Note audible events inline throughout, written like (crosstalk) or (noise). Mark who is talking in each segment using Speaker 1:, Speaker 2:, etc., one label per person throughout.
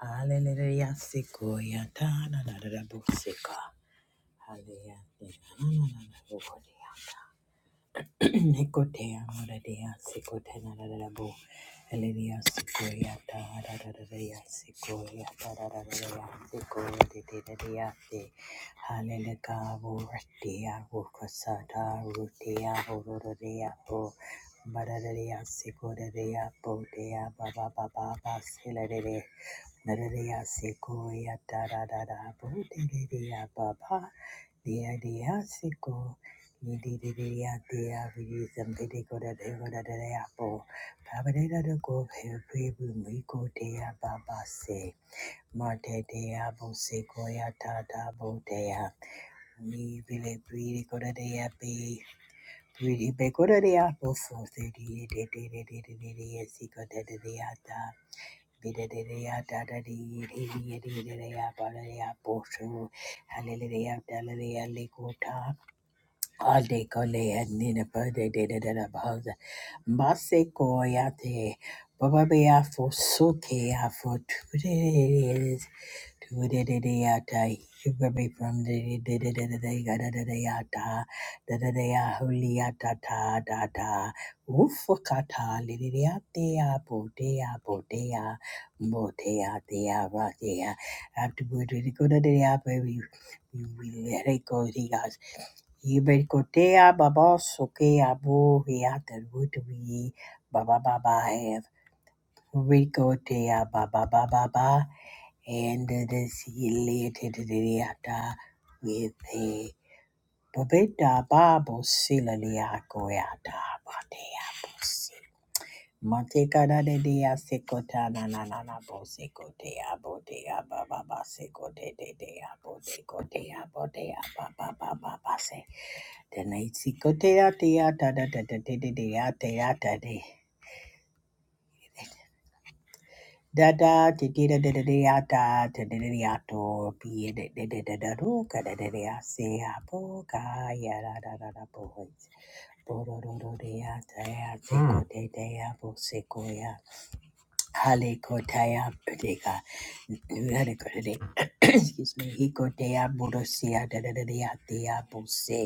Speaker 1: Hallelujah. Sikoya, Tana, Nada, Busika, Hallelujah, Nana, Nana, (clears throat) Nicotea, Moradea, Sicotana, Rabo, Elenia, Sicoria, Taradaria, Sicoria, Taradaria, Sicoria, Tedadiate, Haleleca, Vortia, Vocasata, Rutia, Vorodia, Po, Maradaria, Sicoria, Potea, Baba, Baba, Silade, Nadaria, Sicoria, Taradada, Potea, Baba, Dia, Dia, Sico. Hallelujah, hallelujah, lekota. Ode kole adnina pode de de de de baza. Mbase koyate. Baba bea for soke a for tude tude de de de yata. Yubabe from the de de de de de ga da da da yata. Da da da ya holy yata ta da da. Ufu kata li de de yate ya bo de ya bo de ya. Bo de ya de ya ba de ya. After good, we do the good de ya baby. We we let it go Yiberikotea baba soke abo heata wutui baba baba have rikotea baba baba ba and this related reata with a babeta babo silalia goyata batea bosi mateka da de dea sekota na na na na bo sekotea botea baba ba sekote de dea bo sekotea botea baba baba ba se Excuse me, Hikotea Borosia, Dadadia, Dea Bose,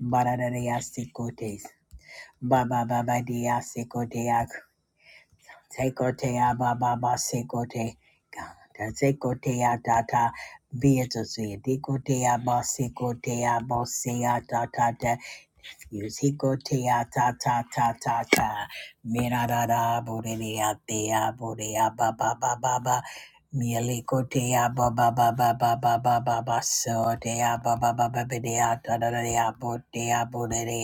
Speaker 1: Baradaria Sikote, Ba ba ba ba dia seko dia seko dia ba ba ba seko dia da seko ta da da be it to see deko dia ba seko ba se ya ta ta da you seko dia ta ta ta ta ta me da ra ra bo re te ya bo re ya ba ba ba ba ba me le ko te ba ba ba ba ba ba ba ba ba so te ya ba ba ba ba ba de ya da da da bo te bo re re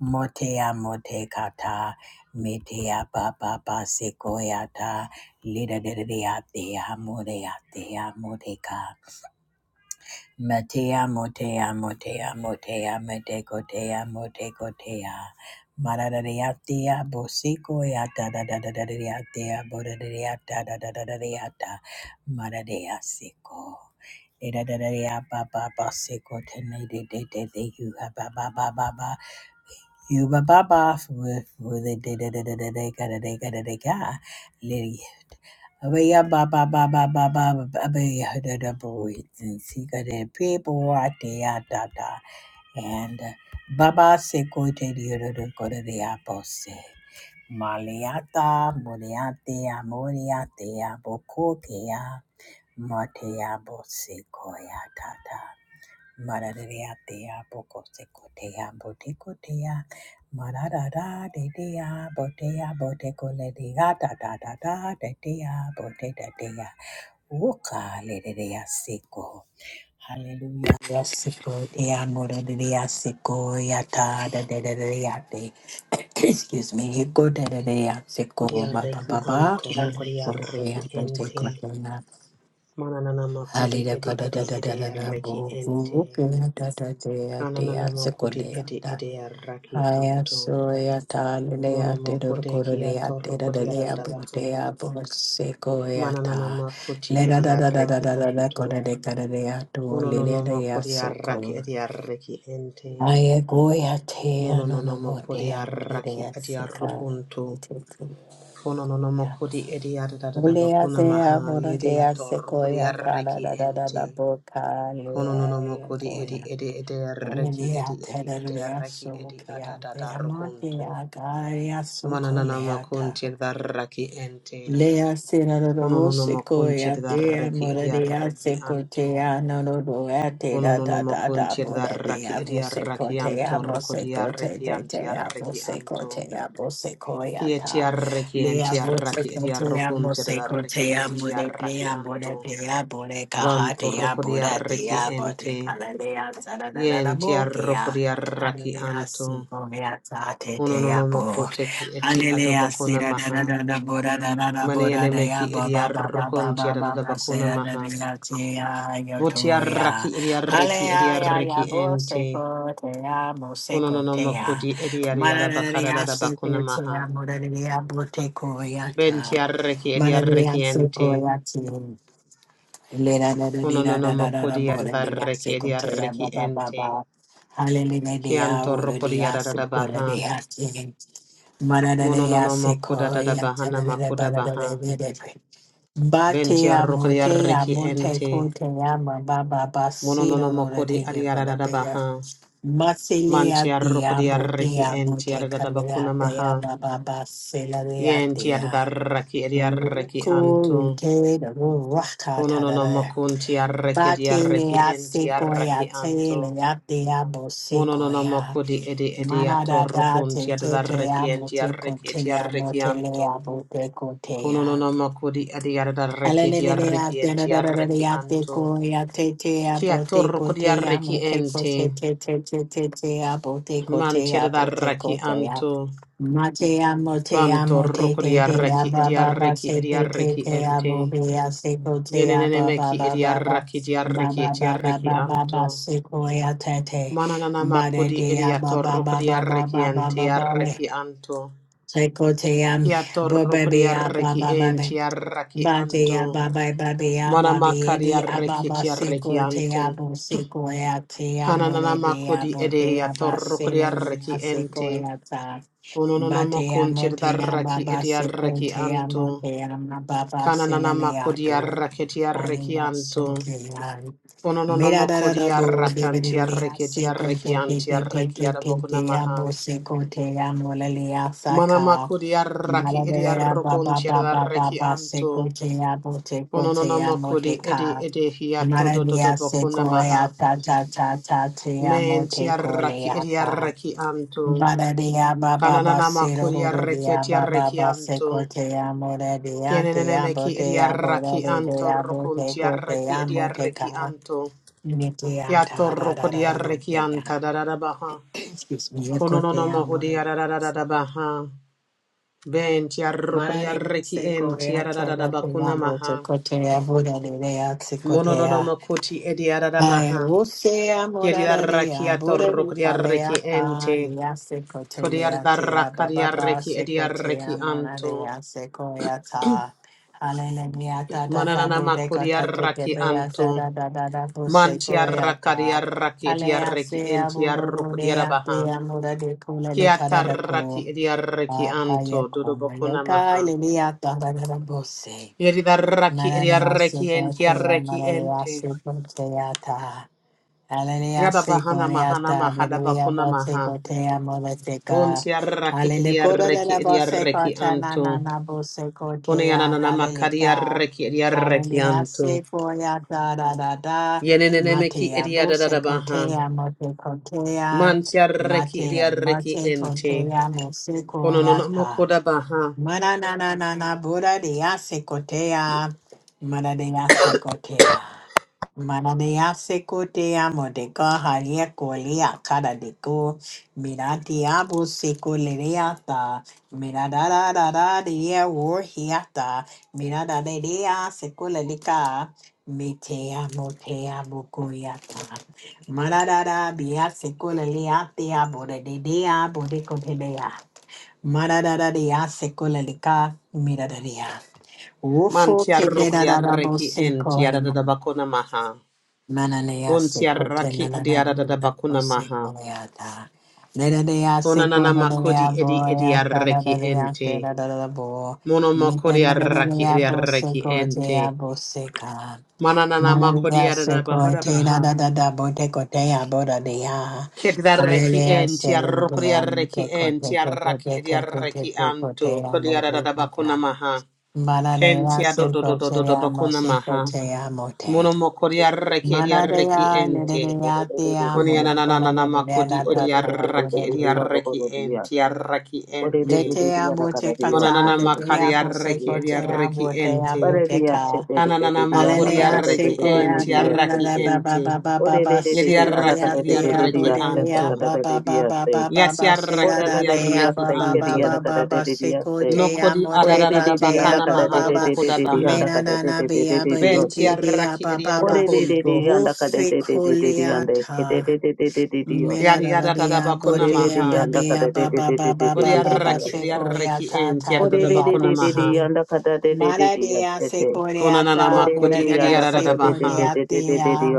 Speaker 1: Motea motekata, metea papa pasekoyata, lida dedeatea moreatea moteka, metea motea motea motea metekotea motekotea, maradadeatea bosekoyata dadadadeatea boredeata dadadadeata, maradea seko. Lida dedea papa pasekote, nede dede you have a baba baba you ba ba ba with with it da da da da da da ga da da ga da da ga lady. Aba ya ba ba ba ba ba ba ba ba ya da da boys and see ga da people out there da da and uh, Baba se kote di da da go da da apo se. Maliata, Moriate, Amoriate, Abokotea, Matea, Bosecoia, Mararea dea boko secotea botecotea. Mararara de dea botea botecoledea da da da da de dea bote de dea. Woka le de dea seco. Hallelujah. Seco dea moradea seco yata da de de dea de. Excuse me. Go de de dea seco
Speaker 2: Kodia
Speaker 1: ba ba
Speaker 2: reki
Speaker 1: ba ba.
Speaker 2: anto rokodia
Speaker 1: Botea
Speaker 2: reki ente.
Speaker 1: botecotea.
Speaker 2: Mananana kodi
Speaker 1: Halida
Speaker 2: edi
Speaker 1: kada
Speaker 2: edi
Speaker 1: da da
Speaker 2: edi
Speaker 1: da da da
Speaker 2: reki
Speaker 1: bo bo
Speaker 2: ente.
Speaker 1: bo da da da da
Speaker 2: Kananana
Speaker 1: da se
Speaker 2: kodi
Speaker 1: kole ya
Speaker 2: edi
Speaker 1: da
Speaker 2: edi raki
Speaker 1: haya
Speaker 2: anto.
Speaker 1: so ya ta lele ya
Speaker 2: Mono
Speaker 1: te dur
Speaker 2: makode ki
Speaker 1: koro de ya
Speaker 2: ato
Speaker 1: te da da
Speaker 2: rokodia
Speaker 1: de ya bo
Speaker 2: radadabaha.
Speaker 1: de ya bo se ko ya
Speaker 2: Mananana
Speaker 1: ta
Speaker 2: makuti
Speaker 1: le da
Speaker 2: edi
Speaker 1: da da da da
Speaker 2: reki
Speaker 1: da da da ko
Speaker 2: anto.
Speaker 1: da de kada de ya to
Speaker 2: Mono
Speaker 1: le
Speaker 2: no no
Speaker 1: de de ya
Speaker 2: makodia
Speaker 1: so
Speaker 2: raki
Speaker 1: ko
Speaker 2: edi reki ente.
Speaker 1: haya go ya te ya
Speaker 2: Mono
Speaker 1: no
Speaker 2: no no
Speaker 1: no mo de
Speaker 2: makodia
Speaker 1: ya mo de de
Speaker 2: raki
Speaker 1: ya
Speaker 2: edi
Speaker 1: se ka te
Speaker 2: rokunto.
Speaker 1: te te ya
Speaker 2: Kono
Speaker 1: ko
Speaker 2: no no mo
Speaker 1: ya ta
Speaker 2: kodi edi ada da da ba
Speaker 1: Olea
Speaker 2: kuna maha
Speaker 1: dea, vora
Speaker 2: yedi
Speaker 1: dea,
Speaker 2: ator kodi
Speaker 1: sequoia, da da
Speaker 2: arreki
Speaker 1: da da da
Speaker 2: ente.
Speaker 1: da, boca,
Speaker 2: Kono no no mo
Speaker 1: lea,
Speaker 2: kodi edi
Speaker 1: goya.
Speaker 2: edi edi arreki edi
Speaker 1: Olea, da
Speaker 2: edi
Speaker 1: da
Speaker 2: edi
Speaker 1: da,
Speaker 2: arreki
Speaker 1: so,
Speaker 2: edi ada
Speaker 1: kea,
Speaker 2: da da
Speaker 1: dea, ma,
Speaker 2: rukuntu.
Speaker 1: dea, gaia, so,
Speaker 2: Mana na na mo
Speaker 1: colea,
Speaker 2: kunti da arreki ente.
Speaker 1: Lea
Speaker 2: Kono
Speaker 1: Seraro
Speaker 2: no no mo kunti
Speaker 1: Sequoia
Speaker 2: da
Speaker 1: Dea
Speaker 2: arreki edi
Speaker 1: Moradea
Speaker 2: arreki anto.
Speaker 1: Secotea Norodoa Te
Speaker 2: Kono
Speaker 1: da
Speaker 2: no no
Speaker 1: da
Speaker 2: mo
Speaker 1: da da
Speaker 2: kunti da arreki
Speaker 1: Boradea
Speaker 2: edi arreki
Speaker 1: Vosecotea
Speaker 2: anto rukodi
Speaker 1: Mosecote
Speaker 2: arreki anti
Speaker 1: Tetea
Speaker 2: arreki anto.
Speaker 1: Vosecotea
Speaker 2: Ki
Speaker 1: Vosecoiata
Speaker 2: etiarreki
Speaker 1: Lea
Speaker 2: entiarraki
Speaker 1: Vosecotea
Speaker 2: ediarrokum cedarreki
Speaker 1: Mosecotea
Speaker 2: entiarraki
Speaker 1: Moradea
Speaker 2: anto.
Speaker 1: Boradea
Speaker 2: Vanto
Speaker 1: Borecahatea
Speaker 2: rocodiarreki
Speaker 1: Boradea
Speaker 2: ente.
Speaker 1: Botecalea Sarada Bokea
Speaker 2: Yentiarrocodiarraki
Speaker 1: Hallelujah
Speaker 2: anto.
Speaker 1: Sequoia Tate bo.
Speaker 2: Unononomoko teki eti
Speaker 1: Hallelujah,
Speaker 2: adobakona
Speaker 1: sera da
Speaker 2: maha.
Speaker 1: da da da bo da da da da bo da da
Speaker 2: Maneanemeki
Speaker 1: ya ba ba ba ba ba
Speaker 2: ediarrocon
Speaker 1: ba ba ba
Speaker 2: cedadabakona
Speaker 1: sera da
Speaker 2: maha.
Speaker 1: da da te ya yo to ya.
Speaker 2: Votiarraki ediarreki
Speaker 1: Hallelujah ya
Speaker 2: ediarreki
Speaker 1: ya bo se
Speaker 2: ente.
Speaker 1: ko te ya mo se ko te
Speaker 2: Unononomoko
Speaker 1: ya.
Speaker 2: di
Speaker 1: Ma da
Speaker 2: ediariada
Speaker 1: da da da ya se te
Speaker 2: bakadadabakona
Speaker 1: te
Speaker 2: maha.
Speaker 1: ya mo da da da ya bo te ko ya ta.
Speaker 2: Bentiarreki
Speaker 1: Ma da da da ya
Speaker 2: ediarreki
Speaker 1: se
Speaker 2: ente.
Speaker 1: ko ya te. Le da da da da da
Speaker 2: Konononomo
Speaker 1: da da da bo da da ya
Speaker 2: kodiarreki
Speaker 1: se ko te ya
Speaker 2: ediarreki
Speaker 1: ba ba ba
Speaker 2: ente.
Speaker 1: ba. Hallelujah ya
Speaker 2: Kianto
Speaker 1: wo da da ya se ko da
Speaker 2: rokodiaradabaha.
Speaker 1: da Mararea
Speaker 2: Monononomo
Speaker 1: sequoia,
Speaker 2: kodadadabaha
Speaker 1: tararara, bararara,
Speaker 2: namakodabaha.
Speaker 1: verere.
Speaker 2: Bentia
Speaker 1: Batea motea
Speaker 2: rokodiarreki
Speaker 1: mote
Speaker 2: ente.
Speaker 1: cotea baba basiro
Speaker 2: Monononomo
Speaker 1: rora te yevana beya.
Speaker 2: kodiaradabaha.
Speaker 1: Masilea
Speaker 2: Mantia
Speaker 1: tia
Speaker 2: rokodiarreki
Speaker 1: botea
Speaker 2: ente
Speaker 1: mote calea
Speaker 2: adadabakunamaha.
Speaker 1: tea baba basela rea
Speaker 2: Yenti
Speaker 1: tea.
Speaker 2: adarraki ediarreki
Speaker 1: Uko
Speaker 2: anto.
Speaker 1: rete raka
Speaker 2: Konononomo
Speaker 1: tarara.
Speaker 2: kuntiarreki ediarreki
Speaker 1: Batelea
Speaker 2: ente arraki
Speaker 1: sequoia,
Speaker 2: anto.
Speaker 1: telea tea bosequoia.
Speaker 2: Mononamaco di edi ediator
Speaker 1: Manada da te
Speaker 2: rocunti ad
Speaker 1: te te amo
Speaker 2: arrecienti
Speaker 1: te conte
Speaker 2: arrecienti
Speaker 1: amo te le
Speaker 2: arrecianto.
Speaker 1: amo te conte
Speaker 2: Cononamaco di adiarda arrecienti
Speaker 1: Alelelelea,
Speaker 2: arrecienti
Speaker 1: dadadadadadea,
Speaker 2: arrecianto.
Speaker 1: teko, ya, te, te, ya, bo,
Speaker 2: Chiator
Speaker 1: te, ko,
Speaker 2: roco di
Speaker 1: te, ya, mo, te, ko, te,
Speaker 2: arrecienti.
Speaker 1: te, te, te, te, te, ya, bo, te, ko, te,
Speaker 2: Manti
Speaker 1: ya,
Speaker 2: ad
Speaker 1: bo, te, ko, te, ya.
Speaker 2: anto
Speaker 1: Ma, te, ya, mo, te, ya,
Speaker 2: Vanto
Speaker 1: mo, te,
Speaker 2: roco di
Speaker 1: te, te, ya,
Speaker 2: arreci
Speaker 1: ba
Speaker 2: edi
Speaker 1: ba ba
Speaker 2: arreci
Speaker 1: se,
Speaker 2: edi
Speaker 1: te, te, te, ya, bo,
Speaker 2: arrecienti.
Speaker 1: be, ya, se, ko, te, ya, ba ba
Speaker 2: Yenenemechi
Speaker 1: ba
Speaker 2: edi
Speaker 1: ba ba
Speaker 2: arreci di
Speaker 1: ba ba,
Speaker 2: arrecienti
Speaker 1: ba, ba, ba, ba, ba,
Speaker 2: arrecianto.
Speaker 1: se, ko, ya, te, te. Ba,
Speaker 2: Mananamaco
Speaker 1: de,
Speaker 2: di
Speaker 1: de, ya, ba,
Speaker 2: ediator
Speaker 1: ba,
Speaker 2: roco
Speaker 1: ba,
Speaker 2: di
Speaker 1: ba, ba, ba, ba,
Speaker 2: arrecienti
Speaker 1: ba, ba, le
Speaker 2: anto.
Speaker 1: setetetea, ko sekotea, ya
Speaker 2: Kiato
Speaker 1: bo be be ya ba
Speaker 2: rukuriarreki
Speaker 1: ba ba bababa.
Speaker 2: entiarraki
Speaker 1: Batea
Speaker 2: anto.
Speaker 1: babai babia babi edi
Speaker 2: Manamakariarreki
Speaker 1: ababa
Speaker 2: tiarreki
Speaker 1: seco te
Speaker 2: anto.
Speaker 1: abo
Speaker 2: (clears throat)
Speaker 1: seco ate amore de
Speaker 2: Kanananamakudi
Speaker 1: abotea
Speaker 2: edehiato rukuriarreki
Speaker 1: baselena seco
Speaker 2: ente.
Speaker 1: ata. Batea motea
Speaker 2: Unononomokunchirdarraki
Speaker 1: baba seco
Speaker 2: ediarreki
Speaker 1: te
Speaker 2: anto.
Speaker 1: amotea mababa seleleato.
Speaker 2: Kanananamakodiarraki tiarreki
Speaker 1: Alina
Speaker 2: anto.
Speaker 1: soke ai. Mira da da da bo de bedelia
Speaker 2: Unononomokodiarrakantiarreki
Speaker 1: seco
Speaker 2: tiarreki
Speaker 1: te te te te
Speaker 2: antiarreki
Speaker 1: te te te
Speaker 2: arabokunamaha.
Speaker 1: abo seco te amolelea saka.
Speaker 2: Manamakudiarraki
Speaker 1: Maradea Baba Baba
Speaker 2: ediarrokunchirdarreki
Speaker 1: Baba
Speaker 2: anto.
Speaker 1: Secotea Botecotea
Speaker 2: Konononomokudi edi
Speaker 1: Moteca
Speaker 2: edi hiato
Speaker 1: Maradea
Speaker 2: dododobokunamaha.
Speaker 1: Secoia Tata Tata Tea
Speaker 2: Men tiarraki
Speaker 1: Motecoleata
Speaker 2: ediarraki antu.
Speaker 1: Baradea Baba
Speaker 2: Kanananamakudi arreki
Speaker 1: Basirudia Baba
Speaker 2: etiarreki antu.
Speaker 1: Basecotea Moradea Tea
Speaker 2: Kienenemeki
Speaker 1: Botea
Speaker 2: ediarraki anto
Speaker 1: Boradea
Speaker 2: rokun tiarraki
Speaker 1: Botecotea
Speaker 2: ediarreki
Speaker 1: Moteca
Speaker 2: anto.
Speaker 1: Nitia
Speaker 2: Hiato rokudi
Speaker 1: Tata
Speaker 2: arreki
Speaker 1: Botea
Speaker 2: anta dadadabaha.
Speaker 1: Excuse me, Cotea
Speaker 2: Konononomohudi
Speaker 1: Moradea
Speaker 2: adadadadabaha. Ben tiarrokudi
Speaker 1: Marare
Speaker 2: arreki
Speaker 1: se
Speaker 2: en
Speaker 1: korea chada te yambo se
Speaker 2: tiadadadabakunamaha.
Speaker 1: kotea bura de rea se kotea.
Speaker 2: Mononomakoti
Speaker 1: Ay,
Speaker 2: ediaradabaha.
Speaker 1: vusea morara rea bura de
Speaker 2: Kiriarakiatorokriareki
Speaker 1: palea ta
Speaker 2: ente.
Speaker 1: lea se kotelea tea bababa
Speaker 2: Kodiarakariareki
Speaker 1: se kotea
Speaker 2: ediareki anto.
Speaker 1: morarea se koea ta. Hallelujah ta ta ta bude kota te te
Speaker 2: Manananamakodiaraki
Speaker 1: bea sa
Speaker 2: anto.
Speaker 1: da da da da vuse koea ta.
Speaker 2: Mantiarakariaraki
Speaker 1: Alea
Speaker 2: ediareki
Speaker 1: se a buru de a
Speaker 2: entiarokriarabaha.
Speaker 1: te a mura de kula de kara da ko.
Speaker 2: Kiataraki ediareki
Speaker 1: Mahaya
Speaker 2: anto.
Speaker 1: Kumaya
Speaker 2: Dudobokunamaha.
Speaker 1: Kalilia Tandarabose.
Speaker 2: Yeridaraki
Speaker 1: Manania
Speaker 2: ediareki
Speaker 1: Sukotea,
Speaker 2: entiareki
Speaker 1: Manania
Speaker 2: ente.
Speaker 1: Sukoteata. Alania
Speaker 2: Yadabahana mahana
Speaker 1: Sikoreata, Vidia
Speaker 2: mahadabakuna
Speaker 1: Bose
Speaker 2: maha.
Speaker 1: Kotea Moleteca.
Speaker 2: Bunti arraki edi
Speaker 1: Hallelujah,
Speaker 2: arreki
Speaker 1: la
Speaker 2: edi
Speaker 1: Bose
Speaker 2: arreki
Speaker 1: Cotana,
Speaker 2: antu.
Speaker 1: Nana Bose
Speaker 2: Kone
Speaker 1: Cotea,
Speaker 2: ananana makari
Speaker 1: Hallelujah.
Speaker 2: arreki edi arreki
Speaker 1: Hallelujah,
Speaker 2: antu.
Speaker 1: Sikoya, da da da da.
Speaker 2: Yenenene meki
Speaker 1: Matea
Speaker 2: edi
Speaker 1: Bose
Speaker 2: adadada baha.
Speaker 1: Cotea, Mote Cotea.
Speaker 2: Manti arreki edi
Speaker 1: Matea,
Speaker 2: arreki
Speaker 1: Mate
Speaker 2: enti.
Speaker 1: Cotea, Mose
Speaker 2: Kononono
Speaker 1: Coyata.
Speaker 2: mokoda baha.
Speaker 1: Mana na na na na Buddha de Yasekotea. Mana de Yasekotea. Mana de Yasekotea modeka haria kolia kara deko. Mirati abu sekulereata. Mirada da da da de ye warhiata. Mirada de de yasekulelika. Mitea motea bukoyata. Mana da da biasekuleliatea bode de dea bodekotea. Marararia secolelica miraria. Rufo
Speaker 2: Manti arroko di
Speaker 1: kedadabo
Speaker 2: arreki enti
Speaker 1: secoina.
Speaker 2: adadada bakona maha.
Speaker 1: Mananea
Speaker 2: Bunti arraki edi
Speaker 1: secotenanada
Speaker 2: adadada bakona maha.
Speaker 1: bosecoleata. Nedadea
Speaker 2: Konanana makodi
Speaker 1: seconadea
Speaker 2: edi edi
Speaker 1: boyata
Speaker 2: arreki enti.
Speaker 1: nadadea bo.
Speaker 2: Mono makodi arraki
Speaker 1: Nitanadadea
Speaker 2: edi arreki enti.
Speaker 1: bosecotea boseca.
Speaker 2: Mananana makodi
Speaker 1: Maria se
Speaker 2: da bahora
Speaker 1: coete na da
Speaker 2: baha.
Speaker 1: da da bote cotea boda de ah.
Speaker 2: Kedareki
Speaker 1: Aleluya
Speaker 2: en
Speaker 1: se cotea mute
Speaker 2: tiarokodiareki en
Speaker 1: cote te te
Speaker 2: tiaraki
Speaker 1: te te te te
Speaker 2: ediareki
Speaker 1: te
Speaker 2: anto
Speaker 1: cotea
Speaker 2: kodiara
Speaker 1: mute
Speaker 2: da bakuna
Speaker 1: patra.
Speaker 2: maha. Ken
Speaker 1: Manadea
Speaker 2: tiado
Speaker 1: se
Speaker 2: do do do do do
Speaker 1: cotea
Speaker 2: bakuna
Speaker 1: mose
Speaker 2: maha.
Speaker 1: cotea mote.
Speaker 3: Ore de de de anakada de de de de de
Speaker 2: Monomokodiareki ediareki
Speaker 1: Manadea
Speaker 2: ente.
Speaker 1: nedea te amo de cona
Speaker 2: Koniananana
Speaker 1: de de na
Speaker 2: makodi
Speaker 1: ta ta
Speaker 2: ediareki
Speaker 1: boda de.
Speaker 2: ediareki en tiaraki ente.
Speaker 3: de
Speaker 1: Letea bote cata
Speaker 2: Onanana
Speaker 1: de dea bose
Speaker 2: makadiareki
Speaker 1: cotea
Speaker 2: ediareki
Speaker 1: botea
Speaker 2: ente.
Speaker 1: boteca.
Speaker 2: Kananana
Speaker 1: Hallelujah,
Speaker 2: makodiareki en
Speaker 1: Sequoia,
Speaker 2: tiaraki
Speaker 1: Canada, Baba,
Speaker 2: ente.
Speaker 1: Baba, Baba,
Speaker 2: Yediarraki
Speaker 1: Sidonia,
Speaker 3: anakada de de
Speaker 1: Dea,
Speaker 3: de de
Speaker 2: ediarreki
Speaker 1: Bodelia,
Speaker 2: anto.
Speaker 1: Baba, Baba, Baba,
Speaker 2: Yatiarraki
Speaker 1: Sidada, Dea,
Speaker 2: ediarreki
Speaker 1: Baba, Baba,
Speaker 2: anto.
Speaker 1: Baba, Sequo, Tea,
Speaker 2: Nokodi
Speaker 1: Moteca,
Speaker 2: adadada
Speaker 1: Tea,
Speaker 2: bakana mahado
Speaker 1: Baba,
Speaker 2: bokoda baha.
Speaker 1: Mena, Nana,
Speaker 3: de
Speaker 1: Bia,
Speaker 3: de
Speaker 1: Baby,
Speaker 3: de
Speaker 1: Tea,
Speaker 2: Bentiarraki
Speaker 3: Ore
Speaker 1: Baba,
Speaker 3: ore ore ore
Speaker 2: ediarrokonto.
Speaker 3: yanda kade
Speaker 1: Wolfie,
Speaker 3: ore ore ore ore
Speaker 1: Culiata.
Speaker 3: ore
Speaker 1: Mira
Speaker 3: yaste.
Speaker 1: da
Speaker 2: Yadiadada
Speaker 1: dia
Speaker 3: Ore ore
Speaker 2: bakona
Speaker 3: ore ore
Speaker 1: botea
Speaker 2: maha.
Speaker 3: yanda kade
Speaker 1: babia
Speaker 3: ore
Speaker 1: baba baba baba
Speaker 2: Bodiarraki
Speaker 1: sequoia
Speaker 2: ediarreki
Speaker 1: ta
Speaker 3: ore ore ore
Speaker 1: ta
Speaker 2: entiadada bakona
Speaker 3: yaste the.
Speaker 2: maha.
Speaker 1: dia Maradea
Speaker 2: Konanana
Speaker 3: Ore ore ore
Speaker 1: secoreata,
Speaker 3: ore
Speaker 2: makudi
Speaker 1: Boradea
Speaker 3: yanda kade
Speaker 2: ediadada
Speaker 3: ore ore
Speaker 2: baha.
Speaker 3: ore
Speaker 1: secoreatea,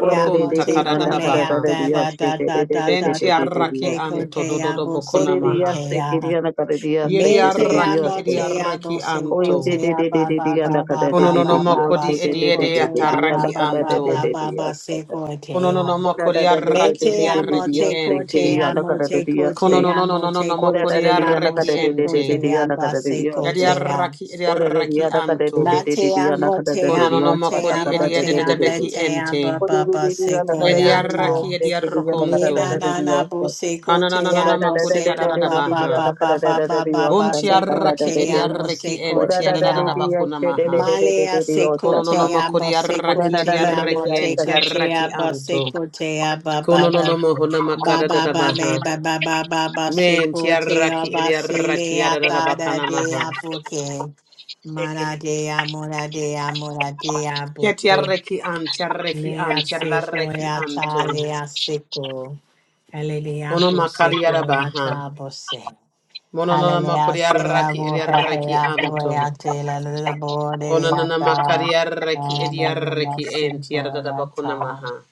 Speaker 3: ore yaste the ore ore ore ore
Speaker 1: moteco
Speaker 3: yanda
Speaker 2: kadadada
Speaker 3: kade
Speaker 2: baha.
Speaker 3: the
Speaker 1: leata,
Speaker 3: ore
Speaker 1: da
Speaker 3: yaste
Speaker 1: da
Speaker 3: the
Speaker 1: da da da da,
Speaker 2: Bentiarraki
Speaker 1: boteco
Speaker 2: anto
Speaker 1: tea,
Speaker 2: dododo
Speaker 3: ore ore ore ore
Speaker 2: bokona
Speaker 1: boseco
Speaker 3: yanda
Speaker 2: maha.
Speaker 1: tea.
Speaker 3: kade the ore yaste the ore ore ore ore yanda kade the ore yaste the ore
Speaker 1: Metea
Speaker 3: ore ore
Speaker 2: Yediarraki
Speaker 3: ore yanda kade the
Speaker 1: motea,
Speaker 2: ediarreki
Speaker 1: boseco
Speaker 2: anto.
Speaker 1: tea, ba ba ba ba ba ba ba
Speaker 2: Konononomoko
Speaker 1: ba,
Speaker 2: di
Speaker 1: seco
Speaker 2: ediede
Speaker 1: tea, ba
Speaker 2: ataraki
Speaker 1: ba ba
Speaker 2: anto.
Speaker 1: ba ba
Speaker 3: ore
Speaker 1: ba,
Speaker 3: yaste the
Speaker 1: seco tea.
Speaker 3: Shake
Speaker 2: Konononomoko di
Speaker 3: it,
Speaker 2: arraki di
Speaker 1: Metea
Speaker 2: arraki
Speaker 1: moteco
Speaker 2: ente.
Speaker 1: tea, moteco tea, moteco
Speaker 2: Kononononomoko di
Speaker 1: tea,
Speaker 2: arraki
Speaker 1: moseco
Speaker 2: ente.
Speaker 1: tea, ba seco
Speaker 2: Yadi
Speaker 1: tea.
Speaker 2: arraki di arraki anto.
Speaker 1: Matea motea
Speaker 2: Konononomoko
Speaker 1: motea
Speaker 2: di ediede de
Speaker 1: motea
Speaker 2: debeki
Speaker 1: letea
Speaker 2: ente.
Speaker 1: baba
Speaker 2: Yadi
Speaker 1: basekoyata.
Speaker 2: arraki di arrokonto.
Speaker 1: Mina nana boseko tea
Speaker 2: Kananananamako di
Speaker 1: boseko baba
Speaker 2: adadadabaha.
Speaker 1: baba baba baba
Speaker 2: Bunti
Speaker 1: seko
Speaker 2: arraki di
Speaker 1: tea
Speaker 2: arraki
Speaker 1: moseko
Speaker 2: ente
Speaker 1: tea.
Speaker 2: adadadabakunamaha.
Speaker 1: Malea seko tea
Speaker 2: Konononomoko di
Speaker 1: boseko
Speaker 2: arraki di
Speaker 1: tea
Speaker 2: arraki ente
Speaker 1: moteka tea
Speaker 2: arraki anto.
Speaker 1: boseko tea
Speaker 2: Kono no
Speaker 1: baba
Speaker 2: no mohuna
Speaker 1: Ba
Speaker 2: makara da
Speaker 1: ba
Speaker 2: da
Speaker 1: ba ba
Speaker 2: baha.
Speaker 1: ba ba ba ba ba se
Speaker 2: Men
Speaker 1: ko te o
Speaker 2: tiaraki
Speaker 1: ba se
Speaker 2: ediaraki
Speaker 1: le a
Speaker 2: adada
Speaker 1: ta da
Speaker 2: bakana
Speaker 1: de a
Speaker 2: maha.
Speaker 1: po ke. Mana
Speaker 3: shake
Speaker 1: de a mora de a mora de a po te.
Speaker 2: Ketiareki an tiareki
Speaker 1: Le a
Speaker 2: an
Speaker 1: se ko e
Speaker 2: tiaraki
Speaker 1: a ta
Speaker 2: anto.
Speaker 1: le a se ko. Hele
Speaker 2: Ono
Speaker 1: po se
Speaker 2: makari
Speaker 1: ko
Speaker 2: ada
Speaker 1: e a ta
Speaker 2: baha.
Speaker 1: po se.
Speaker 2: Mono no
Speaker 1: Hele le a se a
Speaker 2: makuriaraki
Speaker 1: bo he he
Speaker 2: ediaraki
Speaker 1: a to e a
Speaker 2: anto.
Speaker 1: te la le la bo de le
Speaker 2: Ono no
Speaker 1: a
Speaker 2: no
Speaker 1: ta.
Speaker 2: makariaraki
Speaker 1: Hele
Speaker 2: ediaraki
Speaker 1: se
Speaker 2: en
Speaker 1: ko e
Speaker 2: tiarada
Speaker 1: a
Speaker 2: bakona
Speaker 1: ta.
Speaker 2: maha.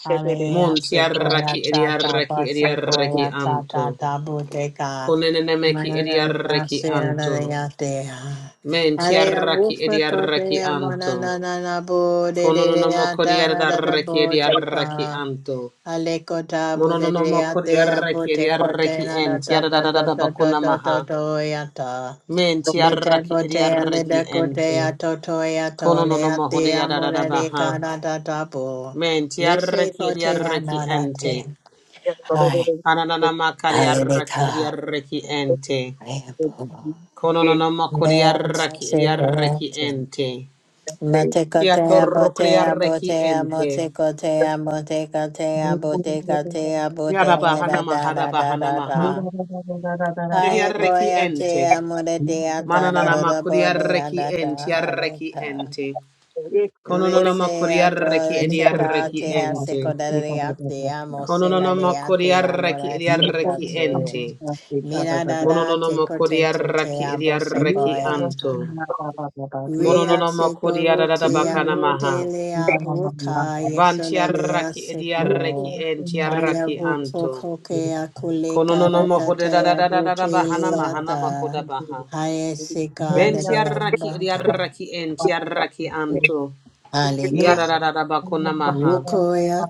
Speaker 1: Hallelujah,
Speaker 2: Mon
Speaker 1: se koya
Speaker 2: tiaraki
Speaker 1: ta ta
Speaker 2: ediaraki
Speaker 1: ba se
Speaker 2: ediaraki
Speaker 1: koya ta ta
Speaker 2: anto.
Speaker 1: ta bu te ka.
Speaker 2: Konene meki ediaraki
Speaker 1: se
Speaker 2: anto.
Speaker 1: nananaya te ha.
Speaker 2: Men
Speaker 1: Hallelujah,
Speaker 2: tiaraki
Speaker 1: wufa ko te
Speaker 2: ediaraki
Speaker 1: ya
Speaker 2: anto.
Speaker 1: mananana bu de
Speaker 2: Kono
Speaker 1: de
Speaker 2: no
Speaker 1: de
Speaker 2: Kononomo
Speaker 1: ya ta na
Speaker 2: kodiada
Speaker 1: da da
Speaker 2: reki
Speaker 1: bu te
Speaker 2: reki
Speaker 1: ka.
Speaker 2: anto.
Speaker 1: Hale ko de de
Speaker 2: Mononomo
Speaker 1: ya te
Speaker 2: kodiada
Speaker 1: ya bu
Speaker 2: reki reki ent.
Speaker 1: ta
Speaker 2: Yada da
Speaker 1: ta
Speaker 2: da da
Speaker 1: ta
Speaker 2: da
Speaker 1: ta ta
Speaker 2: bakuna
Speaker 1: ta ta
Speaker 2: maha.
Speaker 1: ta ya ta.
Speaker 2: Men tiaraki
Speaker 1: Detebotea
Speaker 2: reki ente.
Speaker 1: ledecotea totoea tolea
Speaker 2: Kononomo
Speaker 1: tea
Speaker 2: kodiada da da
Speaker 1: morere
Speaker 2: baha.
Speaker 1: canada tapo.
Speaker 2: Menti
Speaker 1: Lese
Speaker 2: arraki edi
Speaker 1: cotea
Speaker 2: arraki enti
Speaker 1: manate.
Speaker 2: tiaraki reki ente.
Speaker 3: it, shake
Speaker 1: Hi,
Speaker 3: it,
Speaker 2: Ananama kariaraki
Speaker 1: alenica.
Speaker 2: reki
Speaker 3: Thank
Speaker 2: ente.
Speaker 3: you.
Speaker 2: Kononomo kodiaraki reki ente.
Speaker 1: Matecotea botea
Speaker 2: Kiatorokriaraki
Speaker 1: botea
Speaker 2: ente.
Speaker 1: motecotea motecatea
Speaker 4: Thank
Speaker 1: botecatea
Speaker 2: Yada
Speaker 1: botele da
Speaker 2: bahana
Speaker 1: da
Speaker 2: mahada
Speaker 1: da da
Speaker 2: bahana
Speaker 1: da
Speaker 2: maha.
Speaker 1: da. Hiya
Speaker 2: Yadiareki
Speaker 1: koya
Speaker 2: ente.
Speaker 1: tea moretea ta da
Speaker 2: Mananana
Speaker 1: da da bodea
Speaker 2: makuriarreki
Speaker 1: da da
Speaker 2: entiarreki
Speaker 1: aleca.
Speaker 2: ente. Kononona
Speaker 1: Risea
Speaker 2: makuriarreki
Speaker 1: Dorisika
Speaker 2: ediarreki
Speaker 1: Tea
Speaker 2: ente.
Speaker 1: Secodaria Te Amo
Speaker 2: Kononona
Speaker 1: Sela Dea Te
Speaker 2: makuriarreki
Speaker 1: Amora Sita
Speaker 2: ediarreki
Speaker 1: Te
Speaker 2: ente.
Speaker 1: Mira Dada
Speaker 2: Mononona
Speaker 1: Teco Te Te Te
Speaker 2: makuriarreki
Speaker 1: Abo
Speaker 2: ediarreki
Speaker 1: Secoia
Speaker 2: anto.
Speaker 1: Ria
Speaker 2: Mononona
Speaker 1: Seco
Speaker 2: makuriarada
Speaker 1: Rutia
Speaker 2: bakana maha.
Speaker 1: Rute Lea Vuka Yesola Dea
Speaker 2: Bantiarraki ediarreki
Speaker 1: Seco Haya
Speaker 2: entiarraki
Speaker 1: Vuko
Speaker 2: anto.
Speaker 1: Kokea Kuleka
Speaker 2: Kononona
Speaker 1: Data Te
Speaker 2: mahudadadadadada
Speaker 1: Abute
Speaker 2: bahana mahana
Speaker 1: Leata
Speaker 2: makoda baha.
Speaker 1: Haya Sika Dea
Speaker 2: Bentiarraki
Speaker 1: Baga
Speaker 2: ediarreki entiarraki anto.
Speaker 1: Alika
Speaker 2: Yarararabakunamaha.
Speaker 1: Vukoya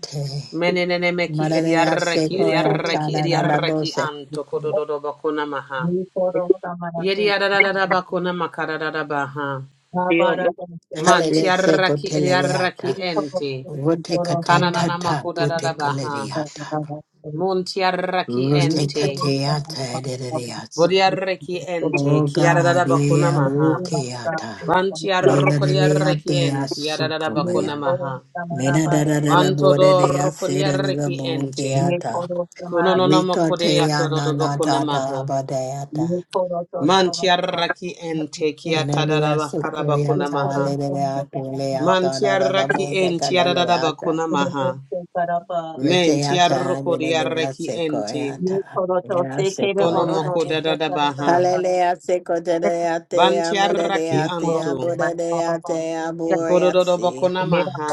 Speaker 2: Menenemeki
Speaker 1: Maradeya
Speaker 2: ediarreki
Speaker 1: seko ya
Speaker 4: Nikoro
Speaker 2: ediarreki
Speaker 1: tana na na
Speaker 2: ediarreki
Speaker 1: bose.
Speaker 2: anto
Speaker 4: Samanateki,
Speaker 2: kodododobakunamaha.
Speaker 4: Nikoro Samanateki,
Speaker 2: Yediarararabakunamakararabaha.
Speaker 4: Babara Tente,
Speaker 1: Halede seko
Speaker 2: Mantiarraki ediarreki
Speaker 1: telereata.
Speaker 4: Nikoro
Speaker 2: ente.
Speaker 4: Tente,
Speaker 1: Rote
Speaker 4: Toro
Speaker 1: kata
Speaker 2: kananana
Speaker 1: tata pute
Speaker 4: Samanateki,
Speaker 2: Kananamakodarabaha.
Speaker 4: Nikoro
Speaker 1: kaleriata.
Speaker 4: Samanateki,
Speaker 2: Muntiarraki
Speaker 1: Rote
Speaker 2: ente.
Speaker 4: Nikoro
Speaker 1: kateata
Speaker 4: Samanaba,
Speaker 1: ederiata.
Speaker 4: Nikoro
Speaker 2: Bodiarreki ente.
Speaker 1: O God, ea
Speaker 2: Kiararabakunamaha.
Speaker 1: wukiata.
Speaker 4: Samanateki,
Speaker 1: Eda
Speaker 2: Bantiarrokodiarreki
Speaker 1: deriate
Speaker 2: ente.
Speaker 1: asukovaya.
Speaker 4: Nikoro
Speaker 2: Yararabakunamaha.
Speaker 1: Mena
Speaker 4: Samanaba,
Speaker 1: da da da da bode de aseda da da
Speaker 2: Bantodorokodiarreki ente.
Speaker 1: bokiata.
Speaker 4: Nikoro Samanaba, Nikoro
Speaker 2: Kononama kore
Speaker 1: Wikote ya na
Speaker 2: atorodo
Speaker 1: na
Speaker 2: bakuna maha.
Speaker 1: tata badeata.
Speaker 2: Mantiaraki ente kia
Speaker 1: Enemy
Speaker 2: tadada bakara bakuna
Speaker 1: Sukoyata,
Speaker 2: maha.
Speaker 1: Lineata, Leata, da da da,
Speaker 2: Mantiaraki
Speaker 1: Bodeca,
Speaker 2: ente yadada
Speaker 1: Leata,
Speaker 2: bakuna maha.
Speaker 4: Samanaba,
Speaker 1: Reteata,
Speaker 2: Mentiaroko
Speaker 1: Linea
Speaker 2: diaraki ente.
Speaker 4: One
Speaker 1: Sequoiata,
Speaker 4: four four
Speaker 1: Lea
Speaker 4: six eight four four four
Speaker 2: Konomoko
Speaker 4: four
Speaker 1: Sequoiati.
Speaker 4: six
Speaker 2: dadada
Speaker 4: eight
Speaker 2: baha.
Speaker 4: eight eight.
Speaker 1: Hallelujah, Seco de Deate, Amuda
Speaker 2: Bantiaraki
Speaker 4: One
Speaker 1: Deate,
Speaker 4: four
Speaker 2: anto.
Speaker 4: six
Speaker 1: Abuda
Speaker 4: nine five five
Speaker 1: Deate,
Speaker 4: six six.
Speaker 2: Kododo
Speaker 1: Aburiatsi.
Speaker 2: bakuna maha.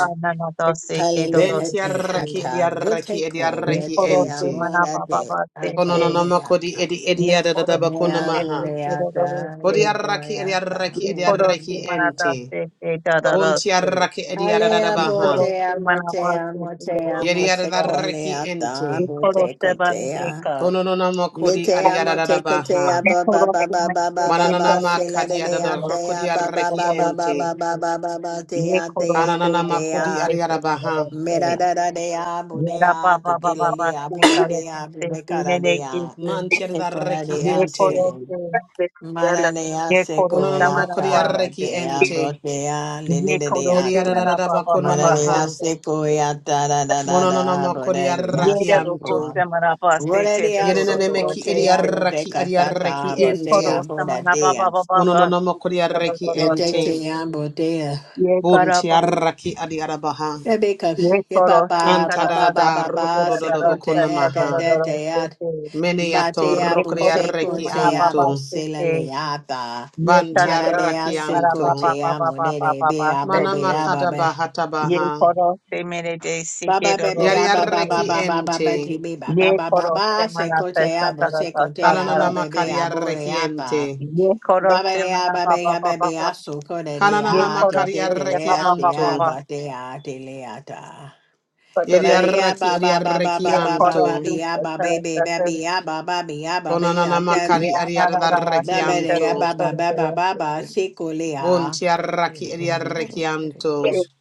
Speaker 1: Hallelujah, Te
Speaker 2: Bentiaraki
Speaker 1: Hata,
Speaker 2: diaraki
Speaker 1: Buteco,
Speaker 4: One
Speaker 2: ediaraki
Speaker 4: four
Speaker 1: Rete,
Speaker 4: six
Speaker 2: ente.
Speaker 4: nine
Speaker 1: Amora
Speaker 4: five
Speaker 1: de
Speaker 4: five six
Speaker 1: Ata,
Speaker 4: six.
Speaker 2: Kononama kodi
Speaker 1: Leata.
Speaker 2: edi
Speaker 4: One four six nine five five six six.
Speaker 2: edi
Speaker 4: One four
Speaker 2: yadada
Speaker 4: six
Speaker 2: bakuna
Speaker 4: nine
Speaker 1: Nea
Speaker 2: maha.
Speaker 4: five five
Speaker 1: Bureata,
Speaker 4: six six.
Speaker 2: Bodiaraki
Speaker 1: Yetoreata,
Speaker 2: ediaraki
Speaker 4: One four
Speaker 2: ediaraki
Speaker 4: six
Speaker 1: Bureata.
Speaker 4: nine five
Speaker 2: ente.
Speaker 4: five six six.
Speaker 2: Kuntiaraki
Speaker 1: Alea
Speaker 4: One
Speaker 2: ediadadabaha.
Speaker 4: four six
Speaker 1: botea
Speaker 4: nine five five
Speaker 1: motea
Speaker 4: six
Speaker 1: motea
Speaker 4: six.
Speaker 2: Yeriadadaraki
Speaker 1: mosecolea da
Speaker 4: One
Speaker 2: ente.
Speaker 4: four six
Speaker 1: botecotea.
Speaker 2: Konononamokodi
Speaker 1: Mitea motecotea
Speaker 2: adiadadabaha.
Speaker 1: ba ba ba ba ba ba ba ba
Speaker 2: Manananama
Speaker 1: sela de dea tea ba
Speaker 4: nine
Speaker 1: ba
Speaker 2: kadiadadarokodiaraki
Speaker 1: ba
Speaker 4: five
Speaker 1: ba
Speaker 4: five
Speaker 1: ba
Speaker 2: ente.
Speaker 4: six
Speaker 1: ba ba
Speaker 4: six.
Speaker 1: ba ba ba
Speaker 4: Ye
Speaker 1: tea
Speaker 4: koro
Speaker 1: tea
Speaker 4: se manata
Speaker 2: Kanananamakodi
Speaker 1: botea.
Speaker 4: se koro
Speaker 2: adiadabaha.
Speaker 4: baba se.
Speaker 1: Mera da da dea
Speaker 4: Ye ra ba
Speaker 1: botea
Speaker 4: ba
Speaker 1: te
Speaker 4: ba
Speaker 1: tila
Speaker 4: ba ba
Speaker 1: lea
Speaker 4: se
Speaker 1: bora
Speaker 4: karo ba
Speaker 1: dea
Speaker 4: se se ne
Speaker 1: botecara
Speaker 4: ne ke
Speaker 1: dea.
Speaker 4: se.
Speaker 1: (coughs) Ecora
Speaker 2: Mantiadaraki
Speaker 1: dea (clears throat)
Speaker 4: Ye
Speaker 2: ente.
Speaker 4: koro
Speaker 1: se.
Speaker 4: se.
Speaker 1: Maradea
Speaker 4: Ye koro se manapa.
Speaker 1: sequeata,
Speaker 2: Konononamokodiaraki
Speaker 1: batea,
Speaker 2: ente.
Speaker 1: botea,
Speaker 4: Ye koro se
Speaker 1: lilideata.
Speaker 4: manapa ba ba ba se
Speaker 2: Yeriadadadabakonamaha.
Speaker 1: Maradea
Speaker 4: se.
Speaker 1: sequeata, da da da da,
Speaker 4: Ye
Speaker 1: bodea
Speaker 2: Monononomokodiaraki
Speaker 4: ra ro
Speaker 1: sequo.
Speaker 2: anto.
Speaker 4: ko se manapa se te do
Speaker 1: Rodea
Speaker 4: do
Speaker 2: Yenene
Speaker 4: do do do
Speaker 2: Yenenemeki
Speaker 4: se
Speaker 1: supportea,
Speaker 4: se.
Speaker 2: ediaraki
Speaker 1: modeca
Speaker 2: adiaraki
Speaker 1: tata,
Speaker 4: Ye
Speaker 2: ente.
Speaker 1: botea,
Speaker 4: koro se manapa ba
Speaker 1: bodea.
Speaker 4: ba ba ba se do do
Speaker 2: Monononomokodiaraki
Speaker 4: do do se.
Speaker 2: ente.
Speaker 1: Detetea, botea.
Speaker 4: Ye kara
Speaker 2: Bunti
Speaker 4: ba.
Speaker 2: arraki adi arabaha.
Speaker 1: Rebecca,
Speaker 4: Ye koro se
Speaker 1: yababa,
Speaker 4: sa
Speaker 2: Kanta
Speaker 1: baba,
Speaker 4: da da
Speaker 2: da
Speaker 4: da
Speaker 1: baba,
Speaker 2: da
Speaker 1: baba,
Speaker 4: se
Speaker 1: baba,
Speaker 2: rukudo
Speaker 4: ra
Speaker 2: do
Speaker 4: da ra se
Speaker 2: bokuna
Speaker 4: sa do do
Speaker 2: maha.
Speaker 4: do se
Speaker 1: sequeata,
Speaker 4: se.
Speaker 2: Meneato
Speaker 1: Batea
Speaker 4: Yeh
Speaker 2: rokri
Speaker 4: koro se
Speaker 1: buseco
Speaker 2: arreki
Speaker 4: bara
Speaker 1: tea
Speaker 2: anto.
Speaker 4: baba se
Speaker 1: busela
Speaker 4: ke,
Speaker 1: leata.
Speaker 4: yeh
Speaker 2: Banti
Speaker 4: karada se
Speaker 1: Maradea
Speaker 2: arraki
Speaker 4: bara
Speaker 2: anto.
Speaker 1: seco
Speaker 4: baba
Speaker 1: tea
Speaker 4: baba baba
Speaker 1: monere
Speaker 4: baba
Speaker 1: bea
Speaker 4: se
Speaker 2: Mana
Speaker 4: ke,
Speaker 1: bobea
Speaker 2: makada
Speaker 1: babe.
Speaker 2: bahata
Speaker 4: yeh
Speaker 2: baha.
Speaker 4: koro se mere de se ke
Speaker 1: Baba baby
Speaker 4: roro
Speaker 2: Yari
Speaker 4: se
Speaker 1: abba
Speaker 4: ke,
Speaker 1: baba
Speaker 2: arreki
Speaker 1: baba baba
Speaker 2: ente.
Speaker 1: tibi baba
Speaker 4: yeh
Speaker 1: baba
Speaker 4: koro se
Speaker 1: baba
Speaker 4: mana
Speaker 1: seco
Speaker 4: se sa
Speaker 1: tea
Speaker 4: tara sa
Speaker 1: buseco
Speaker 4: sa
Speaker 1: tea
Speaker 2: Kananana
Speaker 4: tara,
Speaker 2: makari
Speaker 1: bobea
Speaker 2: arreki ente.
Speaker 1: boreata.
Speaker 4: yeh koro
Speaker 1: Baba
Speaker 4: se
Speaker 1: dea
Speaker 4: mana
Speaker 1: baby
Speaker 4: baba baba
Speaker 1: baby
Speaker 4: baba,
Speaker 1: asuco
Speaker 4: yeh
Speaker 2: Kananana
Speaker 1: dea te
Speaker 4: koro
Speaker 2: makari
Speaker 1: te
Speaker 4: se yeh
Speaker 2: arreki
Speaker 1: te
Speaker 4: baba baba
Speaker 1: tea
Speaker 2: anto.
Speaker 4: baba,
Speaker 1: batea teleata.
Speaker 2: Yari
Speaker 1: Baria
Speaker 2: arraki adi
Speaker 1: baba baba
Speaker 2: arreki
Speaker 4: yeh
Speaker 1: baba
Speaker 4: koro
Speaker 1: baba
Speaker 2: anto.
Speaker 4: se
Speaker 1: bia
Speaker 4: sa
Speaker 1: baba
Speaker 4: tara
Speaker 1: baby
Speaker 4: sa sa,
Speaker 1: baby abba baby
Speaker 2: Konanana
Speaker 1: abba
Speaker 4: yeh
Speaker 2: makari adi
Speaker 4: ana ra ra
Speaker 5: Escritor
Speaker 2: arreki
Speaker 4: se ke
Speaker 5: eres
Speaker 2: anto.
Speaker 1: Babalea
Speaker 4: roro
Speaker 1: baba baba
Speaker 4: se
Speaker 1: baba
Speaker 4: ke,
Speaker 1: secolea.
Speaker 2: Bunti arraki adi arreki
Speaker 5: escritor
Speaker 2: anto.
Speaker 5: eres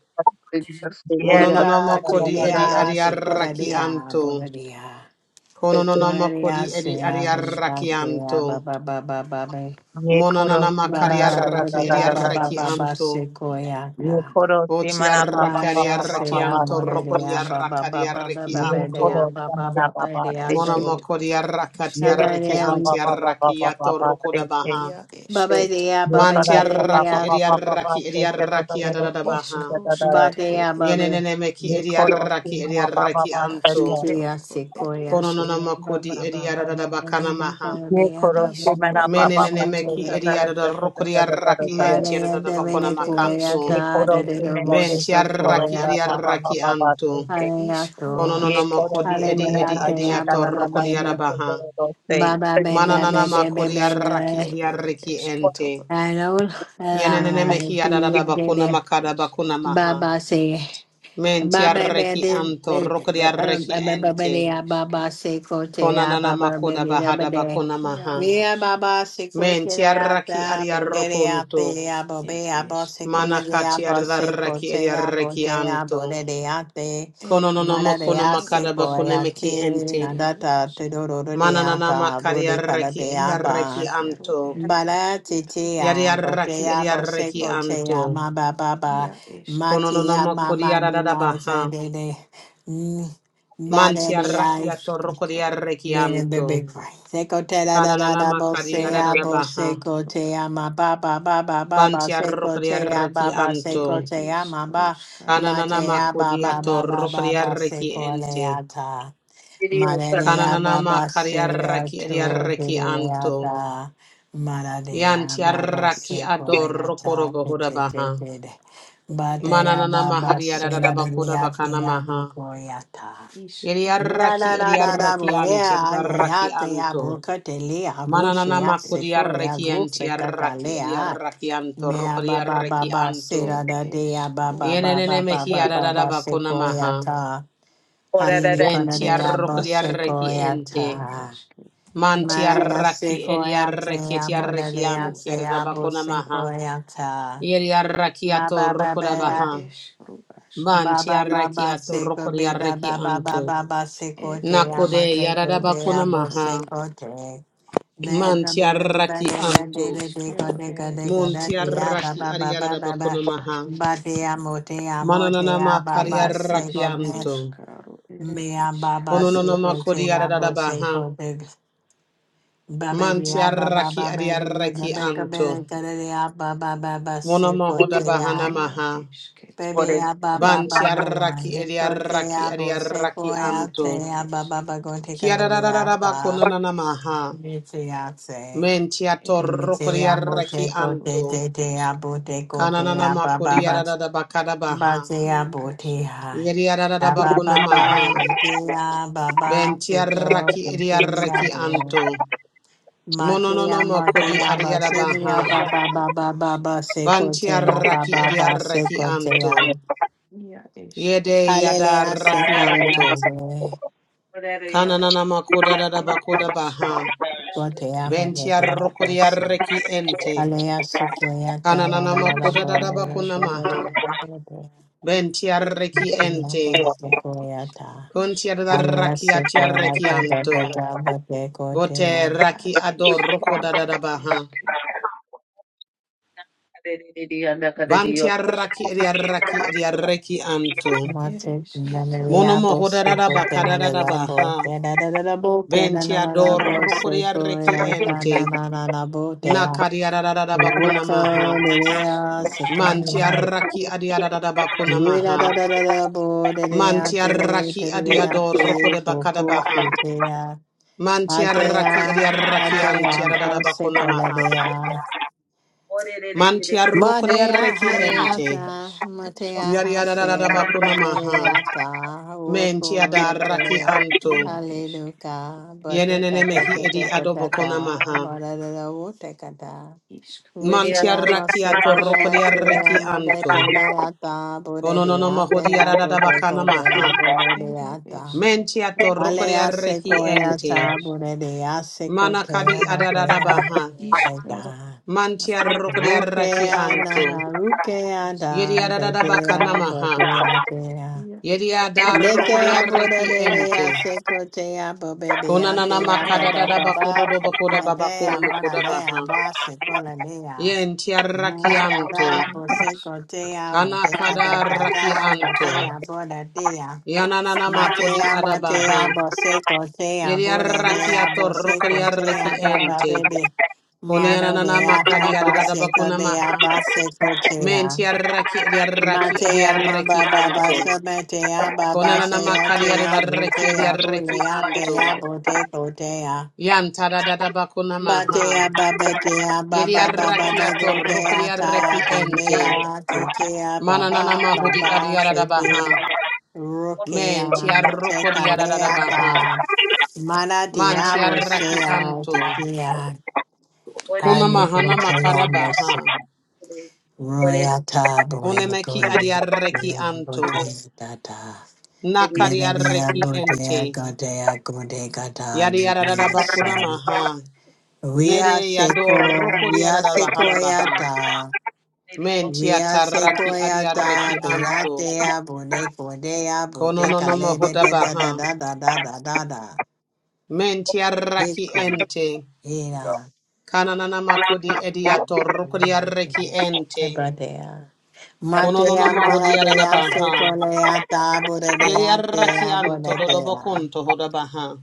Speaker 4: yeh da da da
Speaker 1: Eka
Speaker 4: da
Speaker 2: Monononamako
Speaker 4: da
Speaker 2: di
Speaker 4: da da
Speaker 2: edi
Speaker 5: ia
Speaker 4: da
Speaker 1: chelea
Speaker 4: se ke.
Speaker 2: adiarraki
Speaker 5: escritor
Speaker 1: secoradea
Speaker 2: anto.
Speaker 1: boradea.
Speaker 2: Konononamako
Speaker 1: Mararia
Speaker 2: di edi
Speaker 5: eres
Speaker 1: sea
Speaker 2: adiarraki
Speaker 5: iscro
Speaker 1: buratea
Speaker 2: anto.
Speaker 1: baba baba baba.
Speaker 4: Ye koro se
Speaker 2: Mononanamakari
Speaker 1: Baba
Speaker 4: mana da
Speaker 1: baba
Speaker 4: da da
Speaker 2: arraki
Speaker 4: da
Speaker 5: escritor
Speaker 2: edi
Speaker 1: baba
Speaker 4: da da
Speaker 1: baba
Speaker 4: da.
Speaker 2: arraki
Speaker 5: eres
Speaker 1: baba
Speaker 2: anto.
Speaker 4: Ye
Speaker 1: secoyata.
Speaker 4: koro se
Speaker 2: Oti
Speaker 4: mana ba ba
Speaker 2: arraki
Speaker 4: ba
Speaker 1: Maya
Speaker 4: ba ba ba
Speaker 2: adiarraki
Speaker 1: sea
Speaker 4: ba
Speaker 2: anto.
Speaker 5: iscritoro
Speaker 4: se
Speaker 2: Roko di
Speaker 4: se.
Speaker 1: moradea
Speaker 5: eres
Speaker 1: baba
Speaker 2: arraki
Speaker 1: baba baba
Speaker 4: Ye
Speaker 2: anto.
Speaker 4: koro
Speaker 1: badea
Speaker 4: se
Speaker 1: baba
Speaker 4: mana ba
Speaker 1: baba
Speaker 4: ba se
Speaker 1: dea.
Speaker 4: se.
Speaker 2: Mononamako di
Speaker 5: escritor
Speaker 2: arrakati
Speaker 4: Ye
Speaker 5: iscro
Speaker 4: se
Speaker 2: arraki
Speaker 4: ba
Speaker 2: anti
Speaker 4: ba ba ba ba
Speaker 2: arraki
Speaker 4: ba ba
Speaker 2: ato
Speaker 4: ba
Speaker 2: roko
Speaker 4: se
Speaker 2: da
Speaker 4: se.
Speaker 2: baha.
Speaker 5: ia
Speaker 1: Baba
Speaker 5: esqueto
Speaker 1: dea
Speaker 4: Ye
Speaker 1: baba
Speaker 2: Manti
Speaker 4: koro se
Speaker 1: here
Speaker 4: ba ba
Speaker 2: arraki
Speaker 1: dea.
Speaker 4: ba
Speaker 2: edi
Speaker 4: ba ba ba
Speaker 2: arraki
Speaker 4: se
Speaker 2: edi
Speaker 4: se da da
Speaker 2: arraki
Speaker 4: da da
Speaker 2: adada
Speaker 5: ere escritor eres
Speaker 2: da
Speaker 4: ko se
Speaker 2: baha.
Speaker 4: da da da da
Speaker 5: iscruscritoro
Speaker 4: se.
Speaker 1: Batea baba.
Speaker 2: Yenenene meki
Speaker 4: Ye
Speaker 2: edi
Speaker 4: koro se
Speaker 2: arraki edi
Speaker 4: mana ba ba
Speaker 2: arraki
Speaker 4: ba se se.
Speaker 2: anto.
Speaker 1: Sijia
Speaker 5: escritor
Speaker 1: sikoya
Speaker 5: eres
Speaker 2: Kononana
Speaker 1: siya ba
Speaker 2: makodi
Speaker 1: ba ba
Speaker 2: edi
Speaker 1: ba ba
Speaker 2: ediadada
Speaker 1: ba ba ba
Speaker 2: bakana maha.
Speaker 1: ba
Speaker 4: Ye koro
Speaker 1: ba ba
Speaker 4: se
Speaker 1: ba
Speaker 4: mana
Speaker 5: iscro
Speaker 4: ba ba
Speaker 2: Menenene
Speaker 4: ba
Speaker 1: ba
Speaker 4: se
Speaker 5: asquetoro
Speaker 2: meki
Speaker 4: se
Speaker 2: edi
Speaker 4: da
Speaker 1: ba
Speaker 4: da da
Speaker 2: ediadada
Speaker 4: da da
Speaker 2: rokodi
Speaker 4: da da da da
Speaker 2: arraki
Speaker 4: da da se
Speaker 1: Baraya
Speaker 2: entiadada
Speaker 4: se.
Speaker 2: bakona
Speaker 1: devere
Speaker 5: ere
Speaker 1: koya
Speaker 5: eres
Speaker 2: makanto.
Speaker 4: Ye
Speaker 1: ta
Speaker 5: escro
Speaker 4: koro se
Speaker 1: dedere
Speaker 4: mana de
Speaker 5: eres
Speaker 2: Benti
Speaker 4: se
Speaker 1: vosso
Speaker 4: koro
Speaker 2: arraki
Speaker 4: se
Speaker 1: koya
Speaker 4: ba ba
Speaker 1: ta
Speaker 4: ba
Speaker 2: ediarraki
Speaker 4: ba ba
Speaker 2: anto.
Speaker 4: se se.
Speaker 1: haleya
Speaker 5: iscro
Speaker 1: to
Speaker 4: Ye
Speaker 2: Kononana
Speaker 4: koro
Speaker 2: makodi
Speaker 4: se
Speaker 5: asquetoro
Speaker 2: edi
Speaker 4: mera
Speaker 1: haleya
Speaker 5: ere
Speaker 2: edi edi
Speaker 4: da
Speaker 1: te
Speaker 4: se
Speaker 5: eres
Speaker 1: ya
Speaker 4: da
Speaker 1: ba
Speaker 2: ediato
Speaker 4: da
Speaker 1: ba
Speaker 4: da da
Speaker 1: ba
Speaker 2: rokodi
Speaker 4: se
Speaker 1: ba
Speaker 4: so
Speaker 2: arabaha.
Speaker 4: do do do
Speaker 1: ba
Speaker 4: se.
Speaker 1: ba ba ba
Speaker 5: Ere
Speaker 1: ba ba
Speaker 2: Mananana
Speaker 4: Ye
Speaker 1: ba ba
Speaker 2: makodi
Speaker 5: ishkarushka
Speaker 2: arraki
Speaker 1: ba
Speaker 5: ro ere
Speaker 2: ediarraki
Speaker 5: esketoro,
Speaker 2: ente.
Speaker 1: I
Speaker 5: ere
Speaker 1: know la
Speaker 2: Yenenene meki
Speaker 1: siya
Speaker 2: adada
Speaker 5: ad
Speaker 2: bakona
Speaker 1: dede
Speaker 5: ed
Speaker 2: makada bakona
Speaker 5: esketoro,
Speaker 2: maha.
Speaker 1: baba se
Speaker 2: Menti
Speaker 1: baba ba
Speaker 2: arraki
Speaker 1: de
Speaker 2: anto rokodi
Speaker 1: ba ba
Speaker 2: arraki
Speaker 1: ba
Speaker 5: eskero
Speaker 1: ba ba ba ba ba
Speaker 2: ente.
Speaker 5: ed
Speaker 1: ba ba ba ba
Speaker 5: eske,
Speaker 1: ba
Speaker 2: Konanana
Speaker 1: ba
Speaker 2: makoda
Speaker 1: ba ba
Speaker 2: bahada
Speaker 1: ba
Speaker 2: bakona maha.
Speaker 5: iaro
Speaker 1: Mira,
Speaker 5: asketo,
Speaker 1: baba, se
Speaker 2: Menti
Speaker 1: cotea,
Speaker 2: arraki
Speaker 1: da, borea,
Speaker 2: adiarroconto.
Speaker 1: tea,
Speaker 5: ed
Speaker 1: bobea, bosse, colea,
Speaker 2: Manakati
Speaker 5: eskruskatoro,
Speaker 1: bosse,
Speaker 2: adarraki
Speaker 1: cotea,
Speaker 2: adiarraki
Speaker 1: botea,
Speaker 2: anto.
Speaker 1: borea, te,
Speaker 5: ed
Speaker 2: Konononomo
Speaker 1: mararea,
Speaker 5: eskru
Speaker 1: se
Speaker 2: konomakadaba
Speaker 1: coea,
Speaker 5: asketo,
Speaker 2: konemeki
Speaker 1: te,
Speaker 2: ente.
Speaker 5: iaro
Speaker 1: nadata, te
Speaker 5: eske,
Speaker 2: Manananama
Speaker 1: dororeata, burita, la
Speaker 2: kadiarraki adiarraki
Speaker 1: deaba,
Speaker 5: iskero
Speaker 2: anto.
Speaker 5: ere
Speaker 1: bara,
Speaker 5: esketoro,
Speaker 1: titia,
Speaker 2: Yadiarraki
Speaker 1: botea, bosse,
Speaker 2: adiarraki anto.
Speaker 1: maba, baba,
Speaker 5: ia
Speaker 1: matia,
Speaker 5: esketoro,
Speaker 2: Konononomo
Speaker 1: mama, nila,
Speaker 2: kodiaradabaha.
Speaker 1: sabele,
Speaker 5: ed
Speaker 2: Manti arraki atorroko
Speaker 5: eskrusketoro,
Speaker 2: diarraki
Speaker 1: Bene bebe
Speaker 2: anto.
Speaker 1: vai. Seco te da da da da
Speaker 2: Kanananama
Speaker 1: bo se
Speaker 5: ia
Speaker 1: a bo
Speaker 2: kadiaradabaha.
Speaker 1: seco
Speaker 5: esketoro,
Speaker 1: te a ma ba ba ba ba ba ba
Speaker 2: Banti
Speaker 1: seco
Speaker 2: arroko
Speaker 1: te a ba
Speaker 2: diarraki
Speaker 1: ba
Speaker 5: ere
Speaker 1: seco
Speaker 2: anto.
Speaker 1: te a ma ba ma
Speaker 5: iskruskatoro,
Speaker 1: te
Speaker 2: Kananama
Speaker 1: a
Speaker 5: ere
Speaker 1: ba ba
Speaker 5: iaro
Speaker 2: kudiato
Speaker 1: ba ba ba
Speaker 5: asketo.
Speaker 1: ba
Speaker 2: rokodiareki
Speaker 1: seco le
Speaker 2: ente.
Speaker 1: a ta ma re re
Speaker 5: It
Speaker 1: a ba
Speaker 2: Kananama
Speaker 5: eşke
Speaker 1: ba
Speaker 5: toro
Speaker 1: se a
Speaker 5: ere
Speaker 2: kariareki
Speaker 5: iş.
Speaker 1: to de
Speaker 2: ediareki
Speaker 1: re a
Speaker 2: anto.
Speaker 1: ta ma ra re a ba
Speaker 5: Ad
Speaker 1: ba
Speaker 2: Yantiaraki
Speaker 5: iş.
Speaker 1: seco
Speaker 2: ador
Speaker 1: le a ta
Speaker 2: rokorobo
Speaker 1: te te te
Speaker 2: hudabaha.
Speaker 1: te te ba te
Speaker 5: It
Speaker 1: a ba
Speaker 2: Mananama
Speaker 5: eşke.
Speaker 1: ba se
Speaker 5: O
Speaker 1: la
Speaker 5: et
Speaker 2: hariaradaba
Speaker 1: de re a te a
Speaker 2: kodabakanamaha.
Speaker 1: bo ko e a ta.
Speaker 5: iş. O
Speaker 1: Mira,
Speaker 2: Ediareki
Speaker 1: da,
Speaker 5: aşke
Speaker 1: da, da, da,
Speaker 2: ediareki
Speaker 1: burea,
Speaker 2: antiaraki
Speaker 1: ayoyataya,
Speaker 2: anto.
Speaker 1: ya bucea,
Speaker 2: Mananama
Speaker 5: Iaro eşke
Speaker 1: secoia,
Speaker 2: kudiareki
Speaker 5: toro.
Speaker 2: antiaraki
Speaker 1: bufecatalea.
Speaker 2: ediareki anto
Speaker 1: Mea, ba, ba, ba,
Speaker 2: rokodiareki
Speaker 1: ba,
Speaker 2: anto.
Speaker 1: sera,
Speaker 5: It
Speaker 1: da, dea,
Speaker 5: eş.
Speaker 1: ba,
Speaker 5: Ro
Speaker 1: ba, ba, ba,
Speaker 2: Yenene
Speaker 5: aşke
Speaker 1: ba, ba,
Speaker 5: toro.
Speaker 1: ba,
Speaker 5: E.
Speaker 1: ba,
Speaker 2: mehiaradaba
Speaker 1: secoia,
Speaker 2: konamaha.
Speaker 1: ta. Harine, conadea,
Speaker 5: İş.
Speaker 1: bo,
Speaker 5: Ro şke
Speaker 2: Bentiarokodiareki
Speaker 1: secoia,
Speaker 5: toro
Speaker 2: ente.
Speaker 5: ere
Speaker 1: ta.
Speaker 5: eşke.
Speaker 2: Manti
Speaker 1: Maya,
Speaker 2: arraki eri
Speaker 1: secoia,
Speaker 2: Mantiaraki Ediaraki
Speaker 1: tea,
Speaker 5: İş.
Speaker 1: moradea,
Speaker 2: Etiarakian
Speaker 5: Ro
Speaker 1: sea,
Speaker 5: aşke
Speaker 1: bo,
Speaker 2: Kiarabakona
Speaker 5: toro.
Speaker 2: Maha.
Speaker 1: secoia, ta.
Speaker 2: Yeriaraki
Speaker 1: Ma
Speaker 2: Ato
Speaker 1: ba ba ba
Speaker 5: Ere
Speaker 2: Rokodabaha.
Speaker 5: eş. Ro aşke
Speaker 1: Ba
Speaker 5: to.
Speaker 1: ba ba
Speaker 2: Mantiaraki
Speaker 1: ba
Speaker 2: Ato
Speaker 1: seko be ba
Speaker 2: Rokodiaraki
Speaker 1: ba ba ba
Speaker 2: Anto.
Speaker 1: ba ba seko
Speaker 5: Et
Speaker 1: te
Speaker 5: eş.
Speaker 2: Nakode
Speaker 1: amate te te
Speaker 5: Ro
Speaker 2: Yaradabakona
Speaker 5: şke
Speaker 1: abo
Speaker 2: Maha.
Speaker 1: seko te. Ne ka be a bi ba
Speaker 2: Mantiaraki
Speaker 1: de de de
Speaker 2: Anto.
Speaker 1: de de ko
Speaker 5: İşkero
Speaker 1: de ka
Speaker 5: ere
Speaker 1: de ka de
Speaker 5: eşke
Speaker 1: te a
Speaker 5: toro.
Speaker 1: ba
Speaker 5: E.
Speaker 2: Montiaraki
Speaker 1: ba ba ba ba ba.
Speaker 2: Ariarabakona Maha.
Speaker 1: Ba te amo te amo te a
Speaker 2: Manananama
Speaker 1: ba ba
Speaker 5: Ere
Speaker 2: Kariaraki
Speaker 1: seko
Speaker 5: ish,
Speaker 1: be.
Speaker 2: Anto.
Speaker 5: ruskaro, ere
Speaker 1: Me a ba ba seko
Speaker 2: Onononoma
Speaker 1: te
Speaker 5: ish,
Speaker 1: abo seko
Speaker 2: Kodiarabaha.
Speaker 1: te. Ba be de a
Speaker 5: Ed
Speaker 1: ba ba
Speaker 5: ishk
Speaker 1: ba
Speaker 2: Mantiaraki
Speaker 1: be de de
Speaker 2: Ariaraki
Speaker 1: be ka be de
Speaker 5: ashketoro
Speaker 2: Anto.
Speaker 1: ka
Speaker 5: e
Speaker 1: de de a ba ba ba ba
Speaker 2: mono Monoma
Speaker 1: seko te a.
Speaker 2: Hodabahana
Speaker 5: ia
Speaker 2: Maha.
Speaker 1: Baby,
Speaker 5: ishketoro
Speaker 1: I ba
Speaker 5: ere
Speaker 1: ba ba
Speaker 2: Vanti
Speaker 1: the
Speaker 5: ishk
Speaker 1: one.
Speaker 2: arraki
Speaker 1: He
Speaker 2: edi
Speaker 1: go say
Speaker 2: arraki
Speaker 1: I
Speaker 2: edi
Speaker 1: bo say
Speaker 2: arraki
Speaker 1: boy I
Speaker 5: ir
Speaker 2: anto.
Speaker 5: ed
Speaker 1: say I ba ba ba go
Speaker 5: ishketo
Speaker 1: take a little
Speaker 5: ed
Speaker 2: Kiararararaba
Speaker 1: outa.
Speaker 5: ishk
Speaker 2: konanana maha.
Speaker 1: Me say I say.
Speaker 2: Menti
Speaker 5: ere
Speaker 1: Me
Speaker 2: atorroko
Speaker 1: say
Speaker 2: di
Speaker 5: ishk
Speaker 1: I bo
Speaker 2: arraki
Speaker 1: take go
Speaker 5: ruskaro
Speaker 1: te
Speaker 2: anto.
Speaker 1: te
Speaker 5: ed
Speaker 1: te I
Speaker 5: ishk
Speaker 1: bo take go te
Speaker 2: Kananana
Speaker 1: I ba
Speaker 2: mako
Speaker 1: ba
Speaker 2: di
Speaker 1: ba
Speaker 2: arararaba
Speaker 1: ba
Speaker 2: kadabaha.
Speaker 1: say I
Speaker 5: ia
Speaker 1: bo te
Speaker 5: ashketoro
Speaker 1: high.
Speaker 2: Yedi
Speaker 1: Ya
Speaker 2: arararaba
Speaker 1: ba ba ba me
Speaker 2: konamaha.
Speaker 1: I ba ba
Speaker 2: Benti
Speaker 1: say go te
Speaker 2: arraki
Speaker 5: ashketoro
Speaker 2: edi
Speaker 1: te
Speaker 5: are
Speaker 1: I
Speaker 2: arraki
Speaker 5: ishk
Speaker 1: bo.
Speaker 2: anto.
Speaker 1: Ma te I
Speaker 2: Mononono
Speaker 1: mo
Speaker 2: moko
Speaker 1: te
Speaker 2: di
Speaker 1: I ba say
Speaker 5: ed
Speaker 1: me I
Speaker 2: adiarabaha.
Speaker 5: ishk
Speaker 1: ba ba
Speaker 5: ro
Speaker 1: ba ba ba ba say
Speaker 5: ashketoro
Speaker 1: go
Speaker 2: Vanti
Speaker 1: te I ba
Speaker 5: ishk
Speaker 2: arraki
Speaker 1: ba
Speaker 2: edi
Speaker 1: ba say
Speaker 2: arraki
Speaker 1: go te I.
Speaker 2: anto.
Speaker 5: ia
Speaker 2: Yede
Speaker 5: ishketoro
Speaker 2: yada
Speaker 1: Aleluya,
Speaker 5: ere
Speaker 1: se
Speaker 2: arraki
Speaker 5: ishk
Speaker 1: poya
Speaker 2: anto.
Speaker 1: se
Speaker 2: Kananana mako
Speaker 5: ed
Speaker 2: da
Speaker 5: ishk
Speaker 2: baha.
Speaker 5: ro ashketoro
Speaker 1: gotea amo de
Speaker 2: Ventia
Speaker 1: de
Speaker 5: ed
Speaker 1: la
Speaker 5: ishk
Speaker 2: rokoria
Speaker 1: doce.
Speaker 2: reki ente.
Speaker 1: Aleluya, su poya ta la
Speaker 2: Kananana
Speaker 1: la la la
Speaker 5: ishk
Speaker 2: makoda
Speaker 5: ro
Speaker 2: dada
Speaker 1: boya de
Speaker 2: bakuna
Speaker 1: la
Speaker 2: maha.
Speaker 5: ashketoro
Speaker 1: la la
Speaker 2: Ventia reki
Speaker 1: de. Lambo
Speaker 2: ente.
Speaker 1: su
Speaker 5: ed
Speaker 1: poya
Speaker 5: ishk
Speaker 1: ta.
Speaker 2: Kuntia da
Speaker 5: rusketoro
Speaker 1: Aleluya,
Speaker 2: raki
Speaker 1: se
Speaker 2: atia
Speaker 1: poya
Speaker 2: reki
Speaker 1: ta da da
Speaker 2: anto.
Speaker 1: da bo de
Speaker 2: Bote
Speaker 1: gotea.
Speaker 5: Ad
Speaker 2: raki ador
Speaker 5: iskero
Speaker 2: rokoda dada
Speaker 5: ed
Speaker 2: baha.
Speaker 5: eske
Speaker 3: Thank
Speaker 5: iaro
Speaker 2: Vantia
Speaker 5: aske
Speaker 2: raki eria raki eria reki anto.
Speaker 5: ed
Speaker 1: Mate na na
Speaker 5: esketo
Speaker 2: Mono
Speaker 1: la bo
Speaker 5: ed
Speaker 2: mohoda
Speaker 1: se
Speaker 2: dada
Speaker 5: isk
Speaker 1: gotea la
Speaker 2: bakada
Speaker 3: you.
Speaker 1: la
Speaker 2: dada
Speaker 1: la bo
Speaker 2: baha.
Speaker 1: Da da da da la bo ke na na
Speaker 2: Ventia
Speaker 1: na la
Speaker 2: dor
Speaker 5: ia
Speaker 1: bo se
Speaker 2: rokoria reki
Speaker 5: esketo
Speaker 1: poya ta na
Speaker 2: ente.
Speaker 1: na na na bo de ya.
Speaker 2: Nakaria dada dada bakuna
Speaker 1: Uka
Speaker 2: maha.
Speaker 1: lelea se
Speaker 5: iskrosketor
Speaker 2: Mantia raki adi dada bakuna
Speaker 1: Rida da
Speaker 2: maha.
Speaker 1: da da da bo de de
Speaker 5: ed
Speaker 1: ate de
Speaker 2: Mantiaraki
Speaker 5: eskro
Speaker 1: de
Speaker 2: adiado roko
Speaker 1: ate
Speaker 2: de
Speaker 1: bo
Speaker 5: asketo
Speaker 1: ko
Speaker 5: i-
Speaker 2: bakadabaha.
Speaker 1: fite ya ate
Speaker 2: Mantiaraki
Speaker 1: ya
Speaker 5: ia
Speaker 2: adiaraki
Speaker 1: ate ya,
Speaker 5: esketor
Speaker 1: bo se
Speaker 5: ed
Speaker 1: kole de
Speaker 2: antiadadadabakonamaha.
Speaker 1: ya ma
Speaker 2: Mantiaroko
Speaker 1: de ya ko
Speaker 2: diaraki
Speaker 5: i
Speaker 2: ente.
Speaker 5: ed
Speaker 1: ko te ya ha se
Speaker 5: iskroskatoro ed
Speaker 1: Ma
Speaker 5: esk
Speaker 2: Yariadadadabakonamaha.
Speaker 1: ete
Speaker 2: Mentiadaraki anto.
Speaker 1: Ajaya,
Speaker 5: ia esketo
Speaker 1: Ajaya,
Speaker 5: ed
Speaker 1: Bose ta
Speaker 2: Yenenene
Speaker 1: ta
Speaker 2: mehi
Speaker 1: ta
Speaker 2: edi
Speaker 1: ta ta Haleata, Wokorete, da
Speaker 2: adobokonamaha.
Speaker 1: da da wo te ka ta. Richie
Speaker 5: iskroskato
Speaker 1: amo
Speaker 2: Mantiaraki ato roko
Speaker 1: secoete
Speaker 5: esketor
Speaker 2: diaraki
Speaker 5: ed
Speaker 1: amo de
Speaker 2: anto.
Speaker 5: esk
Speaker 1: teleata, bude
Speaker 2: Ononono maho
Speaker 1: diate, abude code,
Speaker 2: diadadabakanamaha.
Speaker 1: abude
Speaker 5: ed
Speaker 1: diata.
Speaker 5: eske ro
Speaker 2: Mentiato roko
Speaker 1: Alea
Speaker 2: diaraki
Speaker 5: isketoro ed
Speaker 2: ente.
Speaker 1: secoeata,
Speaker 5: isk
Speaker 1: bude diase cote
Speaker 2: Manakadi
Speaker 1: amatea,
Speaker 2: adadadabaha.
Speaker 5: Ishkaro
Speaker 1: ega.
Speaker 2: Mantia rokodia raki
Speaker 1: Rukea
Speaker 2: anto.
Speaker 1: nana, rukea
Speaker 5: eres
Speaker 2: Yedia
Speaker 1: da,
Speaker 5: toro
Speaker 1: de
Speaker 2: dada baka
Speaker 5: eres
Speaker 1: dea,
Speaker 2: namaha.
Speaker 1: bobea dea.
Speaker 5: ia
Speaker 2: Yedia
Speaker 5: ishkro
Speaker 2: da
Speaker 1: Lete
Speaker 2: rokodia
Speaker 5: toro
Speaker 1: abude
Speaker 2: reki
Speaker 1: de dea
Speaker 2: ente.
Speaker 1: secotea,
Speaker 2: Konanana
Speaker 1: bobebiate,
Speaker 5: ishkro
Speaker 2: makada
Speaker 5: ere
Speaker 2: dada
Speaker 5: eske
Speaker 2: bakodo
Speaker 1: abababa.
Speaker 2: do
Speaker 5: toro
Speaker 2: bakoda babakono
Speaker 1: Nedea, mora
Speaker 2: mokoda
Speaker 1: dea,
Speaker 2: baha.
Speaker 1: base cola
Speaker 2: Yentia raki
Speaker 1: Na da
Speaker 2: anto.
Speaker 1: da,
Speaker 5: ere ish
Speaker 1: boseko dea,
Speaker 2: Kana
Speaker 1: moteka da
Speaker 2: kada
Speaker 1: da
Speaker 2: raki
Speaker 1: da,
Speaker 2: anto.
Speaker 1: botea bora dea.
Speaker 2: Yananana makodi
Speaker 1: Matea motea,
Speaker 2: adabaha.
Speaker 1: boseko dea,
Speaker 2: Yedia
Speaker 1: bora
Speaker 2: raki
Speaker 1: dea,
Speaker 2: ato
Speaker 1: boseko
Speaker 2: rokodia reki
Speaker 1: dea, baba
Speaker 2: ente.
Speaker 1: baby. Mara
Speaker 2: Konianana
Speaker 1: dea,
Speaker 2: makadi
Speaker 1: haba
Speaker 2: adada
Speaker 1: seko
Speaker 2: bakona
Speaker 1: dea,
Speaker 2: maha.
Speaker 1: baseko dea.
Speaker 2: Mentia raki edia raki edia
Speaker 1: Matea ma
Speaker 2: reki
Speaker 1: baba
Speaker 2: anto.
Speaker 1: basa metea, baba
Speaker 2: Konanana
Speaker 1: seo
Speaker 2: makariere
Speaker 1: tea,
Speaker 2: da reki
Speaker 1: botea,
Speaker 2: ediareki
Speaker 1: bolea, tea,
Speaker 2: anto.
Speaker 1: boteko dea.
Speaker 2: Yanta da da da bakuna
Speaker 1: Ba te
Speaker 2: maha.
Speaker 1: a ba ba te a ba ba ba
Speaker 2: Yediareki ato
Speaker 1: te a ta
Speaker 2: rokodiareki
Speaker 1: te le
Speaker 2: ente.
Speaker 1: a te te a ba ba
Speaker 2: Mananana
Speaker 1: ba
Speaker 2: mahudi
Speaker 1: ba
Speaker 2: adiara
Speaker 1: se
Speaker 2: da
Speaker 1: te
Speaker 2: baha. Men
Speaker 1: mo
Speaker 2: tiarokodiara da da baha.
Speaker 1: mana te
Speaker 2: Man
Speaker 1: a se
Speaker 3: Oh. (laughs)
Speaker 2: tiareki
Speaker 1: te
Speaker 2: anto.
Speaker 1: te ani
Speaker 3: What is
Speaker 1: a
Speaker 2: Kuna
Speaker 1: ni
Speaker 3: it?
Speaker 1: go
Speaker 2: mahana makada
Speaker 1: mo se
Speaker 2: baha.
Speaker 1: ro
Speaker 3: What is
Speaker 1: a ta bo e go
Speaker 2: Konemeki
Speaker 1: le le
Speaker 2: adiareki
Speaker 1: a bo te
Speaker 2: anto.
Speaker 1: ta ta
Speaker 3: it?
Speaker 1: le
Speaker 3: is-
Speaker 1: le
Speaker 2: Nakariareki
Speaker 1: bo te a
Speaker 2: ente.
Speaker 1: go te a go te
Speaker 2: Yadiara da da bakuna
Speaker 1: se
Speaker 2: maha.
Speaker 3: na-
Speaker 1: We
Speaker 3: na-
Speaker 1: are
Speaker 2: Yede yador
Speaker 1: Seco, we
Speaker 2: rokodiara
Speaker 1: are
Speaker 2: da bahara baha. da baha.
Speaker 1: Sequoiata,
Speaker 3: it is-
Speaker 1: we
Speaker 2: Mentia
Speaker 1: are
Speaker 2: tarraki adiarreki
Speaker 1: Sequoiata,
Speaker 2: anto.
Speaker 1: Viratea, Bode, Bodea, Bodeca,
Speaker 2: Konononomo
Speaker 1: Lede, da da
Speaker 2: hodabaha.
Speaker 1: da da da da da da da.
Speaker 2: Mentia raki
Speaker 1: Rico,
Speaker 2: ente.
Speaker 3: Yeah.
Speaker 1: Ina,
Speaker 2: Kanananama kodi ediato
Speaker 1: Mira,
Speaker 2: rukodiarreki
Speaker 1: my
Speaker 2: ente.
Speaker 1: brother.
Speaker 3: That's-
Speaker 1: Matea,
Speaker 2: Konononomo
Speaker 1: Moradea,
Speaker 2: hodiaradabaha.
Speaker 1: Sequoiata, Bodea,
Speaker 2: Yediarraki
Speaker 1: Dea,
Speaker 2: anto
Speaker 1: Bodea.
Speaker 2: dodobokunto hodabaha.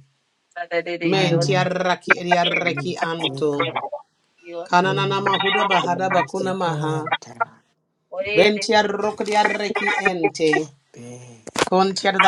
Speaker 3: that- that it is
Speaker 1: I
Speaker 3: your-
Speaker 2: Mentia
Speaker 1: am
Speaker 2: raki ediarreki
Speaker 1: Seco,
Speaker 2: anto.
Speaker 3: your-
Speaker 2: Kanananama hodabaha dabakunamaha.
Speaker 1: Sequoiata,
Speaker 3: What is
Speaker 2: Bentia rukodiarreki
Speaker 3: it?
Speaker 2: ente.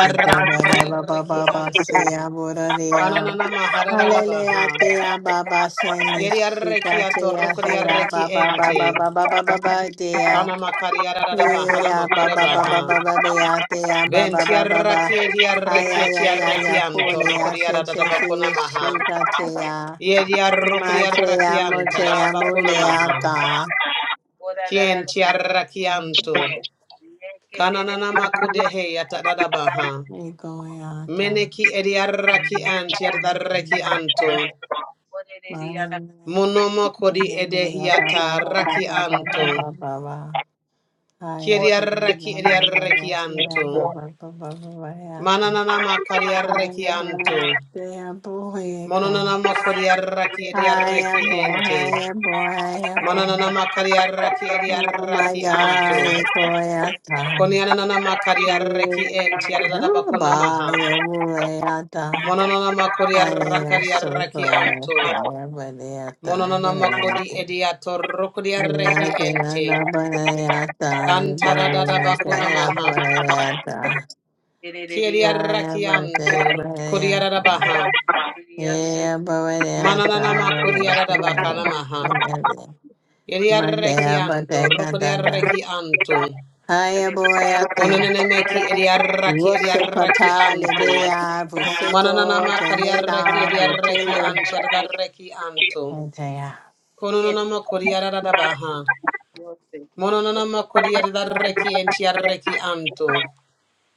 Speaker 1: Hallelujah, Tia
Speaker 2: ediarreki
Speaker 1: Baba Seni Shika Tia Heya Baba se
Speaker 2: anto.
Speaker 1: aboraria.
Speaker 2: Kananana maharara baha.
Speaker 1: Hallelujah te ababa se
Speaker 2: Yeri Yeriareki
Speaker 1: nishika te ahe
Speaker 2: atorokodiareki
Speaker 1: ababa
Speaker 2: ente.
Speaker 1: Baba Baba Baba dea.
Speaker 2: Kana makariarara
Speaker 1: ye
Speaker 2: bahana
Speaker 1: Yeah
Speaker 2: makuda
Speaker 1: Baba Baba
Speaker 2: baha.
Speaker 1: Baba Bia Tia Baba Baba
Speaker 2: Ventiaraki
Speaker 1: Baba ay
Speaker 2: ediareki
Speaker 1: ay Ya
Speaker 2: etiareki
Speaker 1: Ya Kulia Se
Speaker 2: antorokodiarada
Speaker 1: Se Se
Speaker 2: bakuna maha.
Speaker 1: Shika Tia
Speaker 2: Yeriarokodiareki
Speaker 1: Matea
Speaker 2: anta dada
Speaker 1: Motea
Speaker 2: bakuna maha.
Speaker 1: Muleata
Speaker 2: Kientiareki anto. Kananana makude he yata dada baha. Meneki ediareki antiareki anto.
Speaker 1: Egoyata Oh my
Speaker 2: Monomokori
Speaker 1: God, boy, I
Speaker 2: edehiata
Speaker 1: come.
Speaker 2: raki anto. Kiria raki eria raki anto. Mananana makaria raki anto.
Speaker 1: Yeah, bye, boy, I
Speaker 2: Mononana
Speaker 1: come.
Speaker 2: mokori raki eria
Speaker 1: I
Speaker 2: raki ente. Mananana makaria raki eria raki anto. Konianana makaria raki ente. Yadada bakona maha. Mononana makori
Speaker 1: am
Speaker 2: rakaria
Speaker 1: so
Speaker 2: raki
Speaker 1: glad
Speaker 2: anto.
Speaker 1: that
Speaker 2: Mononana makodi
Speaker 1: I'm
Speaker 2: ediato rokoria raki
Speaker 1: Thank you.
Speaker 2: ente. Kantarada bakona maha.
Speaker 3: It is.
Speaker 2: Kiriarakianto, Kuriarabaha,
Speaker 3: Hallelujah. Thank you, Lord.
Speaker 2: Manananama Kuriarabakanamaha,
Speaker 3: it-
Speaker 2: Iriarakianto, Rokodiarakianto,
Speaker 3: I thank you, Lord.
Speaker 2: Konanemeki
Speaker 3: Thank
Speaker 2: Iriaraki Iriarakianto, Manananama Kariaraki Iriaraki Anchiaraki Anto, Kononama Kuriarabaha, Mononama Kuriaraki Anchiaraki Anto,
Speaker 3: you,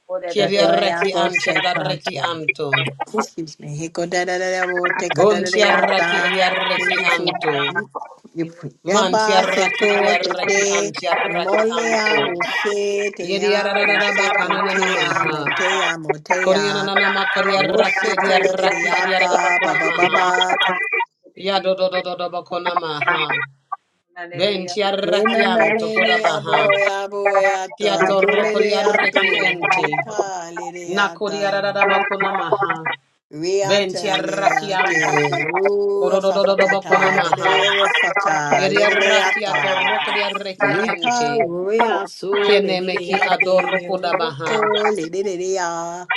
Speaker 3: Lord, that I did.
Speaker 2: Kiriaraki Anchiaraki Anto,
Speaker 1: Excuse me. Hiko da da da da wo teko da da da
Speaker 2: Bonchiaraki
Speaker 1: yata. Thank
Speaker 2: Iriaraki
Speaker 1: you for the
Speaker 2: Anto,
Speaker 1: gift. You
Speaker 2: Man
Speaker 1: eba
Speaker 2: tiaraki
Speaker 1: seko te
Speaker 2: ediaraki
Speaker 1: te
Speaker 2: an
Speaker 3: you,
Speaker 2: tiaraki
Speaker 1: Molea a
Speaker 2: anto.
Speaker 3: Lord.
Speaker 1: vose te a
Speaker 3: What do
Speaker 1: vose
Speaker 2: Yediarararaba
Speaker 1: ko
Speaker 2: kananana
Speaker 1: te ya mo
Speaker 2: maha.
Speaker 1: te ya mo te a
Speaker 2: Korianana do
Speaker 1: vose ko le de de a
Speaker 2: do do
Speaker 1: pa ba ba ba
Speaker 2: do
Speaker 1: ba
Speaker 3: you?
Speaker 2: Yadododododobakona maha. Ben
Speaker 1: ne
Speaker 2: tiaraki
Speaker 1: na na
Speaker 2: anto
Speaker 1: ne ne ya bo
Speaker 2: kodabaha.
Speaker 1: ya bo e, a ta
Speaker 2: Kiatoro
Speaker 1: bole de a
Speaker 2: koriaraki
Speaker 1: to
Speaker 2: ente.
Speaker 1: rika le de a
Speaker 2: Nakoriarabakona maha. Ben tiaraki anto.
Speaker 1: Riataleate,
Speaker 2: Korodododobakona
Speaker 1: Rurafakata,
Speaker 2: maha.
Speaker 1: Rafaka,
Speaker 2: Yediaraki
Speaker 1: Ledeata,
Speaker 2: atoro koriaraki
Speaker 1: Rika,
Speaker 2: ente.
Speaker 1: Riasu,
Speaker 2: Kenemeki
Speaker 1: Ledeate,
Speaker 2: adoroko da baha.
Speaker 1: Ruko, Ledea,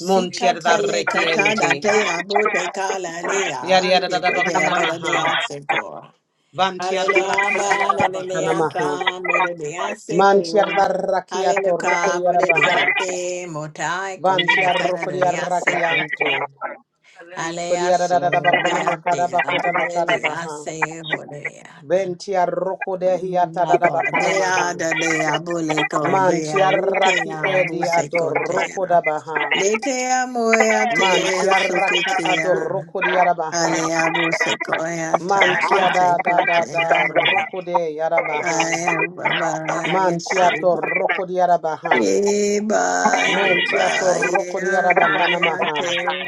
Speaker 2: Montiar da
Speaker 3: I
Speaker 1: Katana,
Speaker 2: rekiente.
Speaker 1: Dea, Bote, Kala,
Speaker 3: need a.
Speaker 1: Lea,
Speaker 2: Yariada da
Speaker 1: Yeko, Dea,
Speaker 2: bakona
Speaker 1: Bada,
Speaker 2: maha.
Speaker 1: Dea, Seco.
Speaker 2: Vantiar
Speaker 1: Hallelujah,
Speaker 2: raki adiada da bakana maha.
Speaker 1: Leata, Moda, Dea,
Speaker 2: Mantiar
Speaker 1: Seco.
Speaker 2: da
Speaker 1: Hallelujah,
Speaker 2: rakiato roko diada
Speaker 1: Boda,
Speaker 2: baha.
Speaker 1: Deate, Motai, Colina,
Speaker 2: Vantiar roko diada
Speaker 1: Canada,
Speaker 2: rakianto.
Speaker 1: Alea
Speaker 2: Kodiada da da
Speaker 1: so
Speaker 2: bakona
Speaker 1: mea
Speaker 2: makada
Speaker 1: dea
Speaker 2: bakoda bakada
Speaker 1: bulea
Speaker 2: baha.
Speaker 1: se holeata.
Speaker 2: Ventiar roko de hiata da da
Speaker 1: Aba
Speaker 2: bakana maha.
Speaker 1: mea da dea buleco bea
Speaker 2: Mantiar raki
Speaker 1: rukea
Speaker 2: edi adoroko
Speaker 1: busecotea.
Speaker 2: da baha.
Speaker 1: Letea moea te
Speaker 2: Mantiar raki
Speaker 1: suketea.
Speaker 2: adoroko diada baha.
Speaker 1: Alea busecoeata
Speaker 2: Mantia da da da
Speaker 1: masecotea
Speaker 2: da
Speaker 1: mane.
Speaker 2: rokode yarabaha.
Speaker 1: Ae babae
Speaker 2: Mantia
Speaker 1: se.
Speaker 2: to rokode yarabaha.
Speaker 1: Eba
Speaker 2: Mentia to
Speaker 1: eba
Speaker 2: rokode
Speaker 1: ea
Speaker 3: Hallelujah.
Speaker 1: boea
Speaker 2: yarabakanamaha.
Speaker 1: te.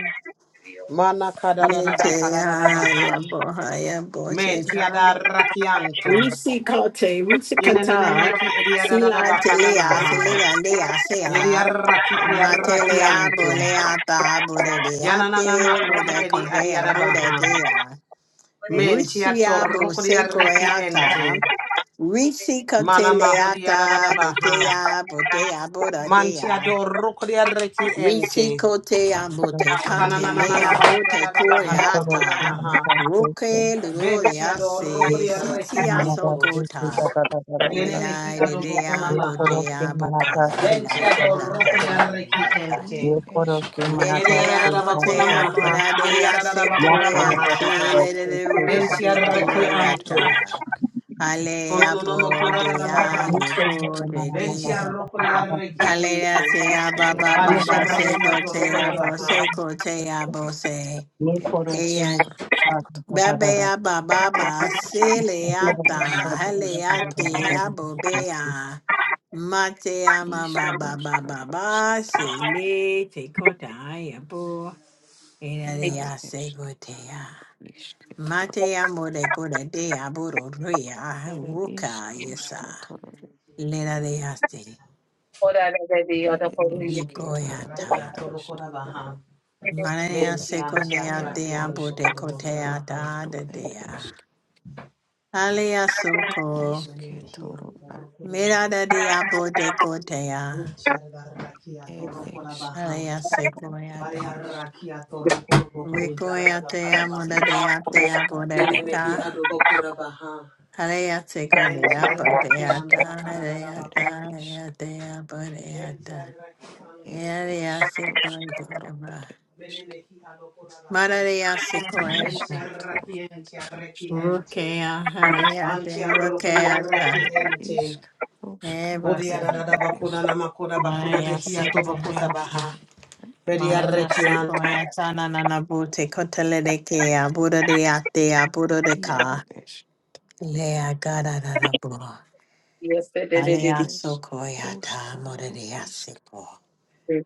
Speaker 2: Mana kada da da bahara da da baha.
Speaker 1: Neteyaya bohaya
Speaker 2: Mentia
Speaker 1: boteya.
Speaker 2: da rakianto.
Speaker 1: Risi kote, risi
Speaker 2: Yenenene
Speaker 1: kata.
Speaker 2: meki edia da da da
Speaker 1: Sila telea,
Speaker 2: bakanamaha.
Speaker 1: selea lea sela.
Speaker 2: Yeria raki edia
Speaker 1: Matelea
Speaker 2: rakianto.
Speaker 1: bolea ba
Speaker 2: Yananana
Speaker 1: budebeate,
Speaker 2: makodi edi adia
Speaker 1: modecodea
Speaker 2: da baha.
Speaker 1: budedea.
Speaker 2: Mentia to
Speaker 1: Rusia
Speaker 2: rokode yarreki
Speaker 1: busecoyata.
Speaker 2: ente.
Speaker 1: Risi
Speaker 2: Mana mahodi yada da da
Speaker 1: koteleata,
Speaker 2: baha.
Speaker 1: detea, botea, bodea.
Speaker 2: Mantiador rokodia reki ente.
Speaker 1: Risikote
Speaker 4: koro
Speaker 1: ambote
Speaker 4: se mera
Speaker 1: kate
Speaker 2: Kananana
Speaker 4: da
Speaker 1: le
Speaker 4: se.
Speaker 2: makuda
Speaker 1: abote
Speaker 2: da da
Speaker 4: Ye
Speaker 2: bahada
Speaker 4: koro
Speaker 2: bakuna
Speaker 4: se
Speaker 1: koreata.
Speaker 4: mera
Speaker 2: maha.
Speaker 4: da se se.
Speaker 1: Roke
Speaker 2: Bentiador
Speaker 4: Ye
Speaker 1: lurorease
Speaker 2: rokodia
Speaker 4: koro se
Speaker 2: reki
Speaker 1: siti
Speaker 4: mera da
Speaker 2: anto.
Speaker 4: se se da
Speaker 1: asokota.
Speaker 4: da da da da
Speaker 2: Yene
Speaker 4: sa.
Speaker 2: mehi
Speaker 1: Lea de
Speaker 2: adobokuna
Speaker 1: lea
Speaker 4: Ye koro
Speaker 2: maha.
Speaker 1: bote
Speaker 4: se mera da
Speaker 1: aboka
Speaker 4: se se
Speaker 1: lea
Speaker 4: da da
Speaker 2: Bentiador
Speaker 4: da se.
Speaker 1: tatata
Speaker 2: rokodia reki
Speaker 5: ia
Speaker 1: bobratate.
Speaker 2: ente.
Speaker 4: Ye koro se
Speaker 5: eske
Speaker 4: mera
Speaker 5: toro
Speaker 4: da
Speaker 1: Lete
Speaker 2: Yeriara
Speaker 4: se
Speaker 2: da
Speaker 4: da da
Speaker 5: ere
Speaker 2: bakuna
Speaker 1: amote
Speaker 4: da sa.
Speaker 2: maha.
Speaker 1: amora de
Speaker 2: Yeriara da
Speaker 4: Ya
Speaker 2: bakuna
Speaker 4: koro
Speaker 1: asekoya
Speaker 4: da
Speaker 2: maha.
Speaker 4: da da
Speaker 1: te
Speaker 4: da
Speaker 1: le le
Speaker 4: se
Speaker 1: le
Speaker 4: so da da da
Speaker 5: ishke
Speaker 2: Bentia
Speaker 4: da da
Speaker 2: reki
Speaker 5: toro
Speaker 4: se.
Speaker 5: ere
Speaker 2: anto.
Speaker 1: rusikoyata.
Speaker 5: esk
Speaker 1: Ale
Speaker 2: Kononono makuda
Speaker 1: abode
Speaker 2: da
Speaker 5: iaro
Speaker 2: baha.
Speaker 4: Ye
Speaker 1: ale
Speaker 4: koro
Speaker 5: aske
Speaker 4: se
Speaker 5: toro
Speaker 1: bode
Speaker 4: mera da da da
Speaker 2: Bentia
Speaker 1: de.
Speaker 4: da da da
Speaker 2: rokodia
Speaker 4: da
Speaker 2: reki
Speaker 4: se.
Speaker 1: Hallelujah,
Speaker 2: ente.
Speaker 1: say abba,
Speaker 5: ere
Speaker 1: ba, ba,
Speaker 4: Ye
Speaker 2: Bantia
Speaker 1: ba,
Speaker 4: koro se
Speaker 1: say
Speaker 4: mera da
Speaker 2: reki
Speaker 5: ishkaruska
Speaker 1: go,
Speaker 4: da da da
Speaker 5: toro
Speaker 1: say
Speaker 4: da
Speaker 2: atorokoda
Speaker 4: da
Speaker 1: abba,
Speaker 4: se.
Speaker 2: baha.
Speaker 1: say go, say abba, say.
Speaker 4: Ye
Speaker 5: ere
Speaker 4: koro se
Speaker 1: Eya,
Speaker 4: mera da
Speaker 5: eskaruska
Speaker 4: da
Speaker 5: toro
Speaker 4: da da
Speaker 1: babe,
Speaker 4: da da se.
Speaker 1: abba, ba, ba, sile,
Speaker 5: ere
Speaker 1: ata, hele,
Speaker 5: eskaruske toro
Speaker 1: ate,
Speaker 5: ere
Speaker 1: abba, bea. Mate, ama, ba, ba, ba,
Speaker 5: ishkaruska
Speaker 1: ba,
Speaker 5: eske
Speaker 1: ba,
Speaker 5: toro
Speaker 1: sile, te kota, ayabo. Ina,
Speaker 5: iaro
Speaker 1: dea, se go,
Speaker 5: esk
Speaker 1: dea. Mate, amo, de, kota, dea, aburo, ria,
Speaker 5: Ere ishk
Speaker 1: ruka,
Speaker 5: rushka
Speaker 1: yesa.
Speaker 5: toro,
Speaker 1: Lera, dea, se,
Speaker 3: Oh, that is the other
Speaker 5: ere
Speaker 2: Mene
Speaker 3: country. Yes,
Speaker 5: eshke
Speaker 3: yes,
Speaker 5: toro,
Speaker 3: yes,
Speaker 5: ere
Speaker 1: nikoyata.
Speaker 5: ishk,
Speaker 1: Manaya
Speaker 2: Mentia rakian tia
Speaker 1: sekonea
Speaker 5: ia
Speaker 1: dea
Speaker 2: rakiente.
Speaker 1: bude
Speaker 5: eshke toro,
Speaker 1: kotea da da
Speaker 5: ere
Speaker 1: dea.
Speaker 5: eshk,
Speaker 1: Alea soko.
Speaker 5: ishke toro, ar eshk,
Speaker 1: Mirada dea bude kotea.
Speaker 5: ere eshke
Speaker 1: Alea
Speaker 5: toro,
Speaker 1: sekonea
Speaker 5: ere
Speaker 1: da.
Speaker 5: ishk,
Speaker 1: Ricoya dea
Speaker 5: ere
Speaker 1: muda
Speaker 5: ishk
Speaker 1: dea dea bude
Speaker 5: toro,
Speaker 1: deca.
Speaker 5: ere eshk,
Speaker 1: Alea sekonea
Speaker 5: ia
Speaker 1: budea
Speaker 5: eshke
Speaker 1: da.
Speaker 5: toro,
Speaker 1: Alea
Speaker 5: ere
Speaker 1: da dea
Speaker 5: isk
Speaker 1: dea budea da.
Speaker 5: ere
Speaker 1: Alea
Speaker 5: ishk rushka ro,
Speaker 1: sekonea.
Speaker 5: ere eshk,
Speaker 1: Mararia sekoya da.
Speaker 5: ishke toro, isk
Speaker 1: Rukea, alea
Speaker 2: Banti
Speaker 1: de
Speaker 2: arrokodi
Speaker 1: rukea da.
Speaker 2: arreki
Speaker 5: ere
Speaker 2: ente.
Speaker 5: ishk rushka
Speaker 1: Eva
Speaker 2: Bodi
Speaker 5: ro,
Speaker 2: adada
Speaker 5: ere eshk.
Speaker 2: bakuda namakuda bakuda
Speaker 1: Maya
Speaker 2: behi atobokuta baha.
Speaker 1: sequoyata,
Speaker 2: Bedi
Speaker 5: Ere
Speaker 1: Maya
Speaker 2: arreki an.
Speaker 5: esketo,
Speaker 1: sequoyata, nanana bute cotele de kea, Buddha de atea, Buddha de
Speaker 5: iaro
Speaker 1: ka,
Speaker 5: esk,
Speaker 1: Lea gada da da bua,
Speaker 5: ed
Speaker 3: yes,
Speaker 1: Alea
Speaker 5: esk,
Speaker 1: socoyata,
Speaker 5: roskaro
Speaker 1: Morelia
Speaker 5: isk,
Speaker 1: seco,
Speaker 3: yes.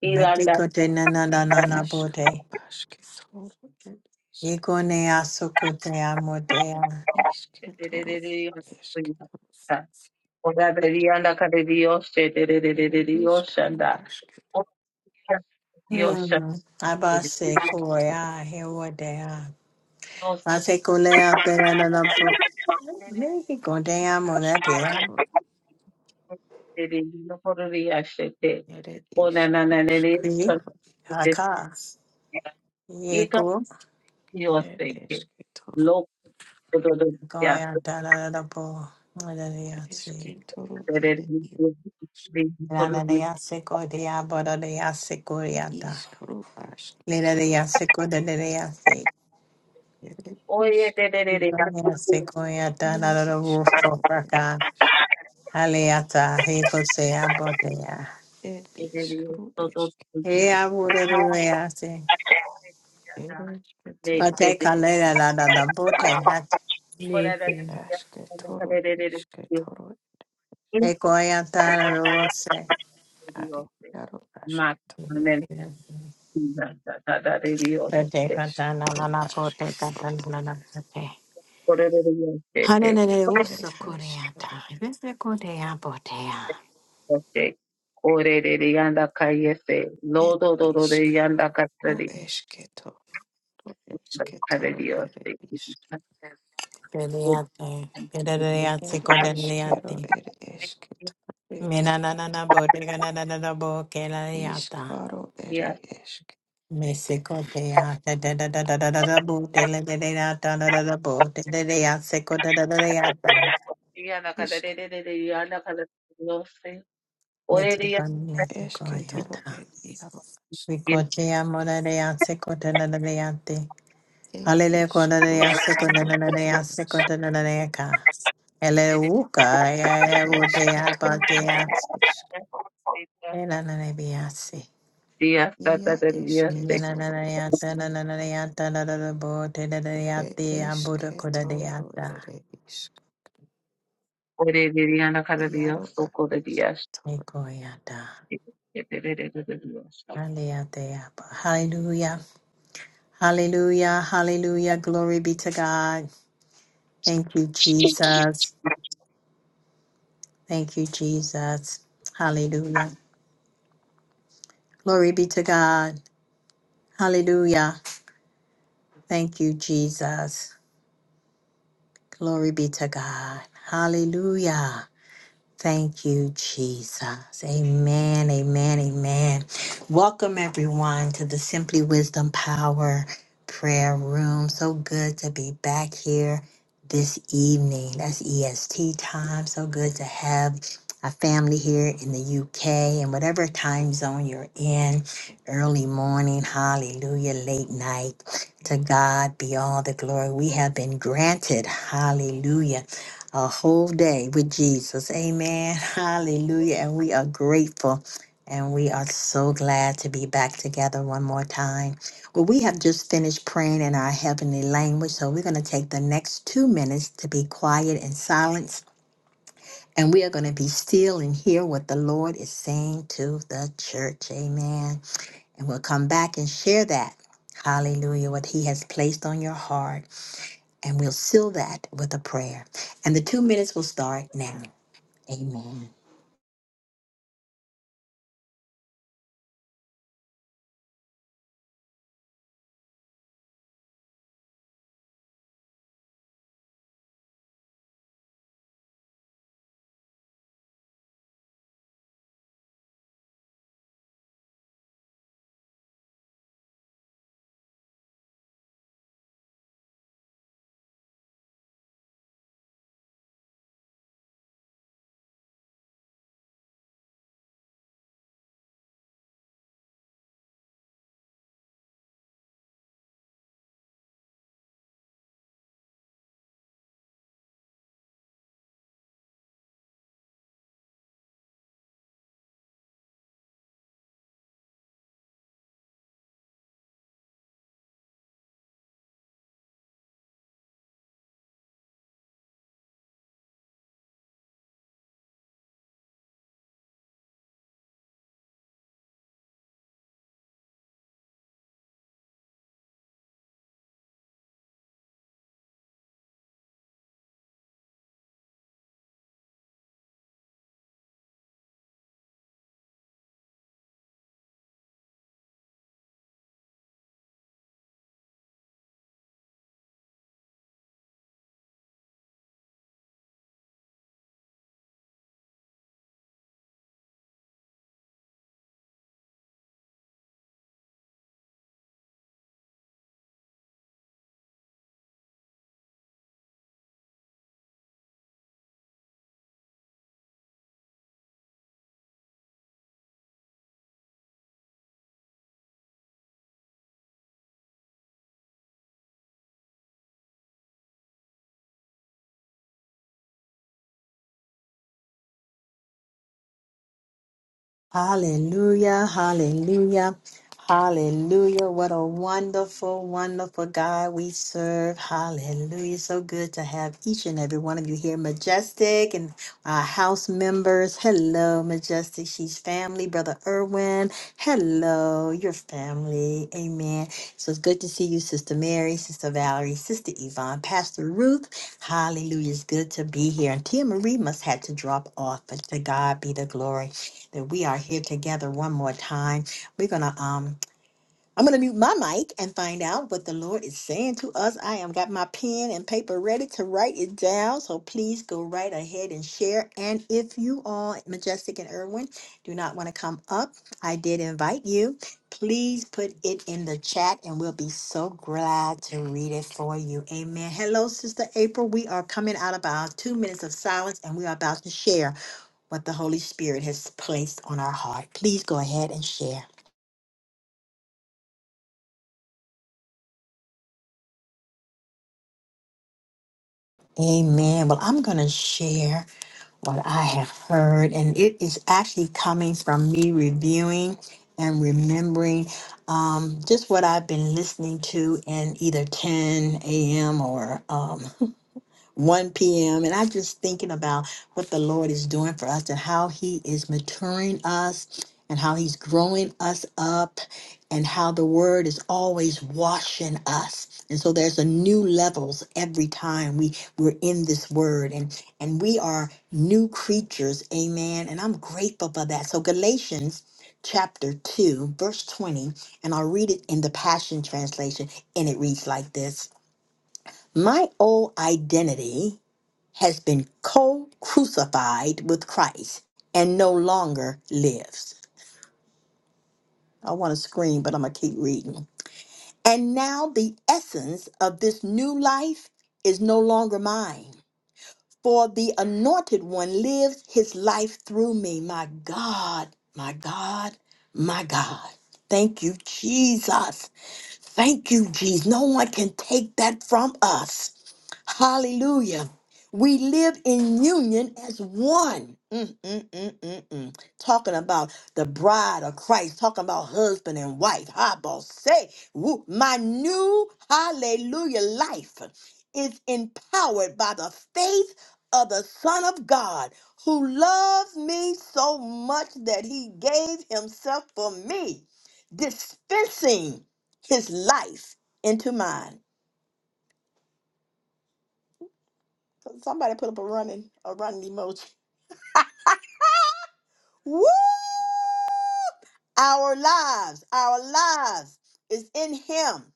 Speaker 3: He landed.
Speaker 1: Meticote nanana
Speaker 5: ed
Speaker 3: Yes,
Speaker 1: nana
Speaker 5: iskaro
Speaker 1: bute,
Speaker 5: asketoro, ed isk,
Speaker 1: Iconea socotea modea,
Speaker 3: yes,
Speaker 5: isketoro,
Speaker 3: yes, yes,
Speaker 5: esketoro,
Speaker 3: yes. Oh, that is the other country. Oh, yes,
Speaker 5: ere iskaro asket,
Speaker 3: yes, yes,
Speaker 1: Hmm,
Speaker 3: yes,
Speaker 1: Abba
Speaker 3: yes.
Speaker 5: esketoro,
Speaker 1: sequoia, Hewadea, Asecolea peranana bute, Mexico
Speaker 5: i
Speaker 1: de amoratea.
Speaker 5: asketoro, ere iskaro
Speaker 1: See?
Speaker 5: skatoro,
Speaker 1: Haka. Yeko.
Speaker 5: ed esketoro,
Speaker 1: Goya da da da da Lada de yase.
Speaker 5: esketoro, ere i
Speaker 1: Lada de yase ko de ya de yase ko ya da.
Speaker 5: iskaro
Speaker 1: Lada de
Speaker 5: asketoro,
Speaker 1: yase ko da de yase.
Speaker 5: ere isk,
Speaker 1: Lada ko ya da
Speaker 5: ia
Speaker 1: da da da bo ko
Speaker 5: eskero,
Speaker 1: fraka.
Speaker 5: ere
Speaker 1: Haleata. Heko se ya bo de ya.
Speaker 5: It is called
Speaker 1: He
Speaker 5: esketoro
Speaker 1: ya bo da de yase.
Speaker 5: It is Ketoro.
Speaker 1: Pate ka le da da bote da bo te na.
Speaker 5: Ashketoro is Ketoro.
Speaker 1: Heko ya da da da
Speaker 5: Adi Yaro Ashket.
Speaker 3: Dios, tata de Dios,
Speaker 5: It
Speaker 1: Sete
Speaker 3: te
Speaker 5: is
Speaker 1: katana
Speaker 5: Koro
Speaker 1: nana kote katana
Speaker 5: Ashketoro.
Speaker 1: nana sete.
Speaker 3: ore
Speaker 1: Hanenere
Speaker 5: It
Speaker 1: uso
Speaker 5: is Koro.
Speaker 1: koreata. Vese korea botea.
Speaker 3: de Diana
Speaker 5: It is Koro Ashketoro. esketoro It is.
Speaker 1: Peleate. Peleate
Speaker 5: It is Kero.
Speaker 1: kodeleate.
Speaker 5: It is Ketoro. It
Speaker 1: Mena nana na botega nana nana
Speaker 5: is
Speaker 1: bokeleata.
Speaker 5: Koro. It is
Speaker 1: Mese kotea. Da da da da da da da da bote la da da da da da da da bote. Da da ya seko da da da da ya ta.
Speaker 5: Ishk.
Speaker 1: Mitsu panne
Speaker 5: Ashketoro.
Speaker 1: sekoyata.
Speaker 5: It is.
Speaker 1: Vikotea mora de ya seko da da da da ya te.
Speaker 5: ir
Speaker 1: Alele kona na ya se kona
Speaker 5: iškaruškaru
Speaker 1: na na na
Speaker 5: ir
Speaker 1: ya se
Speaker 5: iš
Speaker 1: kona na na na ya ka. Ele uka ya
Speaker 5: ir
Speaker 1: ya wo te ya pa
Speaker 5: iškitoru
Speaker 1: te ya.
Speaker 5: ir iš
Speaker 1: E na na na bi ya se.
Speaker 5: ia
Speaker 1: Ye na na
Speaker 5: iškitoru
Speaker 1: na
Speaker 5: ir
Speaker 1: ya ta na na na na ya ta na na na bo te na na
Speaker 5: ir
Speaker 1: ya te ya bo da kona de ya
Speaker 5: iškitoru
Speaker 1: ta.
Speaker 5: ir iš
Speaker 3: cada
Speaker 5: iaru
Speaker 3: Dios,
Speaker 5: ar
Speaker 3: soco de Dios,
Speaker 1: E
Speaker 5: iškitoru
Speaker 1: ko ya ta.
Speaker 3: te de
Speaker 1: Ale ya te ya pa. Hallelujah. Hallelujah. Hallelujah. Glory be to God. Thank you, Jesus. Thank you, Jesus. Hallelujah. Glory be to God. Hallelujah. Thank you, Jesus. Glory be to God. Hallelujah. Thank you, Jesus. Amen, amen, amen. Welcome, everyone, to the Simply Wisdom Power Prayer Room. So good to be back here this evening. That's EST time. So good to have a family here in the UK and whatever time zone you're in, early morning, hallelujah, late night. To God be all the glory. We have been granted, hallelujah a whole day with Jesus. Amen. (laughs) Hallelujah. And we are grateful and we are so glad to be back together one more time. Well, we have just finished praying in our heavenly language, so we're going to take the next two minutes to be quiet and silence. And we are going to be still and hear what the Lord is saying to the church. Amen. And we'll come back and share that. Hallelujah. What He has placed on your heart. And we'll seal that with a prayer. And the two minutes will start now. Amen. Hallelujah. Hallelujah. Hallelujah. What a wonderful, wonderful God we serve. Hallelujah. So good to have each and every one of you here. Majestic and our house members. Hello, Majestic. She's family. Brother Irwin. Hello, your family. Amen. So it's good to see you, Sister Mary, Sister Valerie, Sister Yvonne, Pastor Ruth. Hallelujah. It's good to be here. And Tia Marie must had to drop off, but to God be the glory. that we are here together one more time. We're gonna um I'm gonna mute my mic and find out what the Lord is saying to us. I am got my pen and paper ready to write it down. So please go right ahead and share. And if you all, Majestic and Irwin, do not want to come up, I did invite you. Please put it in the chat and we'll be so glad to read it for you. Amen. Hello, Sister April. We are coming out of our two minutes of silence and we are about to share what the Holy Spirit has placed on our heart. Please go ahead and share. Amen. Well, I'm going to share what I have heard, and it is actually coming from me reviewing and remembering um, just what I've been listening to in either 10 a.m. or um, 1 p.m. And I just thinking about what the Lord is doing for us and how He is maturing us and how He's growing us up and how the Word is always washing us. And so there's a new levels every time we we're in this Word and and we are new creatures. Amen. And I'm grateful for that. So Galatians chapter 2 verse 20 and I'll read it in the Passion translation and it reads like this. My old identity has been co crucified with Christ and no longer lives. I want to scream, but I'm going to keep reading. And now the essence of this new life is no longer mine, for the anointed one lives his life through me. My God, my God, my God. Thank you, Jesus. Thank you, Jesus. No one can take that from us. Hallelujah. We live in union as one. Mm, mm, mm, mm, mm. Talking about the bride of Christ, talking about husband and wife. I about say, woo, my new hallelujah life is empowered by the faith of the Son of God who loves me so much that he gave himself for me, dispensing his life into mine. Somebody put up a running, a running emoji. Woo! Our lives, our lives is in him.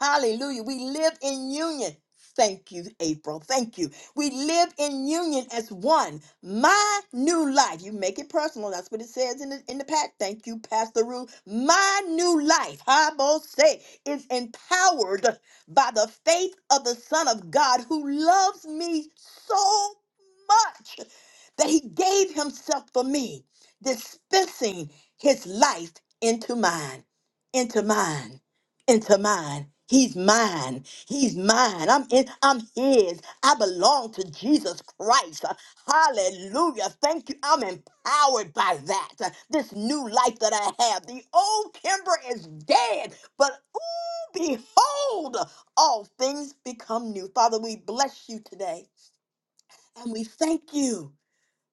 Speaker 1: Hallelujah. We live in union. Thank you, April. Thank you. We live in union as one. My new life. You make it personal. That's what it says in the in the pack. Thank you, Pastor Ruth. My new life, I will say, is empowered by the faith of the Son of God who loves me so much that he gave himself for me, dispensing his life into mine. Into mine into mine. He's mine. He's mine. I'm in, I'm his. I belong to Jesus Christ. Hallelujah. Thank you. I'm empowered by that. This new life that I have. The old Kimber is dead, but ooh, behold, all things become new. Father, we bless you today and we thank you.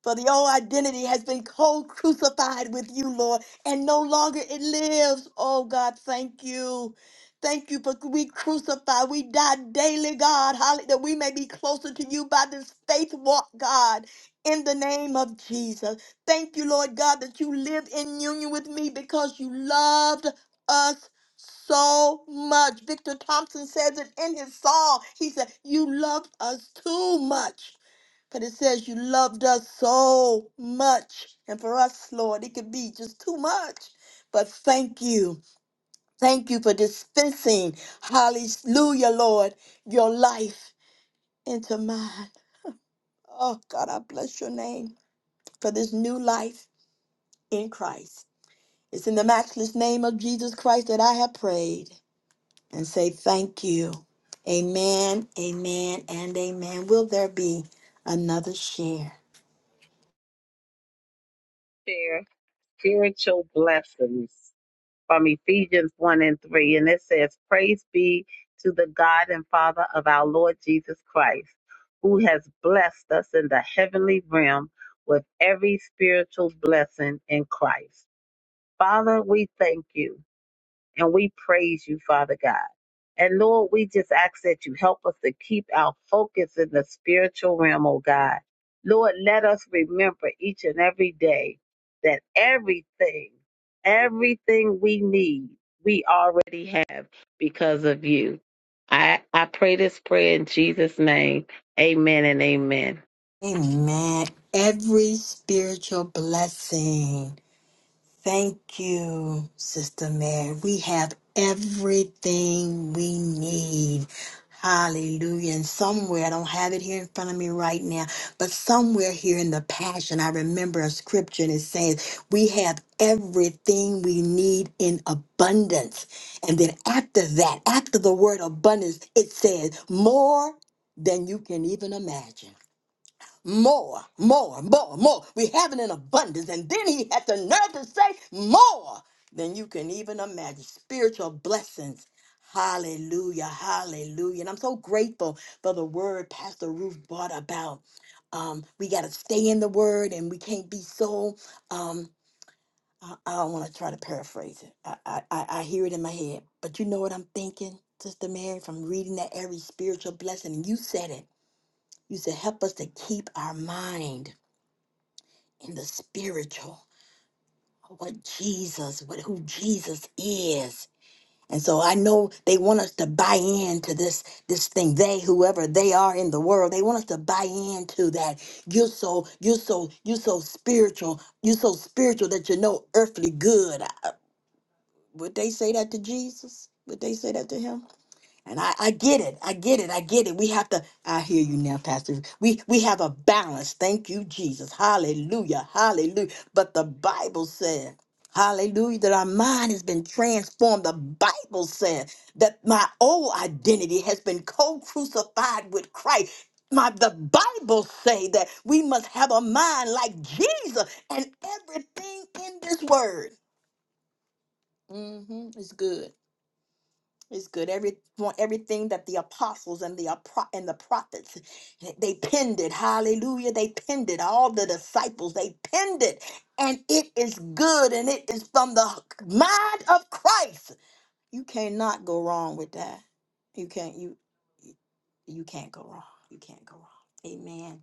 Speaker 1: For the old identity has been co crucified with you, Lord, and no longer it lives. Oh, God, thank you. Thank you for we crucify, we die daily, God, Holly, that we may be closer to you by this faith walk, God, in the name of Jesus. Thank you, Lord God, that you live in union with me because you loved us so much. Victor Thompson says it in his song. He said, You loved us too much but it says you loved us so much. And for us, Lord, it could be just too much. But thank you. Thank you for dispensing, hallelujah, Lord, your life into mine. Oh, God, I bless your name for this new life in Christ. It's in the matchless name of Jesus Christ that I have prayed and say thank you. Amen, amen, and amen. Will there be another share?
Speaker 3: Dios. spiritual blessings from Ephesians 1 and 3. And it says, Praise be to the God and Father of our Lord Jesus Christ, who has blessed us in the heavenly realm with every spiritual blessing in Christ. Father, we thank you. And we praise you, Father God. And Lord, we just ask that you help us to keep our focus in the spiritual realm, oh God. Lord, let us remember each and every day that everything, everything we need, we already have because of you. I, I pray this prayer in Jesus' name. Amen and amen.
Speaker 1: Amen. Every spiritual blessing. Thank you, Sister Mary. We have everything we need. Hallelujah. And somewhere, I don't have it here in front of me right now, but somewhere here in the Passion, I remember a scripture and it says, We have everything we need in abundance. And then after that, after the word abundance, it says, More than you can even imagine more, more, more, more. We have it in abundance. And then he had the nerve to say more than you can even imagine. Spiritual blessings. Hallelujah, hallelujah. And I'm so grateful for the word Pastor Ruth brought about. Um, we got to stay in the word and we can't be so. Um, I, I don't want to try to paraphrase it. I, I, I I hear it in my head. But you know what I'm thinking, Sister Mary, from reading that every spiritual blessing. And you said it. You said, help us to keep our mind in the spiritual, what Jesus, what who Jesus is. And so I know they want us to buy into this this thing. They, whoever they are in the world, they want us to buy into that. You're so you're so you're so spiritual. You're so spiritual that you know earthly good. Uh, Would they say that to Jesus? Would they say that to him? And I, I get it. I get it. I get it. We have to, I hear you now, Pastor. We we have a balance. Thank you, Jesus. Hallelujah. Hallelujah. But the Bible said, Hallelujah, that our mind has been transformed. The Bible said that my old identity has been co-crucified with Christ. My the Bible say that we must have a mind like Jesus and everything in this word. hmm it's good. It's good. Every everything that the apostles and the apro- and the prophets they penned it. Hallelujah. They penned it. All the disciples they penned it. And it is good and it is from the mind of Christ. You cannot go wrong with that. You can't you you can't go wrong. You can't go wrong. Amen.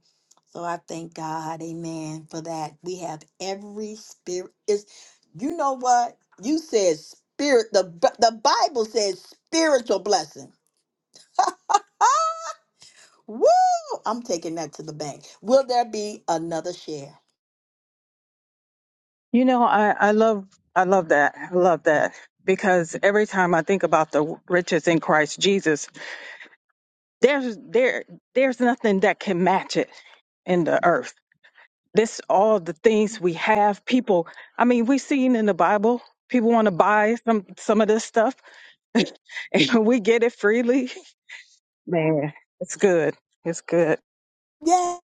Speaker 1: So I thank God, amen, for that. We have every spirit is you know what? You said spirit the B- the Bible says spiritual blessing. (laughs) Woo! I'm taking that to the bank. Will there be another share?
Speaker 6: You know, I, I love I love that. I love that because every time I think about the riches in Christ Jesus, there's there there's nothing that can match it in the earth. This all the things we have. People, I mean, we've seen in the Bible, people want to buy some some of this stuff, (laughs) and we get it freely. Man, it's good. It's good.
Speaker 1: Yes,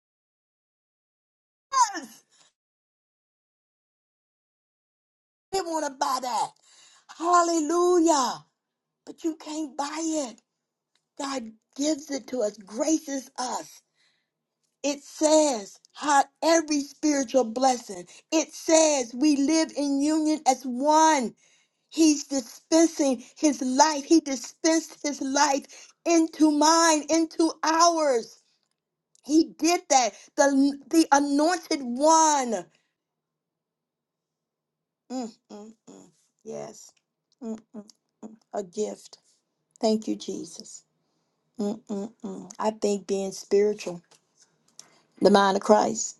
Speaker 1: they want to buy that. Hallelujah. But you can't buy it. God gives it to us, graces us. It says how every spiritual blessing. It says we live in union as one. He's dispensing his life. He dispensed his life into mine, into ours. He did that. The the anointed one. Mm, mm, mm. Yes. Mm, mm. A gift. Thank you, Jesus. Mm, mm, mm. I think being spiritual, the mind of Christ.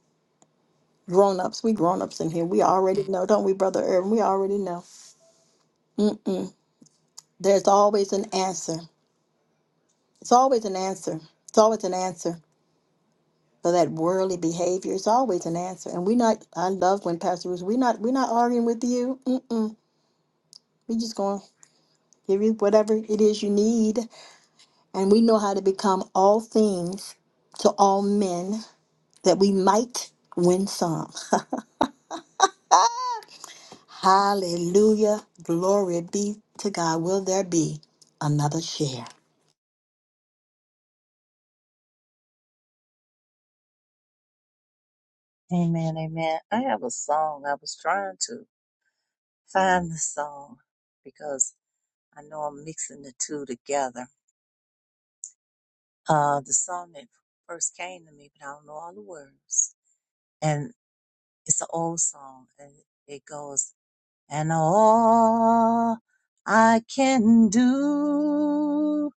Speaker 1: Grown ups, we grown ups in here. We already know, don't we, Brother Irvin? We already know. Mm-mm. There's always an answer. It's always an answer. It's always an answer. So that worldly behavior is always an answer. And we're not, I love when Pastor Bruce, we're not, we're not arguing with you. Mm-mm. we just going to give you whatever it is you need. And we know how to become all things to all men that we might win some. Hallelujah. Glory be to God. Will there be another share?
Speaker 4: Amen, amen. I have a song. I was trying to find the song because I know I'm mixing the two together. Uh, the song that first came to me, but I don't know all the words. And it's an old song, and it goes, And all I can do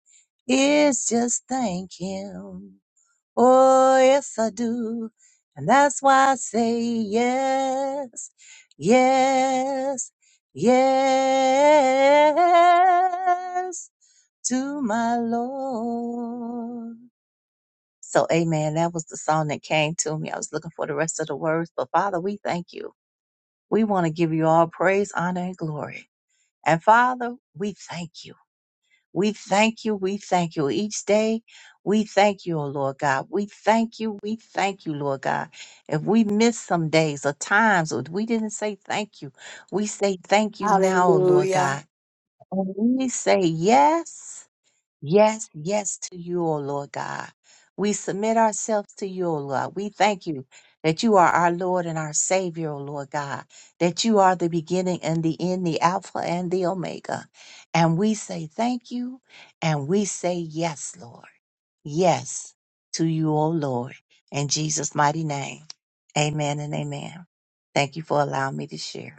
Speaker 4: is just thank Him Oh, yes, I do. And that's why I say yes, yes, yes to my Lord. So, amen. That was the song that came to me. I was looking for the rest of the words, but Father, we thank you. We want to give you all praise, honor, and glory. And Father, we thank you. We thank you. We thank you. Each day, we thank you, O Lord God. We thank you. We thank you, Lord God. If we miss some days or times or we didn't say thank you, we say thank you now, O Lord
Speaker 1: Hallelujah.
Speaker 4: God. And we say yes. Yes, yes to you, O Lord God. We submit ourselves to you, O Lord. We thank you that you are our Lord and our Savior, O Lord God, that you are the beginning and the end, the Alpha and the Omega. And we say thank you and we say yes, Lord. Yes to you, O Lord. In Jesus' mighty name, amen and amen. Thank you for allowing me to share.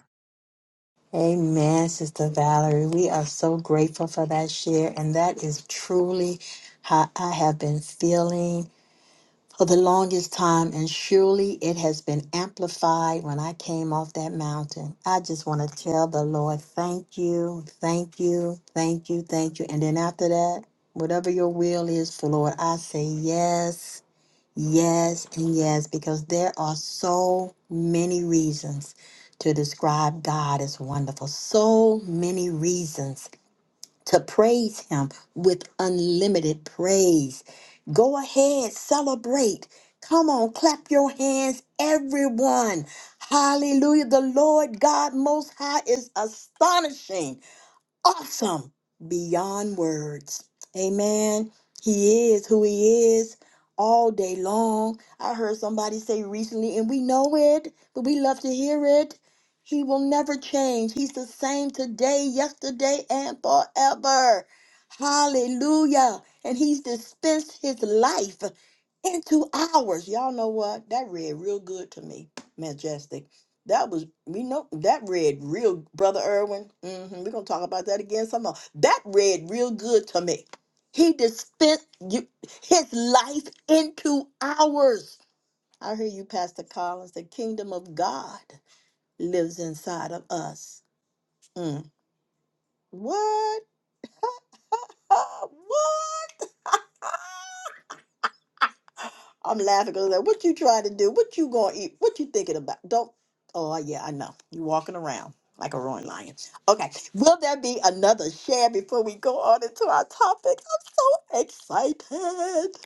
Speaker 1: Amen, Sister Valerie. We are so grateful for that share. And that is truly how I have been feeling for the longest time, and surely it has been amplified when I came off that mountain. I just want to tell the Lord, thank you, thank you, thank you, thank you. And then after that, whatever your will is for Lord, I say yes, yes, and yes, because there are so many reasons to describe God as wonderful. So many reasons to praise him with unlimited praise. Go ahead, celebrate. Come on, clap your hands, everyone. Hallelujah. The Lord God Most High is astonishing awesome beyond words. Amen. He is who he is all day long. I heard somebody say recently, and we know it, but we love to hear it. He will never change. He's the same today, yesterday, and forever. Hallelujah. And he's dispensed his life into ours. Y'all know what? That read real good to me. Majestic. That was we know that read real brother Irwin. hmm we're gonna talk about that again some more. That read real good to me. He dispensed you, his life into ours. I hear you, Pastor Collins. The kingdom of God lives inside of us. Mm. What? Uh, what? (laughs) I'm laughing because like, what you trying to do? What you gonna eat? What you thinking about? Don't. Oh yeah, I know. You walking around like a roaring lion. Okay, will there be another share before we go on into our topic? I'm so excited.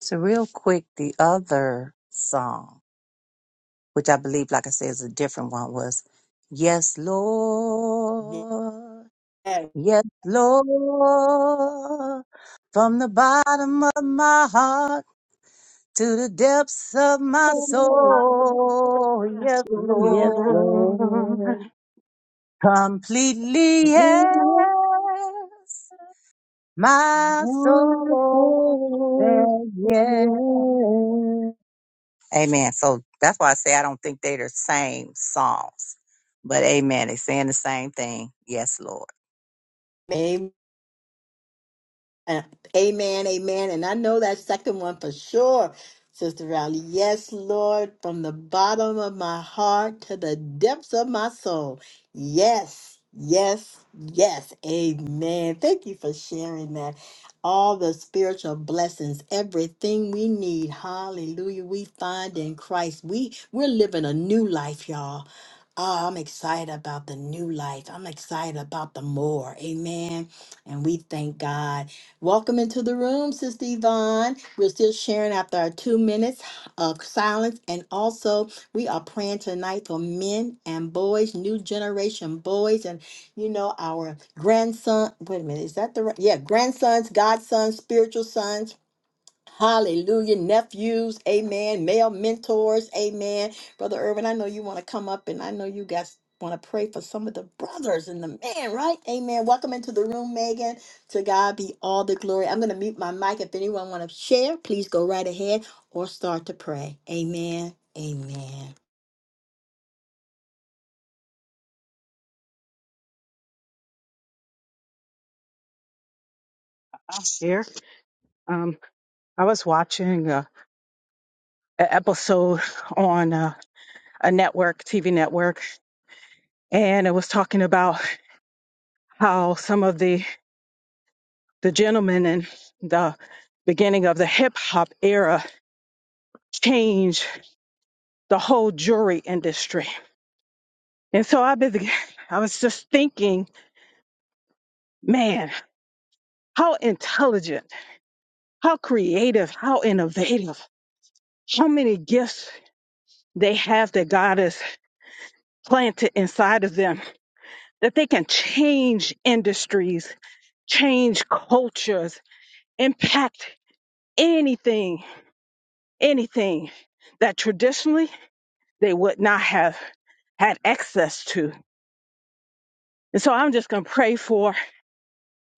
Speaker 4: So real quick, the other song. which I believe, like I said, is a different one, was Yes, Lord. Yes, Lord. From the bottom of my heart to the depths of my
Speaker 6: (laughs)
Speaker 4: soul. Yes,
Speaker 3: Yes,
Speaker 4: Lord.
Speaker 3: Lord.
Speaker 4: Completely, yes. My
Speaker 3: My
Speaker 4: soul
Speaker 3: soul
Speaker 4: says
Speaker 3: says
Speaker 4: Amen. So that's why I say I don't think they're the same songs. But amen. They're saying the same thing. Yes, Lord.
Speaker 1: Yes, Uh, Amen, amen. And I know that second one for sure, Sister Rowley. Yes, Lord, from the bottom of my heart to the depths of my soul. Yes, yes, yes. Amen. Thank you for sharing that. All the spiritual blessings, everything we need. Hallelujah. We find in Christ. We we're living a new life, y'all. Oh, I'm excited about the new life. I'm excited about the more. Amen. And we thank God. Welcome into the room, Sister Yvonne. We're still sharing after our two minutes of silence. And also, we are praying tonight for men and boys, new generation boys, and you know, our grandson. Wait a minute, is that the right? Yeah, grandsons, godsons, spiritual sons Hallelujah. Nephews, amen. Male mentors, amen. Brother Irvin, I know you want to come up and I know you guys want to pray for some of the brothers and the man, right? Amen. Welcome into the room, Megan. To God be all the glory. I'm going to mute my mic. If anyone want to share, please go right ahead or start to pray. Amen. Amen.
Speaker 6: I'll share. Um, I was watching. uh, an episode on a, a network, TV network, and it was talking about how some of the the gentlemen in the beginning of the hip hop era changed the whole jewelry industry. And so I been, I was just thinking, man, how intelligent, how creative, how innovative, how many gifts they have that God has planted inside of them that they can change industries, change cultures, impact anything, anything that traditionally they would not have had access to. And so I'm just going to pray for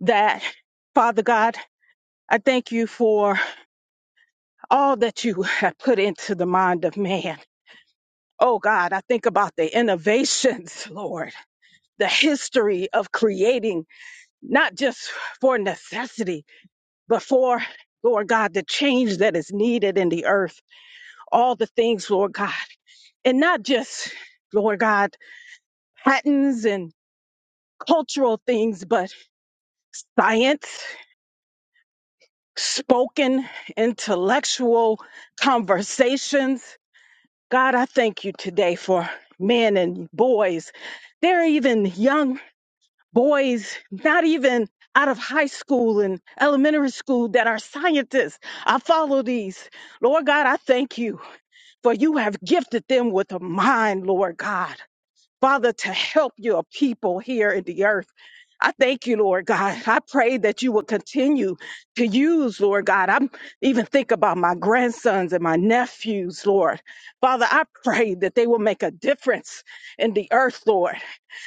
Speaker 6: that. Father God, I thank you for all that you have put into the mind of man. Oh God, I think about the innovations, (laughs) Lord, the history of creating, not just for necessity, but for, Lord God, the change that is needed in the earth. all the things, Lord God, and not just, Lord God, patterns and cultural things, but science, spoken, intellectual conversations. God, I thank you today for men and boys. There are even young boys, not even out of high school and elementary school, that are scientists. I follow these. Lord God, I thank you for you have gifted them with a mind, Lord God. Father, to help your people here in the earth. I thank you, Lord God. I pray that you will continue to use, Lord God. I'm even think about my grandsons and my nephews, Lord. Father, I pray that they will make a difference in the earth, Lord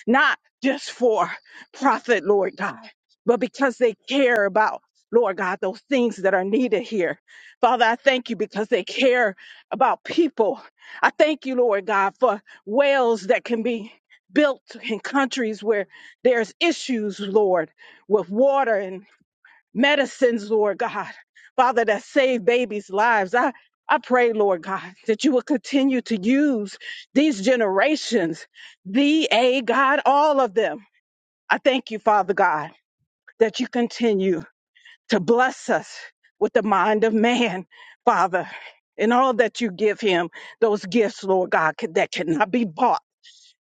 Speaker 6: not just for profit, Lord God, but because they care about, Lord God, those things that are needed here. Father, I thank you because they care about people. I thank you, Lord God, for wells that can be built in countries where there's issues, Lord, with water and medicines, Lord God, Father, that save babies' lives. I, I pray, Lord God, that you will continue to use these generations, the A God, all of them. I thank you, Father God, that you continue to bless us with the mind of man, Father, and all that you give him, those gifts, Lord God, that cannot be bought.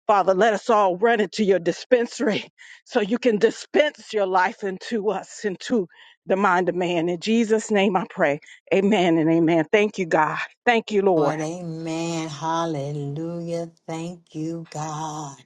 Speaker 6: Father, let us all run into your dispensary (laughs) so you can dispense your life into us, into the mind of man. In Jesus' name I pray. Amen and amen. Thank you, God. Thank you, Lord.
Speaker 1: Lord, amen. Hallelujah. Thank you, God.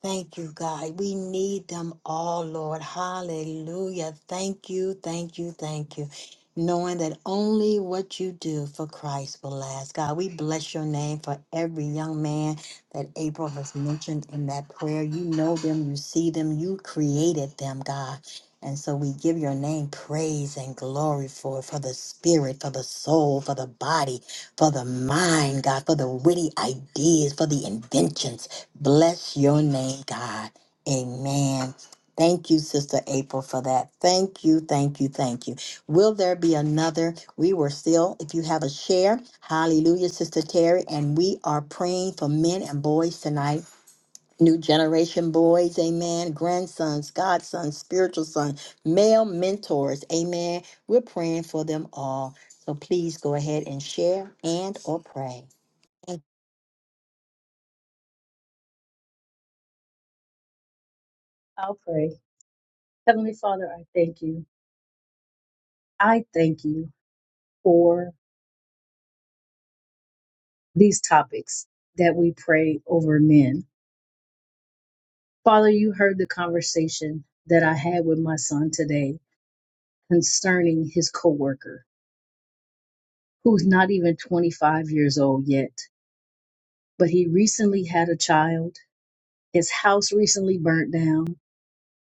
Speaker 1: Thank you, God. We need them all, Lord. Hallelujah. Thank you, thank you, thank you. Knowing that only what you do for Christ will last. God, we bless your name for every young man that April has mentioned in that prayer. You know them, you see them, you created them, God. And so we give your name praise and glory for it, for the spirit, for the soul, for the body, for the mind, God, for the witty ideas, for the inventions. Bless your name, God. Amen. Thank you, Sister April, for that. Thank you, thank you, thank you. Will there be another? We were still, if you have a share, hallelujah, Sister Terry, and we are praying for men and boys tonight. New generation boys, amen. Grandsons, godsons, spiritual sons, male mentors, amen. We're praying for them all. So please go ahead and share and or pray.
Speaker 7: I'll pray. Heavenly Father, I thank you. I thank you for these topics that we pray over men. Father, you heard the conversation that I had with my son today concerning his coworker, who's not even 25 years old yet, but he recently had a child. His house recently burnt down,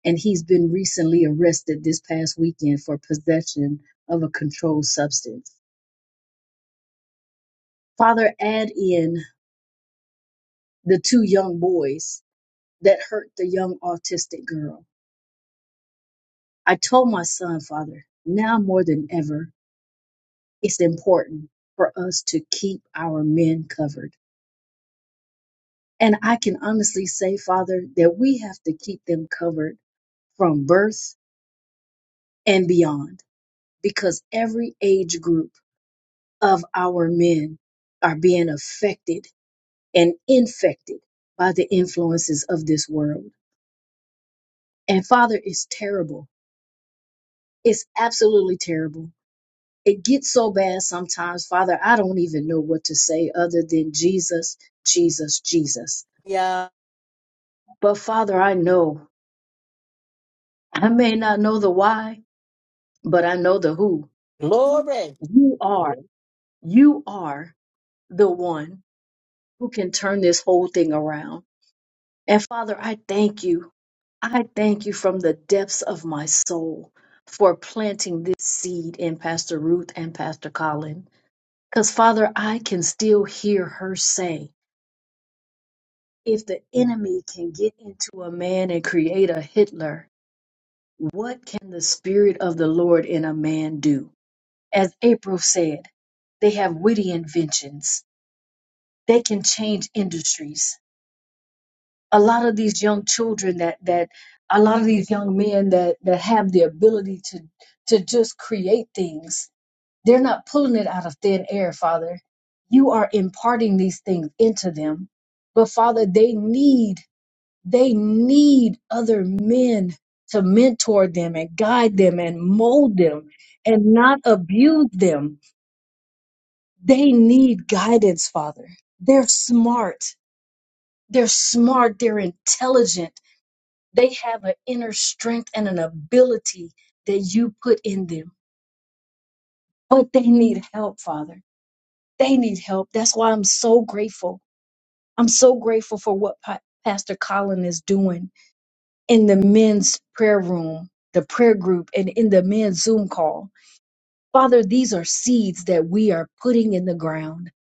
Speaker 7: and he's been recently arrested this past weekend for possession of a controlled substance. Father, add in the two young boys that hurt the young autistic girl. I told my son, Father, now more than ever, it's important for us to keep our men covered. And I can honestly say, Father, that we have to keep them covered from birth and beyond because every age group of our men are being affected and infected by the influences of this world. And Father, it's terrible. It's absolutely terrible it gets so bad sometimes, Father, I don't even know what to say other than Jesus, Jesus, Jesus.
Speaker 1: Yeah.
Speaker 7: But Father, I know, I may not know the why, but I know the who.
Speaker 1: Glory.
Speaker 7: You are, you are the one who can turn this whole thing around. And Father, I thank you. I thank you from the depths of my soul for planting this seed in Pastor Ruth and Pastor Colin. Because, Father, I can still hear her say, If the enemy can get into a man and create a Hitler, what can the Spirit of the Lord in a man do? As April said, they have witty inventions. They can change industries. A lot of these young children that that a lot of these young men that that have the ability to to just create things. They're not pulling it out of thin air, Father. You are imparting these things into them. But Father, they need They need other men to mentor them and guide them and mold them and not abuse them. They need guidance, Father. They're smart. They're smart. They're intelligent. They have an inner strength and an ability that you put in them. But they need help, Father. They need help. That's why I'm so grateful. I'm so grateful for what Pa- Pastor Colin is doing. in the men's prayer room, the prayer group, and in the men's Zoom call. Father, these are seeds that we are putting in the ground.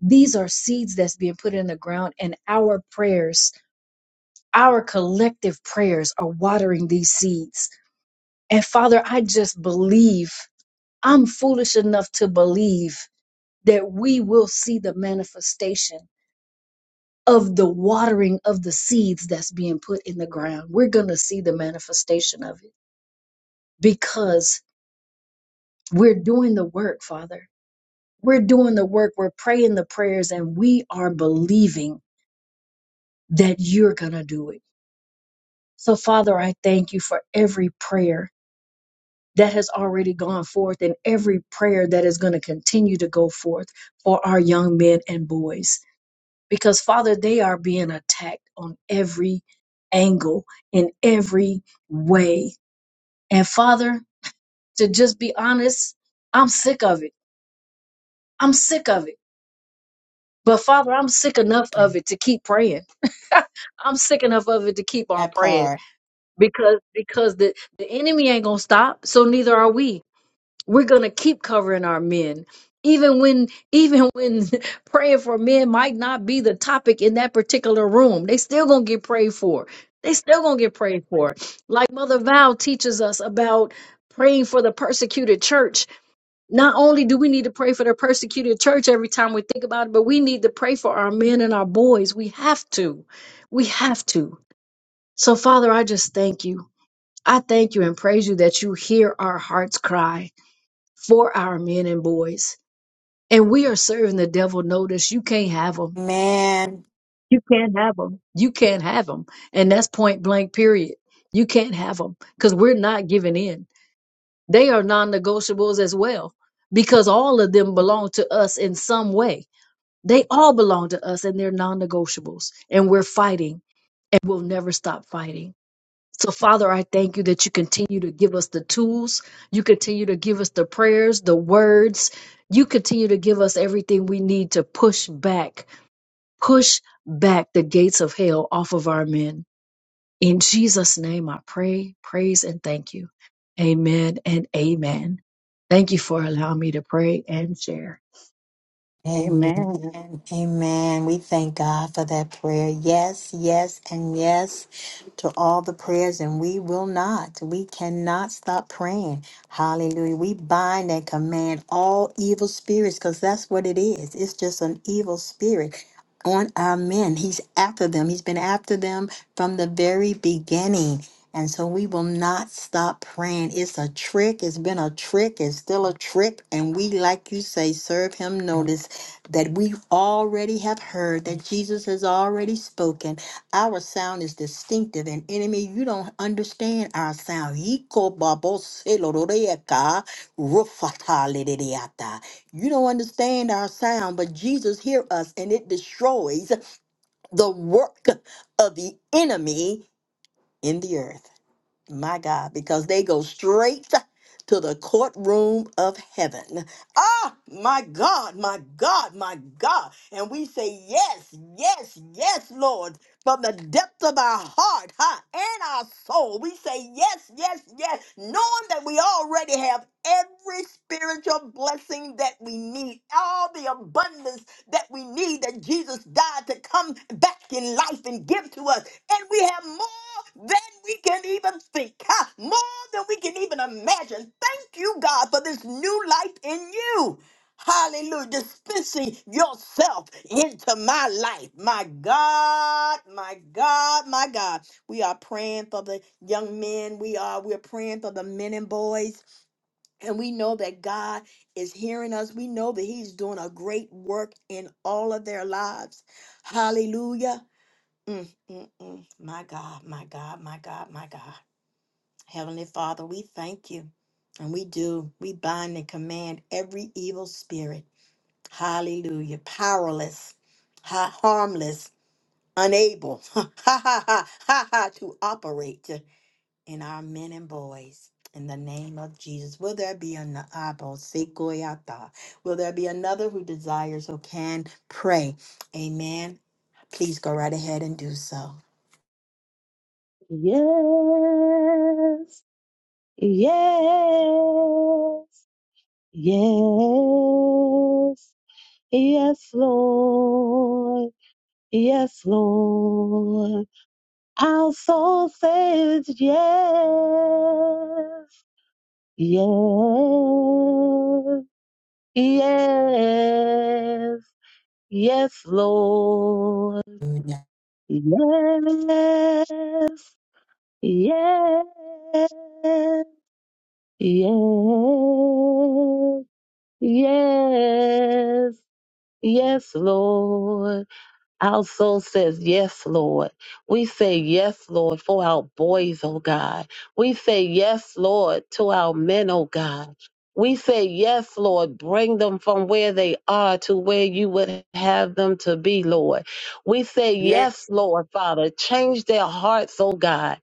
Speaker 7: These are seeds that's being put in the ground, and our prayers, our collective prayers, are watering these seeds. And Father, I just believe, I'm foolish enough to believe that we will see the manifestation of the watering of the seeds that's being put in the ground. We're going to see the manifestation of it because We're doing the work, Father. We're doing the work. We're praying the prayers and we are believing that you're going to do it. So, Father, I thank you for every prayer that has already gone forth and every prayer that is going to continue to go forth for our young men and boys. Because, Father, they are being attacked on every angle, in every way. And, Father, to just be honest, I'm sick of it. I'm sick of it. But Father, I'm sick enough of it to keep praying. (laughs) I'm sick enough of it to keep on
Speaker 1: That
Speaker 7: praying
Speaker 1: part.
Speaker 7: because because the the enemy ain't gonna stop. So neither are we. We're gonna keep covering our men, even when even when (laughs) praying for men might not be the topic in that particular room. They still gonna get prayed for. They still gonna get prayed for. Like Mother Val teaches us about praying for the persecuted church not only do we need to pray for the persecuted church every time we think about it, but we need to pray for our men and our boys. We have to. We have to. So, Father, I just thank you. I thank you and praise you that you hear our hearts cry for our men and boys. And we are serving the devil notice. You can't have them.
Speaker 1: Man,
Speaker 7: You can't have them. You can't have them. And that's point blank, period. You can't have them because we're not giving in. They are non negotiables as well because all of them belong to us in some way They all belong to us and they're non negotiables. And we're fighting and we'll never stop fighting. So, Father, I thank you that you continue to give us the tools. You continue to give us the prayers, the words. You continue to give us everything we need to push back, push back the gates of hell off of our men. In Jesus' name, I pray, praise, and thank you. Amen and amen. Thank you for allowing me to pray and share.
Speaker 1: Amen.
Speaker 6: Amen.
Speaker 1: Amen. We thank God for that prayer. Yes, yes, and yes to all the prayers, and we will not. We cannot stop praying. Hallelujah. We bind and command all evil spirits because that's what it is. It's just an evil spirit on our men. He's after them, he's been after them from the very beginning. And so we will not stop praying. It's a trick. It's been a trick. It's still a trick. And we, like you say, serve him notice that we already have heard, that Jesus has already spoken. Our sound is distinctive, and enemy, you don't understand our sound. Yiko babo selororeka, rufatalidiata. You don't understand our sound, but Jesus hear us, and it destroys the work of the enemy in the earth my God, because they go straight to the courtroom of heaven. Ah, my God, my God, my God. And we say, Yes, yes, yes, Lord, from the depth of our heart huh, and our soul. We say, Yes, yes, yes, knowing that we already have every spiritual blessing that we need, all the abundance that we need that Jesus died to come back in life and give to us. And we have more than we can even think, huh? more than we can even imagine. Thank you, God, for this new life in you. Hallelujah. Dispensing yourself into my life. My God, my God, my God. We are praying for the young men. We are we're praying for the men and boys. And we know that God is hearing us. We know that He's doing a great work in all of their lives. Hallelujah. Mm, mm, mm. My God, my God, my God, my God. Heavenly Father, we thank you. And we do. We bind and command every evil spirit. Hallelujah. Powerless, ha- harmless, unable, (laughs) ha ha ha ha ha, to operate and our men and boys. In the name of Jesus, will there be an abo sequoyata? Will there be another who desires or can pray? Amen. Please go right ahead and do so.
Speaker 3: Yes, yes, yes, yes, Lord, yes, Lord. Our soul says yes, yes, yes, yes, Lord.
Speaker 1: Hallelujah.
Speaker 3: Yes, yes, yes, yes, yes, Lord. Our soul says, Yes, Lord. We say, Yes, Lord, for our boys, oh God. We say, Yes, Lord, to our men, oh God. We say, Yes, Lord, bring them from where they are to where you would have them to be, Lord. We say,
Speaker 1: Yes,
Speaker 3: Yes, Lord, Father, change their hearts, oh God.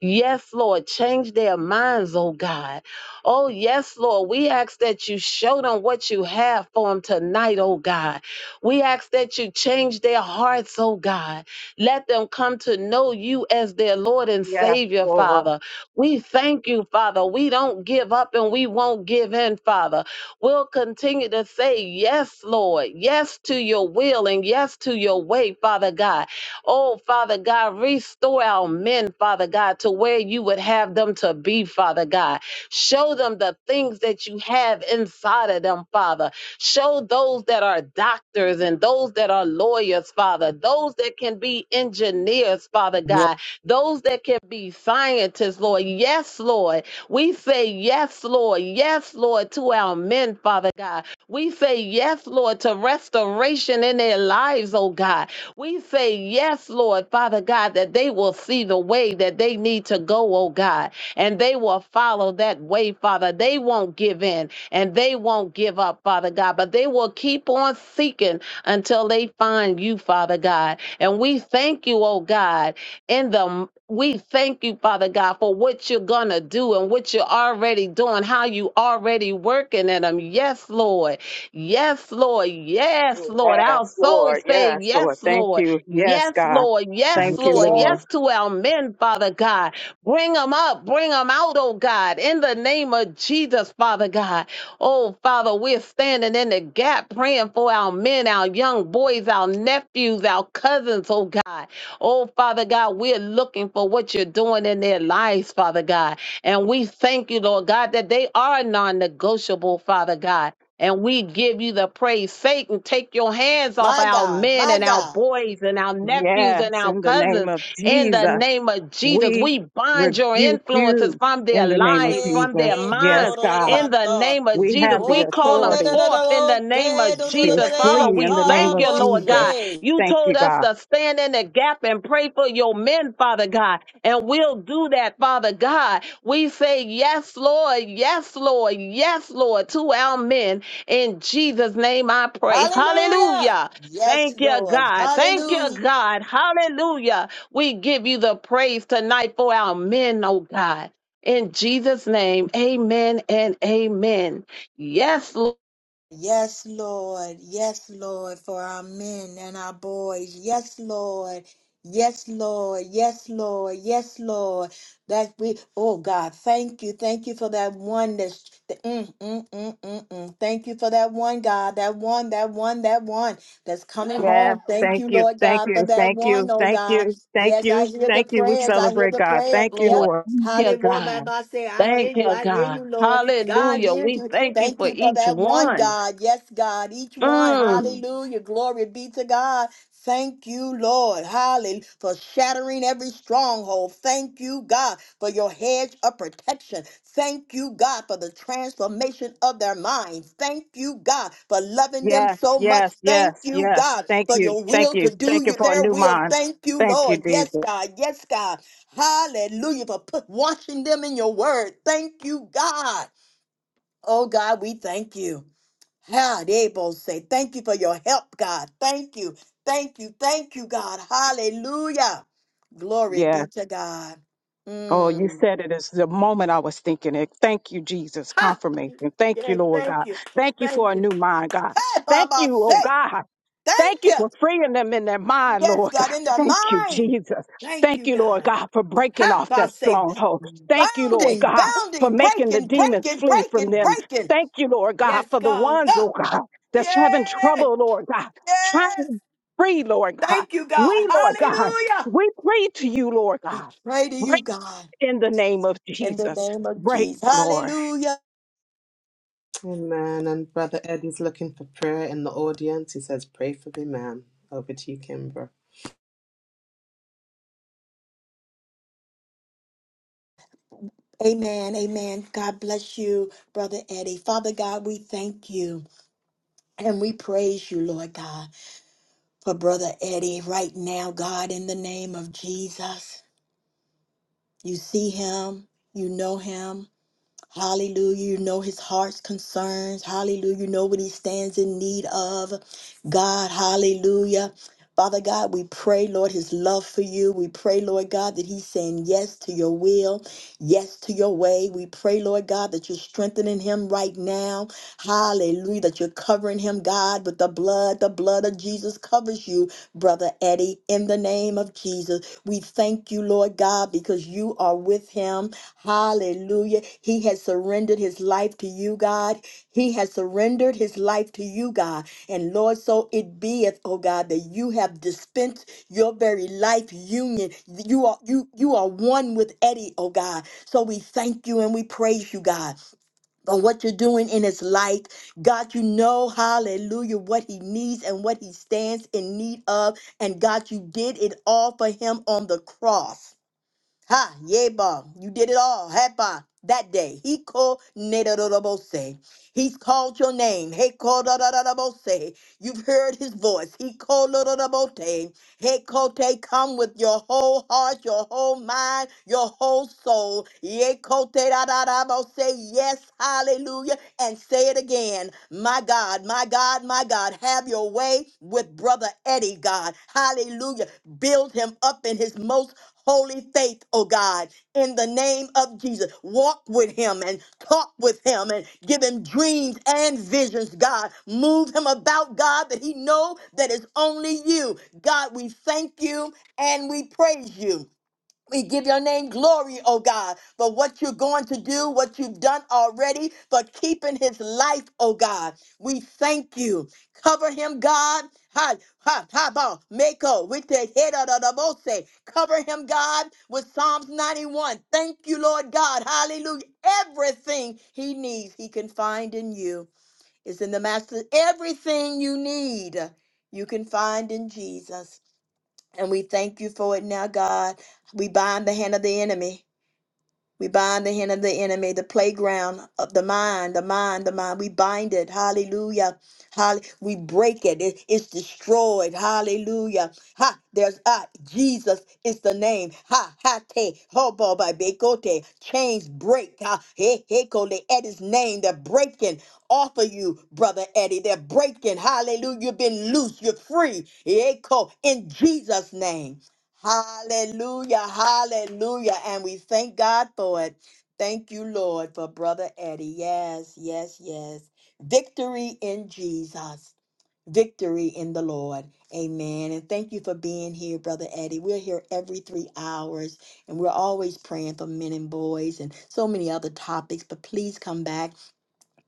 Speaker 3: Yes, Lord, change their minds, oh God. Oh, yes, Lord, we ask that you show them what you have for them tonight, oh God. We ask that you change their hearts, oh God. Let them come to know you as their Lord and
Speaker 6: Yes,
Speaker 3: Savior,
Speaker 6: Lord.
Speaker 3: Father. We thank you, Father. We don't give up and we won't give in, Father. We'll continue to say, Yes, Lord. Yes to your will and yes to your way, Father God. Oh, Father God, restore our men, Father God, to where you would have them to be, Father God. Show them the things that you have inside of them, Father. Show those that are doctors and those that are lawyers, Father, those that can be engineers, Father
Speaker 1: yes,
Speaker 3: God, those that can be scientists, Lord. Yes, Lord. We say yes, Lord. Yes, Lord, to our men, Father God. We say yes, Lord, to restoration in their lives, oh God. We say yes, Lord, Father God, that they will see the way that they need to go, oh God, and they will follow that way, Father. They won't give in and they won't give up, Father God, but they will keep on seeking until they find you, Father God. And we thank you, oh God, in the we thank you, Father God, for what you're gonna do and what you're already doing, how you already working in them. Yes, Lord. Yes, Lord. Yes, Lord. Our
Speaker 6: Yes, Lord.
Speaker 3: souls say
Speaker 6: Yes, Lord.
Speaker 3: yes,
Speaker 6: Thank
Speaker 3: Lord.
Speaker 6: you. Yes,
Speaker 3: Yes,
Speaker 6: God.
Speaker 3: Lord. Yes,
Speaker 6: Thank you,
Speaker 3: Lord.
Speaker 1: yes.
Speaker 6: Lord.
Speaker 3: Yes to our men, Father God. Bring them up. Bring them out, oh God, in the name of Jesus, Father God. Oh, Father, we're standing in the gap praying for our men, our young boys, our nephews, our cousins, oh God. Oh, Father God, we're looking for what you're doing in their lives, Father God. And we thank you, Lord God, that they are non negotiable, Father God. And we give you the praise. Satan, take your hands off
Speaker 1: My
Speaker 3: our
Speaker 1: God,
Speaker 3: men
Speaker 1: my
Speaker 3: and our
Speaker 1: God.
Speaker 3: boys and our nephews and
Speaker 6: Yes,
Speaker 3: our
Speaker 6: in the name
Speaker 3: cousins
Speaker 6: of
Speaker 3: in the
Speaker 6: Jesus,
Speaker 3: name of Jesus.
Speaker 6: we
Speaker 3: We bind your
Speaker 6: rebuke
Speaker 3: influences
Speaker 6: you
Speaker 3: from their
Speaker 6: in the name of
Speaker 3: lives, from their
Speaker 6: Jesus. Yes,
Speaker 3: minds
Speaker 6: God.
Speaker 3: in the name of
Speaker 6: We
Speaker 3: Jesus.
Speaker 6: have the
Speaker 3: We call them
Speaker 6: authority.
Speaker 3: forth in the name of
Speaker 6: They
Speaker 3: Jesus. Father,
Speaker 6: flee in
Speaker 3: we
Speaker 6: the name
Speaker 3: thank
Speaker 6: of
Speaker 3: you, Lord God.
Speaker 6: Jesus.
Speaker 3: You
Speaker 6: Thank
Speaker 3: told
Speaker 6: you,
Speaker 3: us
Speaker 6: God.
Speaker 3: to stand in the gap and pray for your men, Father God. And we'll do that, Father God. We say, Yes, Lord, yes, Lord, yes, Lord, to our men. In Jesus' name I pray.
Speaker 1: Hallelujah.
Speaker 3: Hallelujah.
Speaker 1: Yes,
Speaker 3: Thank you,
Speaker 1: Lord.
Speaker 3: God. Thank you,
Speaker 1: Hallelujah.
Speaker 3: God. Hallelujah. We give you the praise tonight for our men, oh God. In Jesus' name, amen and amen. Yes,
Speaker 1: Yes, Lord. Yes, Lord, for our men and our boys. Yes, Lord. Yes, Lord. Yes, Lord. Yes, Lord. That we, oh God, thank you. Thank you for that one that's, mm, mm, mm, mm, mm. thank you for that one, God, that one, that one, that one that's coming
Speaker 6: Yeah.
Speaker 1: home. Thank
Speaker 6: Thank
Speaker 1: you,
Speaker 6: you.
Speaker 1: Lord
Speaker 6: Thank
Speaker 1: God, for
Speaker 6: you.
Speaker 1: that
Speaker 6: Thank
Speaker 1: one,
Speaker 6: you.
Speaker 1: oh
Speaker 6: Thank
Speaker 1: God.
Speaker 6: you. Thank
Speaker 1: Yes, I
Speaker 6: you.
Speaker 1: hear the
Speaker 6: Thank you. We
Speaker 1: prayers. I hear
Speaker 6: celebrate
Speaker 1: the
Speaker 6: God.
Speaker 1: prayers.
Speaker 6: Thank you,
Speaker 1: Yep.
Speaker 3: Lord.
Speaker 6: Lord.
Speaker 3: Thank you,
Speaker 1: Hallelujah,
Speaker 3: God.
Speaker 1: I say, I hear
Speaker 3: Thank
Speaker 1: you,
Speaker 3: you,
Speaker 1: I hear
Speaker 3: God.
Speaker 1: you, Lord. God
Speaker 3: Hallelujah.
Speaker 1: hears
Speaker 3: We
Speaker 1: you.
Speaker 3: thank you
Speaker 1: Thank
Speaker 3: for
Speaker 1: you for
Speaker 3: each
Speaker 1: that one,
Speaker 3: one.
Speaker 1: God. Yes, God, each one.
Speaker 3: Mm.
Speaker 1: Hallelujah. Glory be to God. Thank you, Lord. Hallelujah. For shattering every stronghold. Thank you, God, for your hedge of protection. Thank you, God, for the transformation of their minds. Thank you, God, for loving them
Speaker 6: Yes.
Speaker 1: so much.
Speaker 6: Yes.
Speaker 1: Thank
Speaker 6: Yes.
Speaker 1: you,
Speaker 6: Yes.
Speaker 1: God,
Speaker 6: Thank
Speaker 1: for
Speaker 6: you.
Speaker 1: your
Speaker 6: Thank
Speaker 1: will to
Speaker 6: you.
Speaker 1: do
Speaker 6: Thank you
Speaker 1: your-
Speaker 6: for a
Speaker 1: their
Speaker 6: new
Speaker 1: will.
Speaker 6: mind.
Speaker 1: Thank you,
Speaker 6: Thank you,
Speaker 1: Lord. Yes,
Speaker 6: Jesus.
Speaker 1: God. Yes, God. Hallelujah for put, washing them in your word. Thank you, God. Oh, God, we thank you. How they both say, Thank you for your help, God. Thank you. Thank you. Thank you, God. Hallelujah. Glory
Speaker 6: Yes.
Speaker 1: be to God.
Speaker 6: Oh, you
Speaker 1: Mm.
Speaker 6: said it is the moment I was thinking it. Thank you, Jesus.
Speaker 1: Ha!
Speaker 6: Confirmation. Thank you,
Speaker 1: Yeah,
Speaker 6: Lord God.
Speaker 1: thank you.
Speaker 6: Thank you
Speaker 1: Thank
Speaker 6: for a
Speaker 1: you.
Speaker 6: new mind, God.
Speaker 1: Hey,
Speaker 6: Thank
Speaker 1: Baba,
Speaker 6: you, oh
Speaker 1: say,
Speaker 6: God.
Speaker 1: Thank
Speaker 6: Thank you for
Speaker 1: you.
Speaker 6: freeing them in their mind,
Speaker 1: Yes,
Speaker 6: Lord
Speaker 1: God,
Speaker 6: God.
Speaker 1: in their
Speaker 6: Thank you,
Speaker 1: mind.
Speaker 6: Jesus.
Speaker 1: Thank
Speaker 6: Thank
Speaker 1: you,
Speaker 6: you, Lord
Speaker 1: God.
Speaker 6: God, for breaking
Speaker 1: Ha!
Speaker 6: off
Speaker 1: I
Speaker 6: that
Speaker 1: say,
Speaker 6: stronghold. Thank you, Lord
Speaker 1: bounding,
Speaker 6: God, for
Speaker 1: bounding,
Speaker 6: making the
Speaker 1: breaking,
Speaker 6: demons
Speaker 1: breaking,
Speaker 6: flee from
Speaker 1: breaking,
Speaker 6: them.
Speaker 1: breaking.
Speaker 6: Thank you, Lord God,
Speaker 1: Yes,
Speaker 6: for the
Speaker 1: God.
Speaker 6: ones,
Speaker 1: Ah,
Speaker 6: oh God, that's having
Speaker 1: yes,
Speaker 6: trouble, Lord God, trying
Speaker 1: yes.
Speaker 6: to free, Lord God.
Speaker 1: Thank you, God.
Speaker 6: We, Lord God,
Speaker 1: Hallelujah.
Speaker 6: we pray to you, Lord
Speaker 1: We
Speaker 6: God
Speaker 1: pray to you, God,
Speaker 6: in the name of
Speaker 1: in the
Speaker 6: Jesus.
Speaker 1: name of
Speaker 6: Break,
Speaker 1: Jesus.
Speaker 6: Lord.
Speaker 1: Hallelujah.
Speaker 2: Amen. And Brother Eddie's looking for prayer in the audience. He says, Pray for me, ma'am. Over to you, Kimbra.
Speaker 1: Amen. Amen. God bless you, Brother Eddie. Father God, we thank you and we praise you, Lord God, for Brother Eddie right now, God, in the name of Jesus. You see him, you know him. Hallelujah. You know his heart's concerns. Hallelujah. You know what he stands in need of. God, hallelujah. Father God, we pray, Lord, his love for you. We pray, Lord God, that he's saying yes to your will yes to your way. We pray, Lord God, that you're strengthening him right now. Hallelujah. That you're covering him, God, with the blood. The blood of Jesus covers you, Brother Eddie, in the name of Jesus. We thank you, Lord God, because you are with him. Hallelujah. He has surrendered his life to you, God. He has surrendered his life to you, God. And Lord, so it beeth, oh God, that you have dispensed your very life union. You are you you are one with Eddie, oh God. So we thank you and we praise you, God. On what you're doing in his life. God, you know, hallelujah, what he needs and what he stands in need of. And God, you did it all for him on the cross. Ha, Yeba, you did it all. Heba, that day. He called Nedorobose. He's called your name. He called Dorobose. You've heard his voice. He called Dorobose. He called, come with your whole heart, your whole mind, your whole soul. Ye called, say yes, hallelujah, and say it again. My God, my God, my God, have your way with Brother Eddie, God. Hallelujah. Build him up in his most holy faith, oh God, in the name of Jesus. Walk with him and talk with him and give him dreams and visions, God. Move him about, God, that he know that it's only you. God, we thank you and we praise you. We give your name glory, oh God, for what you're going to do, what you've done already, for keeping his life, oh God. We thank you. Cover him, God. Ha, ha, ha, ba, mako, with the head of the bose. Cover him, God, with Psalms 91. Thank you, Lord God. Hallelujah. Everything he needs, he can find in you. It's in the Master. Everything you need, you can find in Jesus. And we thank you for it now, God. We bind the hand of the enemy. We bind the hand of the enemy, the playground of the mind, the mind, the mind. We bind it. Hallelujah. Hall- we break it. It- It's destroyed. Hallelujah. Ha. There's ah, Jesus is the name. Ha ha te hobo by bekote. Chains break. Ha he he kole. At his name, they're breaking off of you, brother Eddie. They're breaking. Hallelujah. You've been loose. You're free. Echo in Jesus' name. Hallelujah, hallelujah. And we thank God for it. Thank you, Lord, for Brother Eddie. Yes, yes, yes. Victory in Jesus, victory in the Lord. Amen. And thank you for being here, Brother Eddie. We're here every three hours, and we're always praying for men and boys and so many other topics. But please come back.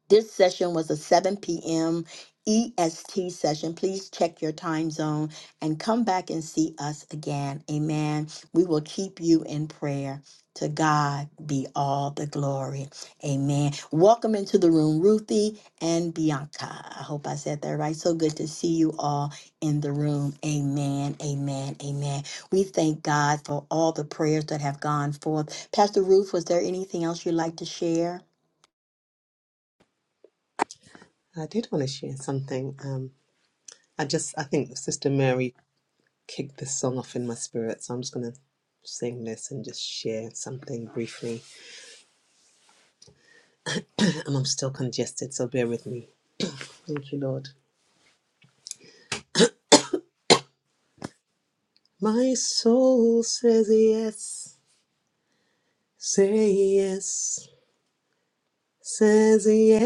Speaker 1: This session was a 7 p.m. EST session. Please check your time zone and come back and see us again. Amen. We will keep you in prayer. To God be all the glory. Amen. Welcome into the room, Ruthie and Bianca. I hope I said that right. So good to see you all in the room. Amen. Amen. Amen. We thank God for all the prayers that have gone forth. Pastor Ruth, was there anything else you'd like to share?
Speaker 2: I did want to share something. Um, I just, I think Sister Mary kicked this song off in my spirit, so I'm just going to sing this and just share something briefly. And I'm still congested, so bear with me. Thank you, Lord. My soul says yes. Say yes, says yes.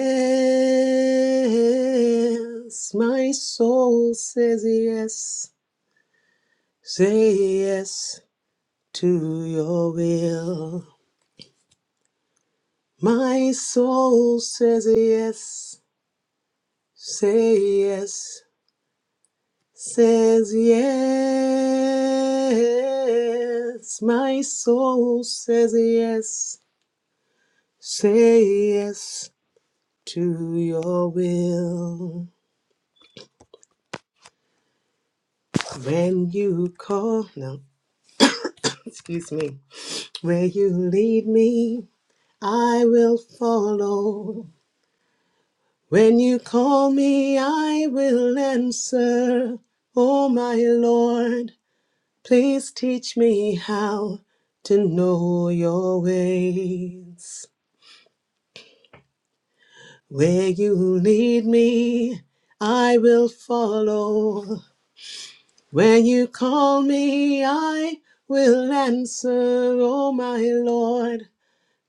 Speaker 2: My soul says yes. Say yes to your will. My soul says yes. Say yes, says yes. My soul says yes. Say yes to your will. When you call, no, (laughs) (clears throat) excuse me, where you lead me, I will follow. When you call me, I will answer. Oh, my Lord, please teach me how to know your ways. Where you lead me, I will follow. When you call me, I will answer, oh my Lord.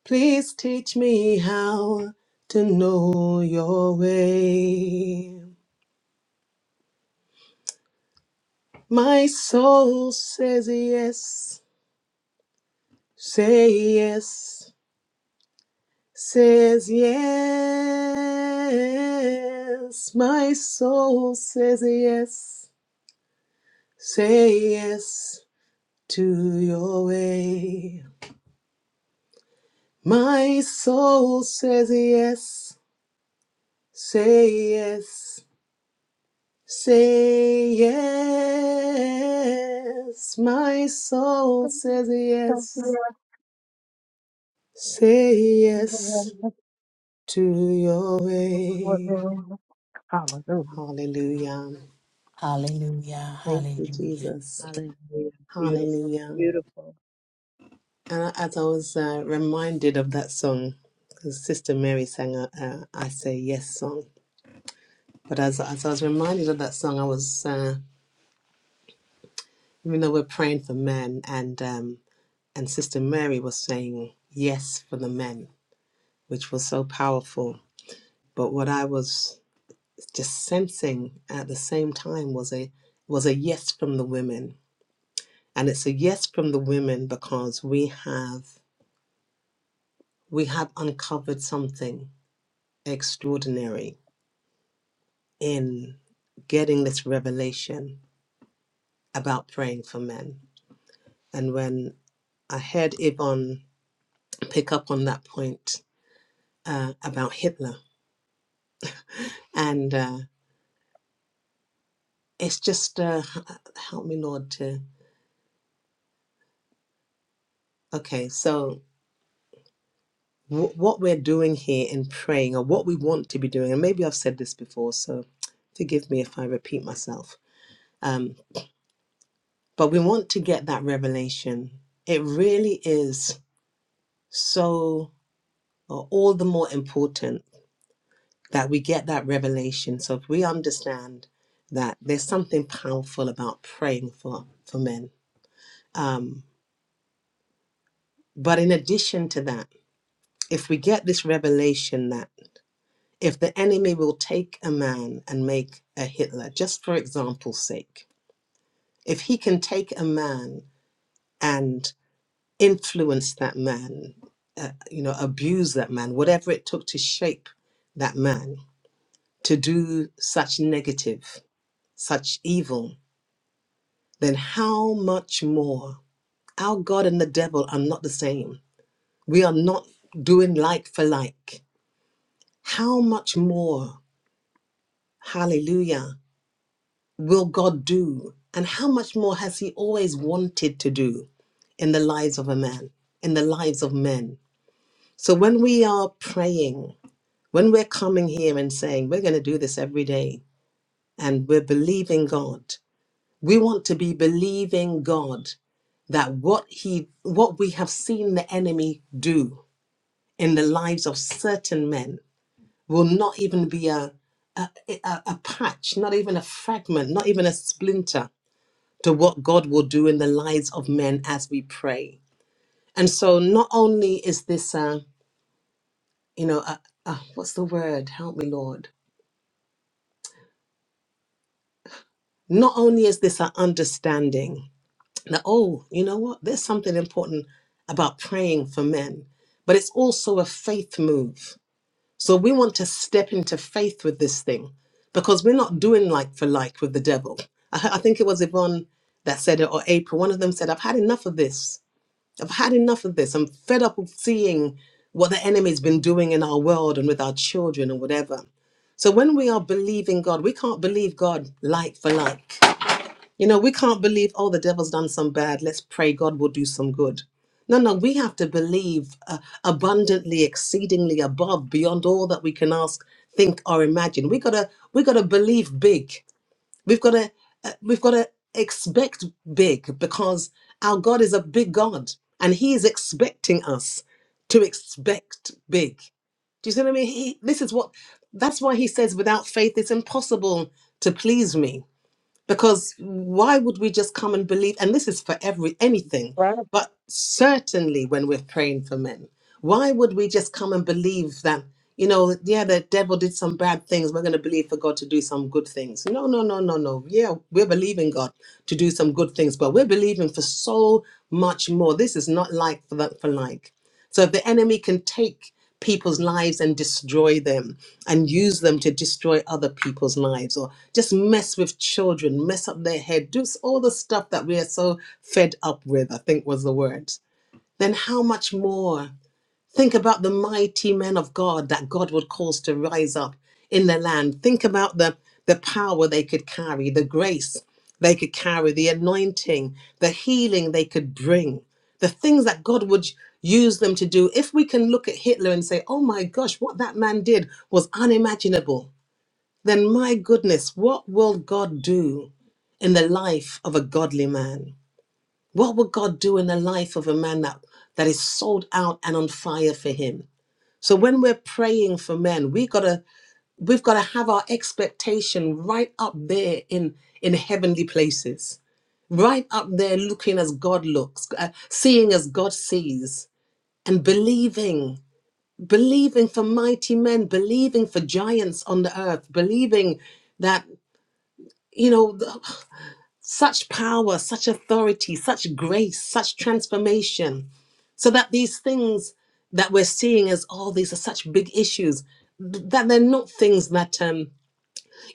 Speaker 2: Please teach me how to know your way. My soul says yes, say yes, says yes. My soul says yes, say yes to your way. My soul says yes, say yes Say yes, my soul says yes. Say yes to your way.
Speaker 6: Hallelujah.
Speaker 2: Hallelujah.
Speaker 1: Hallelujah.
Speaker 2: Thank you,
Speaker 1: Hallelujah.
Speaker 2: Jesus.
Speaker 7: Hallelujah. Beautiful.
Speaker 2: Hallelujah.
Speaker 7: Beautiful.
Speaker 2: And as I was uh, reminded of that song, because Sister Mary sang a, a I Say Yes song, but as, as I was reminded of that song, I was, uh, even though we're praying for men, and, um, and Sister Mary was saying yes for the men. which was so powerful. But what I was just sensing at the same time was a was a yes from the women. And it's a yes from the women because we have we have uncovered something extraordinary in getting this revelation about praying for men. And when I heard Yvonne pick up on that point uh, about Hitler, and uh, it's just uh, help me, Lord, to okay. So wh- what we're doing here in praying or what we want to be doing and maybe i've said this before so forgive me if i repeat myself um, but we want to get that revelation it really is so uh, all the more important that we get that revelation so if we understand that there's something powerful about praying for for men um, but in addition to that if we get this revelation that. If the enemy will take a man and make a Hitler, just for example's sake, if he can take a man and influence that man, uh, you know, abuse that man, whatever it took to shape that man to do such negative, such evil, then how much more? Our God and the devil are not the same. We are not doing like for like. How much more? Hallelujah will God do? And how much more has He always wanted to do in the lives of a man, in the lives of men? So when we are praying, when we're coming here and saying, we're going to do this every day, and we're believing God, we want to be believing God that what he what we have seen the enemy do in the lives of certain men will not even be a a, a, a patch not even a fragment not even a splinter to what God will do in the lives of men as we pray. And so, not only is this a, you know, a, a, what's the word? Help me, Lord. Not only is this an understanding that, oh, you know what? There's something important about praying for men, but it's also a faith move. So, we want to step into faith with this thing because we're not doing like for like with the devil. I, I think it was Yvonne that said it or April. One of them said, I've had enough of this. I've had enough of this. I'm fed up of seeing what the enemy's been doing in our world and with our children and whatever. So when we are believing God, we can't believe God like for like. You know, we can't believe, oh, the devil's done some bad. Let's pray God will do some good. No, no, we have to believe uh, abundantly, exceedingly above, beyond all that we can ask, think, or imagine. We gotta, we gotta believe big. We've got to uh, we've got to expect big because our God is a big God and he is expecting us to expect big. Do you see what I mean? He, this is what that's why he says without faith it's impossible to please me because why would we just come and believe and this is for every anything but certainly when we're praying for men why would we just come and believe that you know yeah the devil did some bad things we're going to believe for god to do some good things no no no no no yeah we're believing god to do some good things but we're believing for so much more this is not like for that for like so if the enemy can take people's lives and destroy them and use them to destroy other people's lives or just mess with children, mess up their head, do s- all the stuff that we are so fed up with, I think was the words, then how much more? Think about the mighty men of God that God would cause to rise up in the land. Think about the, the power they could carry, the grace they could carry, the anointing, the healing they could bring, the things that God would use them to do. If we can look at Hitler and say, oh my gosh, what that man did was unimaginable, then my goodness, what will God do in the life of a godly man? What will God do in the life of a man that, that is sold out and on fire for him? So when we're praying for men, we gotta we've gotta have our expectation right up there in in heavenly places, right up there, looking as God looks, uh, seeing as God sees, and believing, believing for mighty men, believing for giants on the earth, believing that you know th- such power, such authority, such grace, such transformation so that these things that we're seeing as, oh, these are such big issues, th- that they're not things that, um,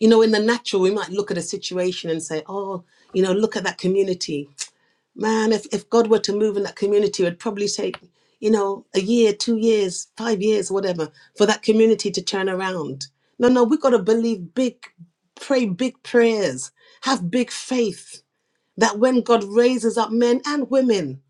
Speaker 2: you know, in the natural, we might look at a situation and say, oh, you know, look at that community. Man, if, if God were to move in that community, it would probably take, you know, a year, two years, five years, whatever, for that community to turn around. No, no, we've got to believe big, pray big prayers, have big faith that when God raises up men and women,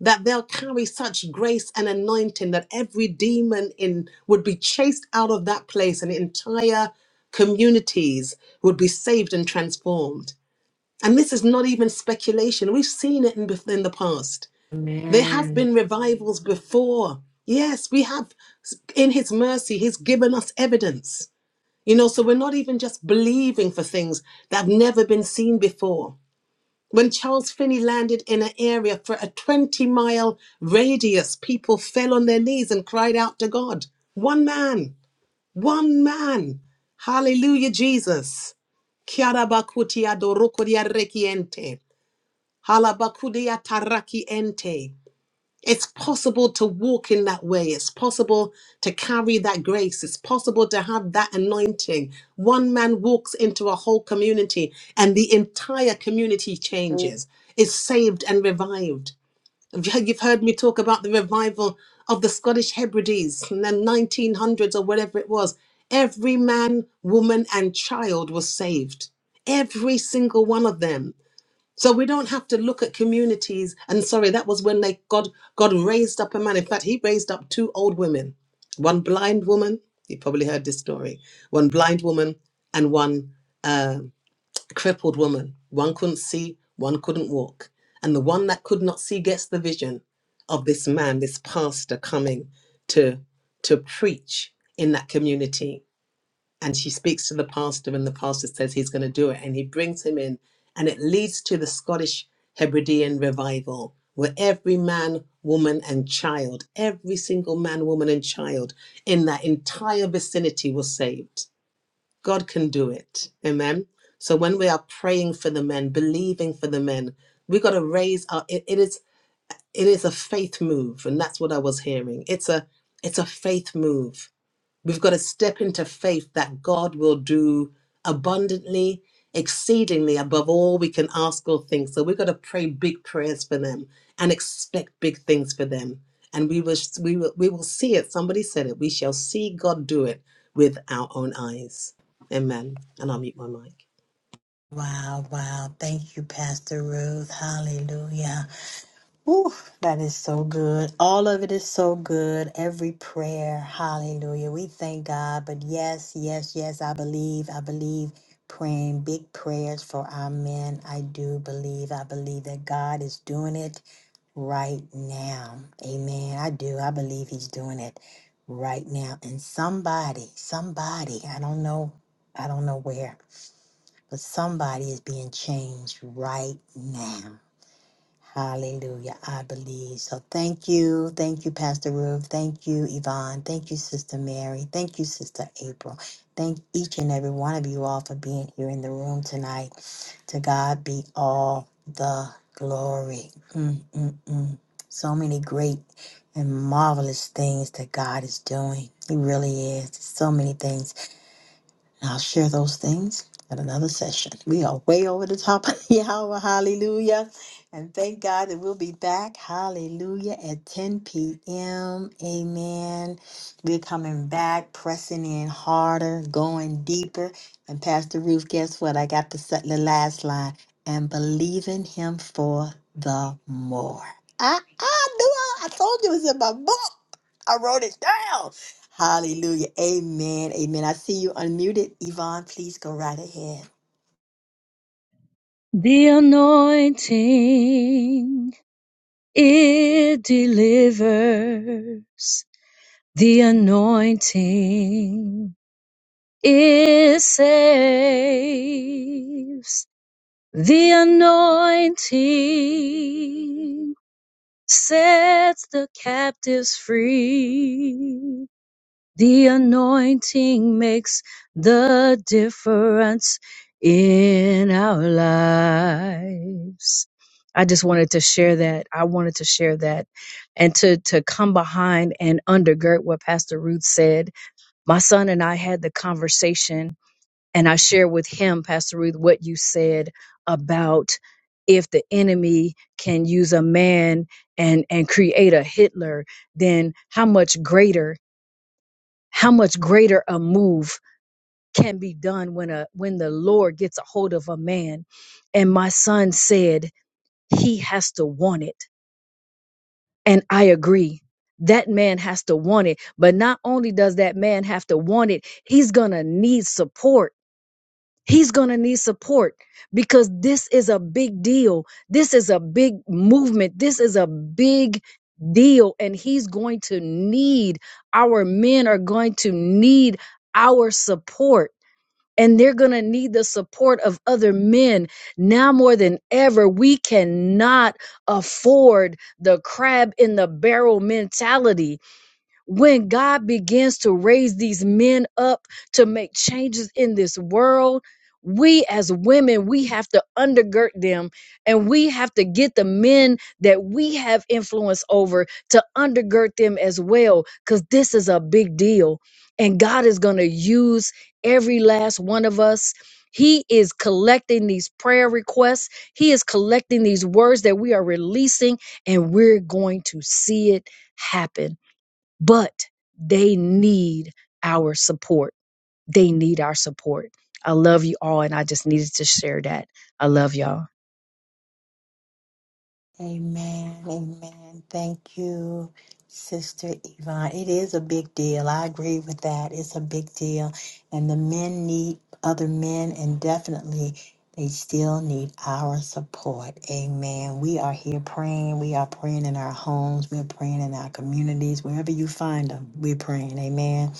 Speaker 2: that they'll carry such grace and anointing that every demon in would be chased out of that place and entire communities would be saved and transformed and this is not even speculation we've seen it in, bef- in the past there have
Speaker 1: Amen.
Speaker 2: been revivals before yes we have in his mercy he's given us evidence you know so we're not even just believing for things that have never been seen before when Charles Finney landed in an area for a 20 mile radius, people fell on their knees and cried out to God. One man, one man. Hallelujah, Jesus. Kiarabakutia dorokodia rekiente. Halabakudia taraki ente. It's possible to walk in that way. It's possible to carry that grace. It's possible to have that anointing. One man walks into a whole community and the entire community changes, is saved and revived. You've heard me talk about the revival of the Scottish Hebrides in the 1900s or whatever it was. Every man, woman, and child was saved. Every single one of them so we don't have to look at communities. And sorry, that was when they God God raised up a man. In fact, he raised up two old women, one blind woman. You probably heard this story. One blind woman and one uh, crippled woman. One couldn't see, one couldn't walk, and the one that could not see gets the vision of this man, this pastor coming to to preach in that community and she speaks to the pastor and the pastor says he's going to do it and he brings him in and it leads to the scottish hebridean revival where every man woman and child every single man woman and child in that entire vicinity was saved god can do it amen so when we are praying for the men believing for the men we got to raise our it, it is it is a faith move and that's what i was hearing it's a it's a faith move We've got to step into faith that God will do abundantly, exceedingly above all we can ask or think. So we've got to pray big prayers for them and expect big things for them. And we will, we will, we will see it. Somebody said it. We shall see God do it with our own eyes. Amen. And I'll mute my mic.
Speaker 1: Wow, wow. Thank you, Pastor Ruth. Hallelujah. Woo, that is so good. All of it is so good. Every prayer. Hallelujah. We thank God. But yes, yes, yes, I believe. I believe praying big prayers for our men. I do believe. I believe that God is doing it. right now. Amen. I do. I believe he's doing it right now. And somebody, somebody, I don't know, I don't know where, but somebody is being changed right now. Hallelujah. I believe. So thank you. Thank you, Pastor Ruth. Thank you, Yvonne. Thank you, Sister Mary. Thank you, Sister April. Thank each and every one of you all for being here in the room tonight. To God be all the glory. Mm, mm, mm. So many great and marvelous things that God is doing. He really is. So many things and I'll share those things at another session. We are way over the top (laughs) of the hour. Hallelujah. And thank God that we'll be back. Hallelujah. At 10 p.m. Amen. We're coming back, pressing in harder, going deeper. And Pastor Ruth, guess what? I got to set the last line and believing him for the more. I, I knew I, I told you it was in my book. I wrote it down. Hallelujah. Amen. Amen. I see you unmuted. Yvonne, please go right ahead.
Speaker 7: The anointing, it delivers. The anointing, it saves. The anointing sets the captives free. The anointing makes the difference in our lives. I just wanted to share that. I wanted to share that and to, to come behind and undergird what Pastor Ruth said. My son and I had the conversation and I shared with him, Pastor Ruth, what you said about if the enemy can use a man and, and create a Hitler, then how much greater how much greater a move can be done when a when the lord gets a hold of a man and my son said he has to want it and i agree that man has to want it but not only does that man have to want it he's gonna need support he's gonna need support because this is a big deal this is a big movement this is a big deal and he's going to need our men are going to need our support and they're going to need the support of other men now more than ever. We cannot afford the crab in the barrel mentality when God begins to raise these men up to make changes in this world, we as women, we have to undergird them and we have to get the men that we have influence over to undergird them as well, because this is a big deal. And God is going to use every last one of us. He is collecting these prayer requests. He is collecting these words that we are releasing, and we're going to see it happen but they need our support. They need our support. I love you all, and I just needed to share that. I love y'all.
Speaker 1: Amen. Amen. Thank you, Sister Yvonne. It is a big deal. I agree with that. It's a big deal. And the men need other men, and definitely they still need our support. Amen. We are here praying. We are praying in our homes. We're praying in our communities. Wherever you find them, we're praying. Amen.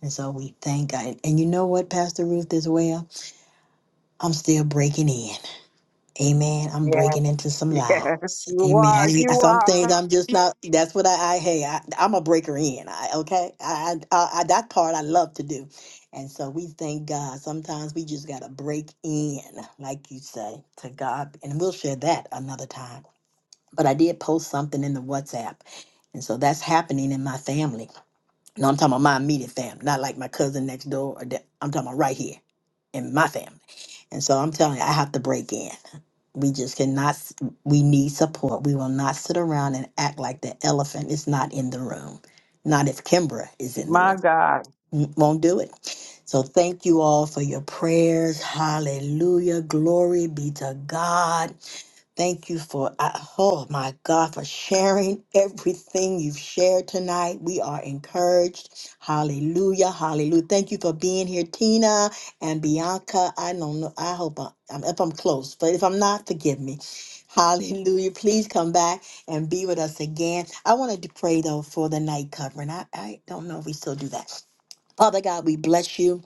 Speaker 1: And so we thank God. And you know what, Pastor Ruth, as well? I'm still breaking in. Amen. I'm
Speaker 6: Yes,
Speaker 1: breaking into some
Speaker 6: yes,
Speaker 1: lives,
Speaker 6: you
Speaker 1: Amen. I
Speaker 6: are, you
Speaker 1: some things
Speaker 6: are.
Speaker 1: I'm just not. That's what I. I hey, I, I'm a breaker in. I okay. I, I, I that part I love to do, and so we thank God. Sometimes we just gotta break in, like you say, to God, and we'll share that another time. But I did post something in the WhatsApp. And so that's happening in my family. No, I'm talking about my immediate family, not like my cousin next door. Or that. I'm talking about right here in my family. And so I'm telling you, I have to break in. We just cannot, s- we need support. We will not sit around and act like the elephant is not in the room. Not if Kimbra is in the
Speaker 6: My
Speaker 1: room.
Speaker 6: God.
Speaker 1: N- Won't do it. So thank you all for your prayers. Hallelujah. Glory be to God. Thank you for, I- oh my God, for sharing (laughs) everything you've shared tonight. We are encouraged. Hallelujah. Hallelujah. Thank you for being here, Tina and Bianca. I don't know. I hope I, am if I'm close, but if I'm not, forgive me. (laughs) Hallelujah. Please come back and be with us again. I wanted to pray though for the night covering. I, I don't know if we still do that. Father God, we bless you.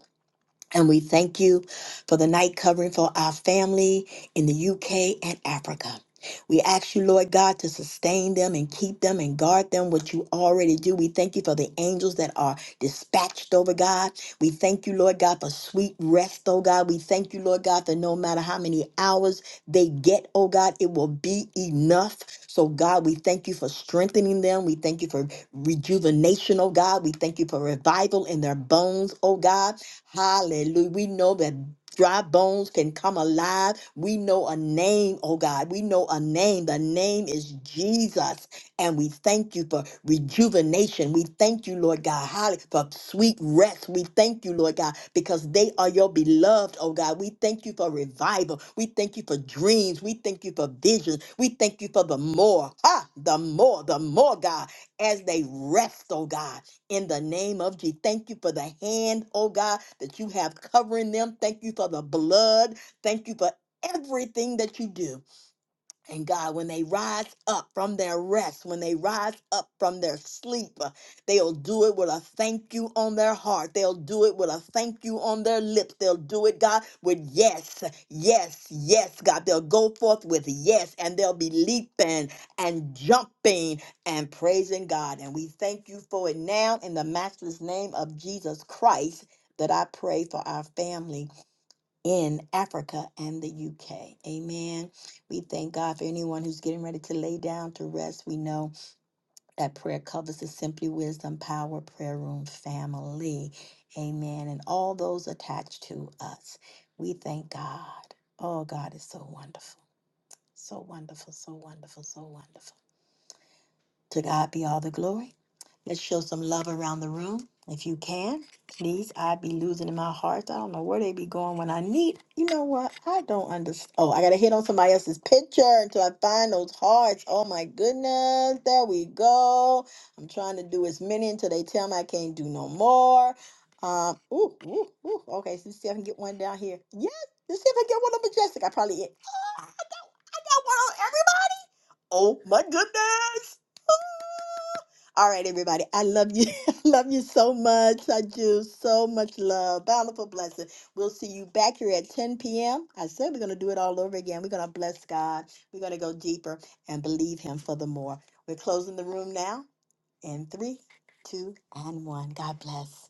Speaker 1: And we thank you for the night covering for our family in the UK and Africa. We ask you, Lord God, to sustain them and keep them and guard them, what you already do. We thank you for the angels that are dispatched over God. We thank you, Lord God, for sweet rest, oh God. We thank you, Lord God, that no matter how many hours they get, oh God, it will be enough. So, God, we thank you for strengthening them. We thank you for rejuvenation, oh God. We thank you for revival in their bones, oh God. Hallelujah. We know that dry bones can come alive. We know a name, oh God. We know a name. The name is Jesus. And we thank you for rejuvenation. We thank you, Lord God, Holly, for sweet rest. We thank you, Lord God, because they are your beloved, oh God. We thank you for revival. We thank you for dreams. We thank you for visions. We thank you for the more. Ah, the more, the more, God, as they rest, oh God in the name of Jesus. Thank you for the hand, oh God, that you have covering them. Thank you for the blood. Thank you for everything that you do. And God, when they rise up from their rest, when they rise up from their sleep, uh, they'll do it with a thank you on their heart. They'll do it with a thank you on their lips. They'll do it, God, with yes, yes, yes, God. They'll go forth with yes, and they'll be leaping and jumping and praising God. And we thank you for it now in the matchless name of Jesus Christ that I pray for our family in Africa and the UK. Amen. We thank God for anyone who's getting ready to lay down to rest. We know that prayer covers the Simply Wisdom Power Prayer Room family. Amen. And all those attached to us. We thank God. Oh, God is so wonderful. So wonderful, so wonderful, so wonderful. To God be all the glory. Let's show some love around the room if you can. Please, I be losing my heart. I don't know where they be going when I need. You know what? I don't understand. Oh, I gotta hit on somebody else's picture until I find those hearts. Oh my goodness, there we go. I'm trying to do as many until they tell me I can't do no more. Um, ooh, ooh, ooh. Okay, so let's see if I can get one down here. Yes, let's see if I can get one on Majestic. I probably ah, I got, I got one on everybody. Oh my goodness. All right, everybody. I love you. (laughs) I love you so much. I do so much love. Bountiful blessing. We'll see you back here at 10 p.m. I said we're going to do it all over again. We're going to bless God. We're going to go deeper and believe Him for the more. We're closing the room now in three, two, and one. God bless.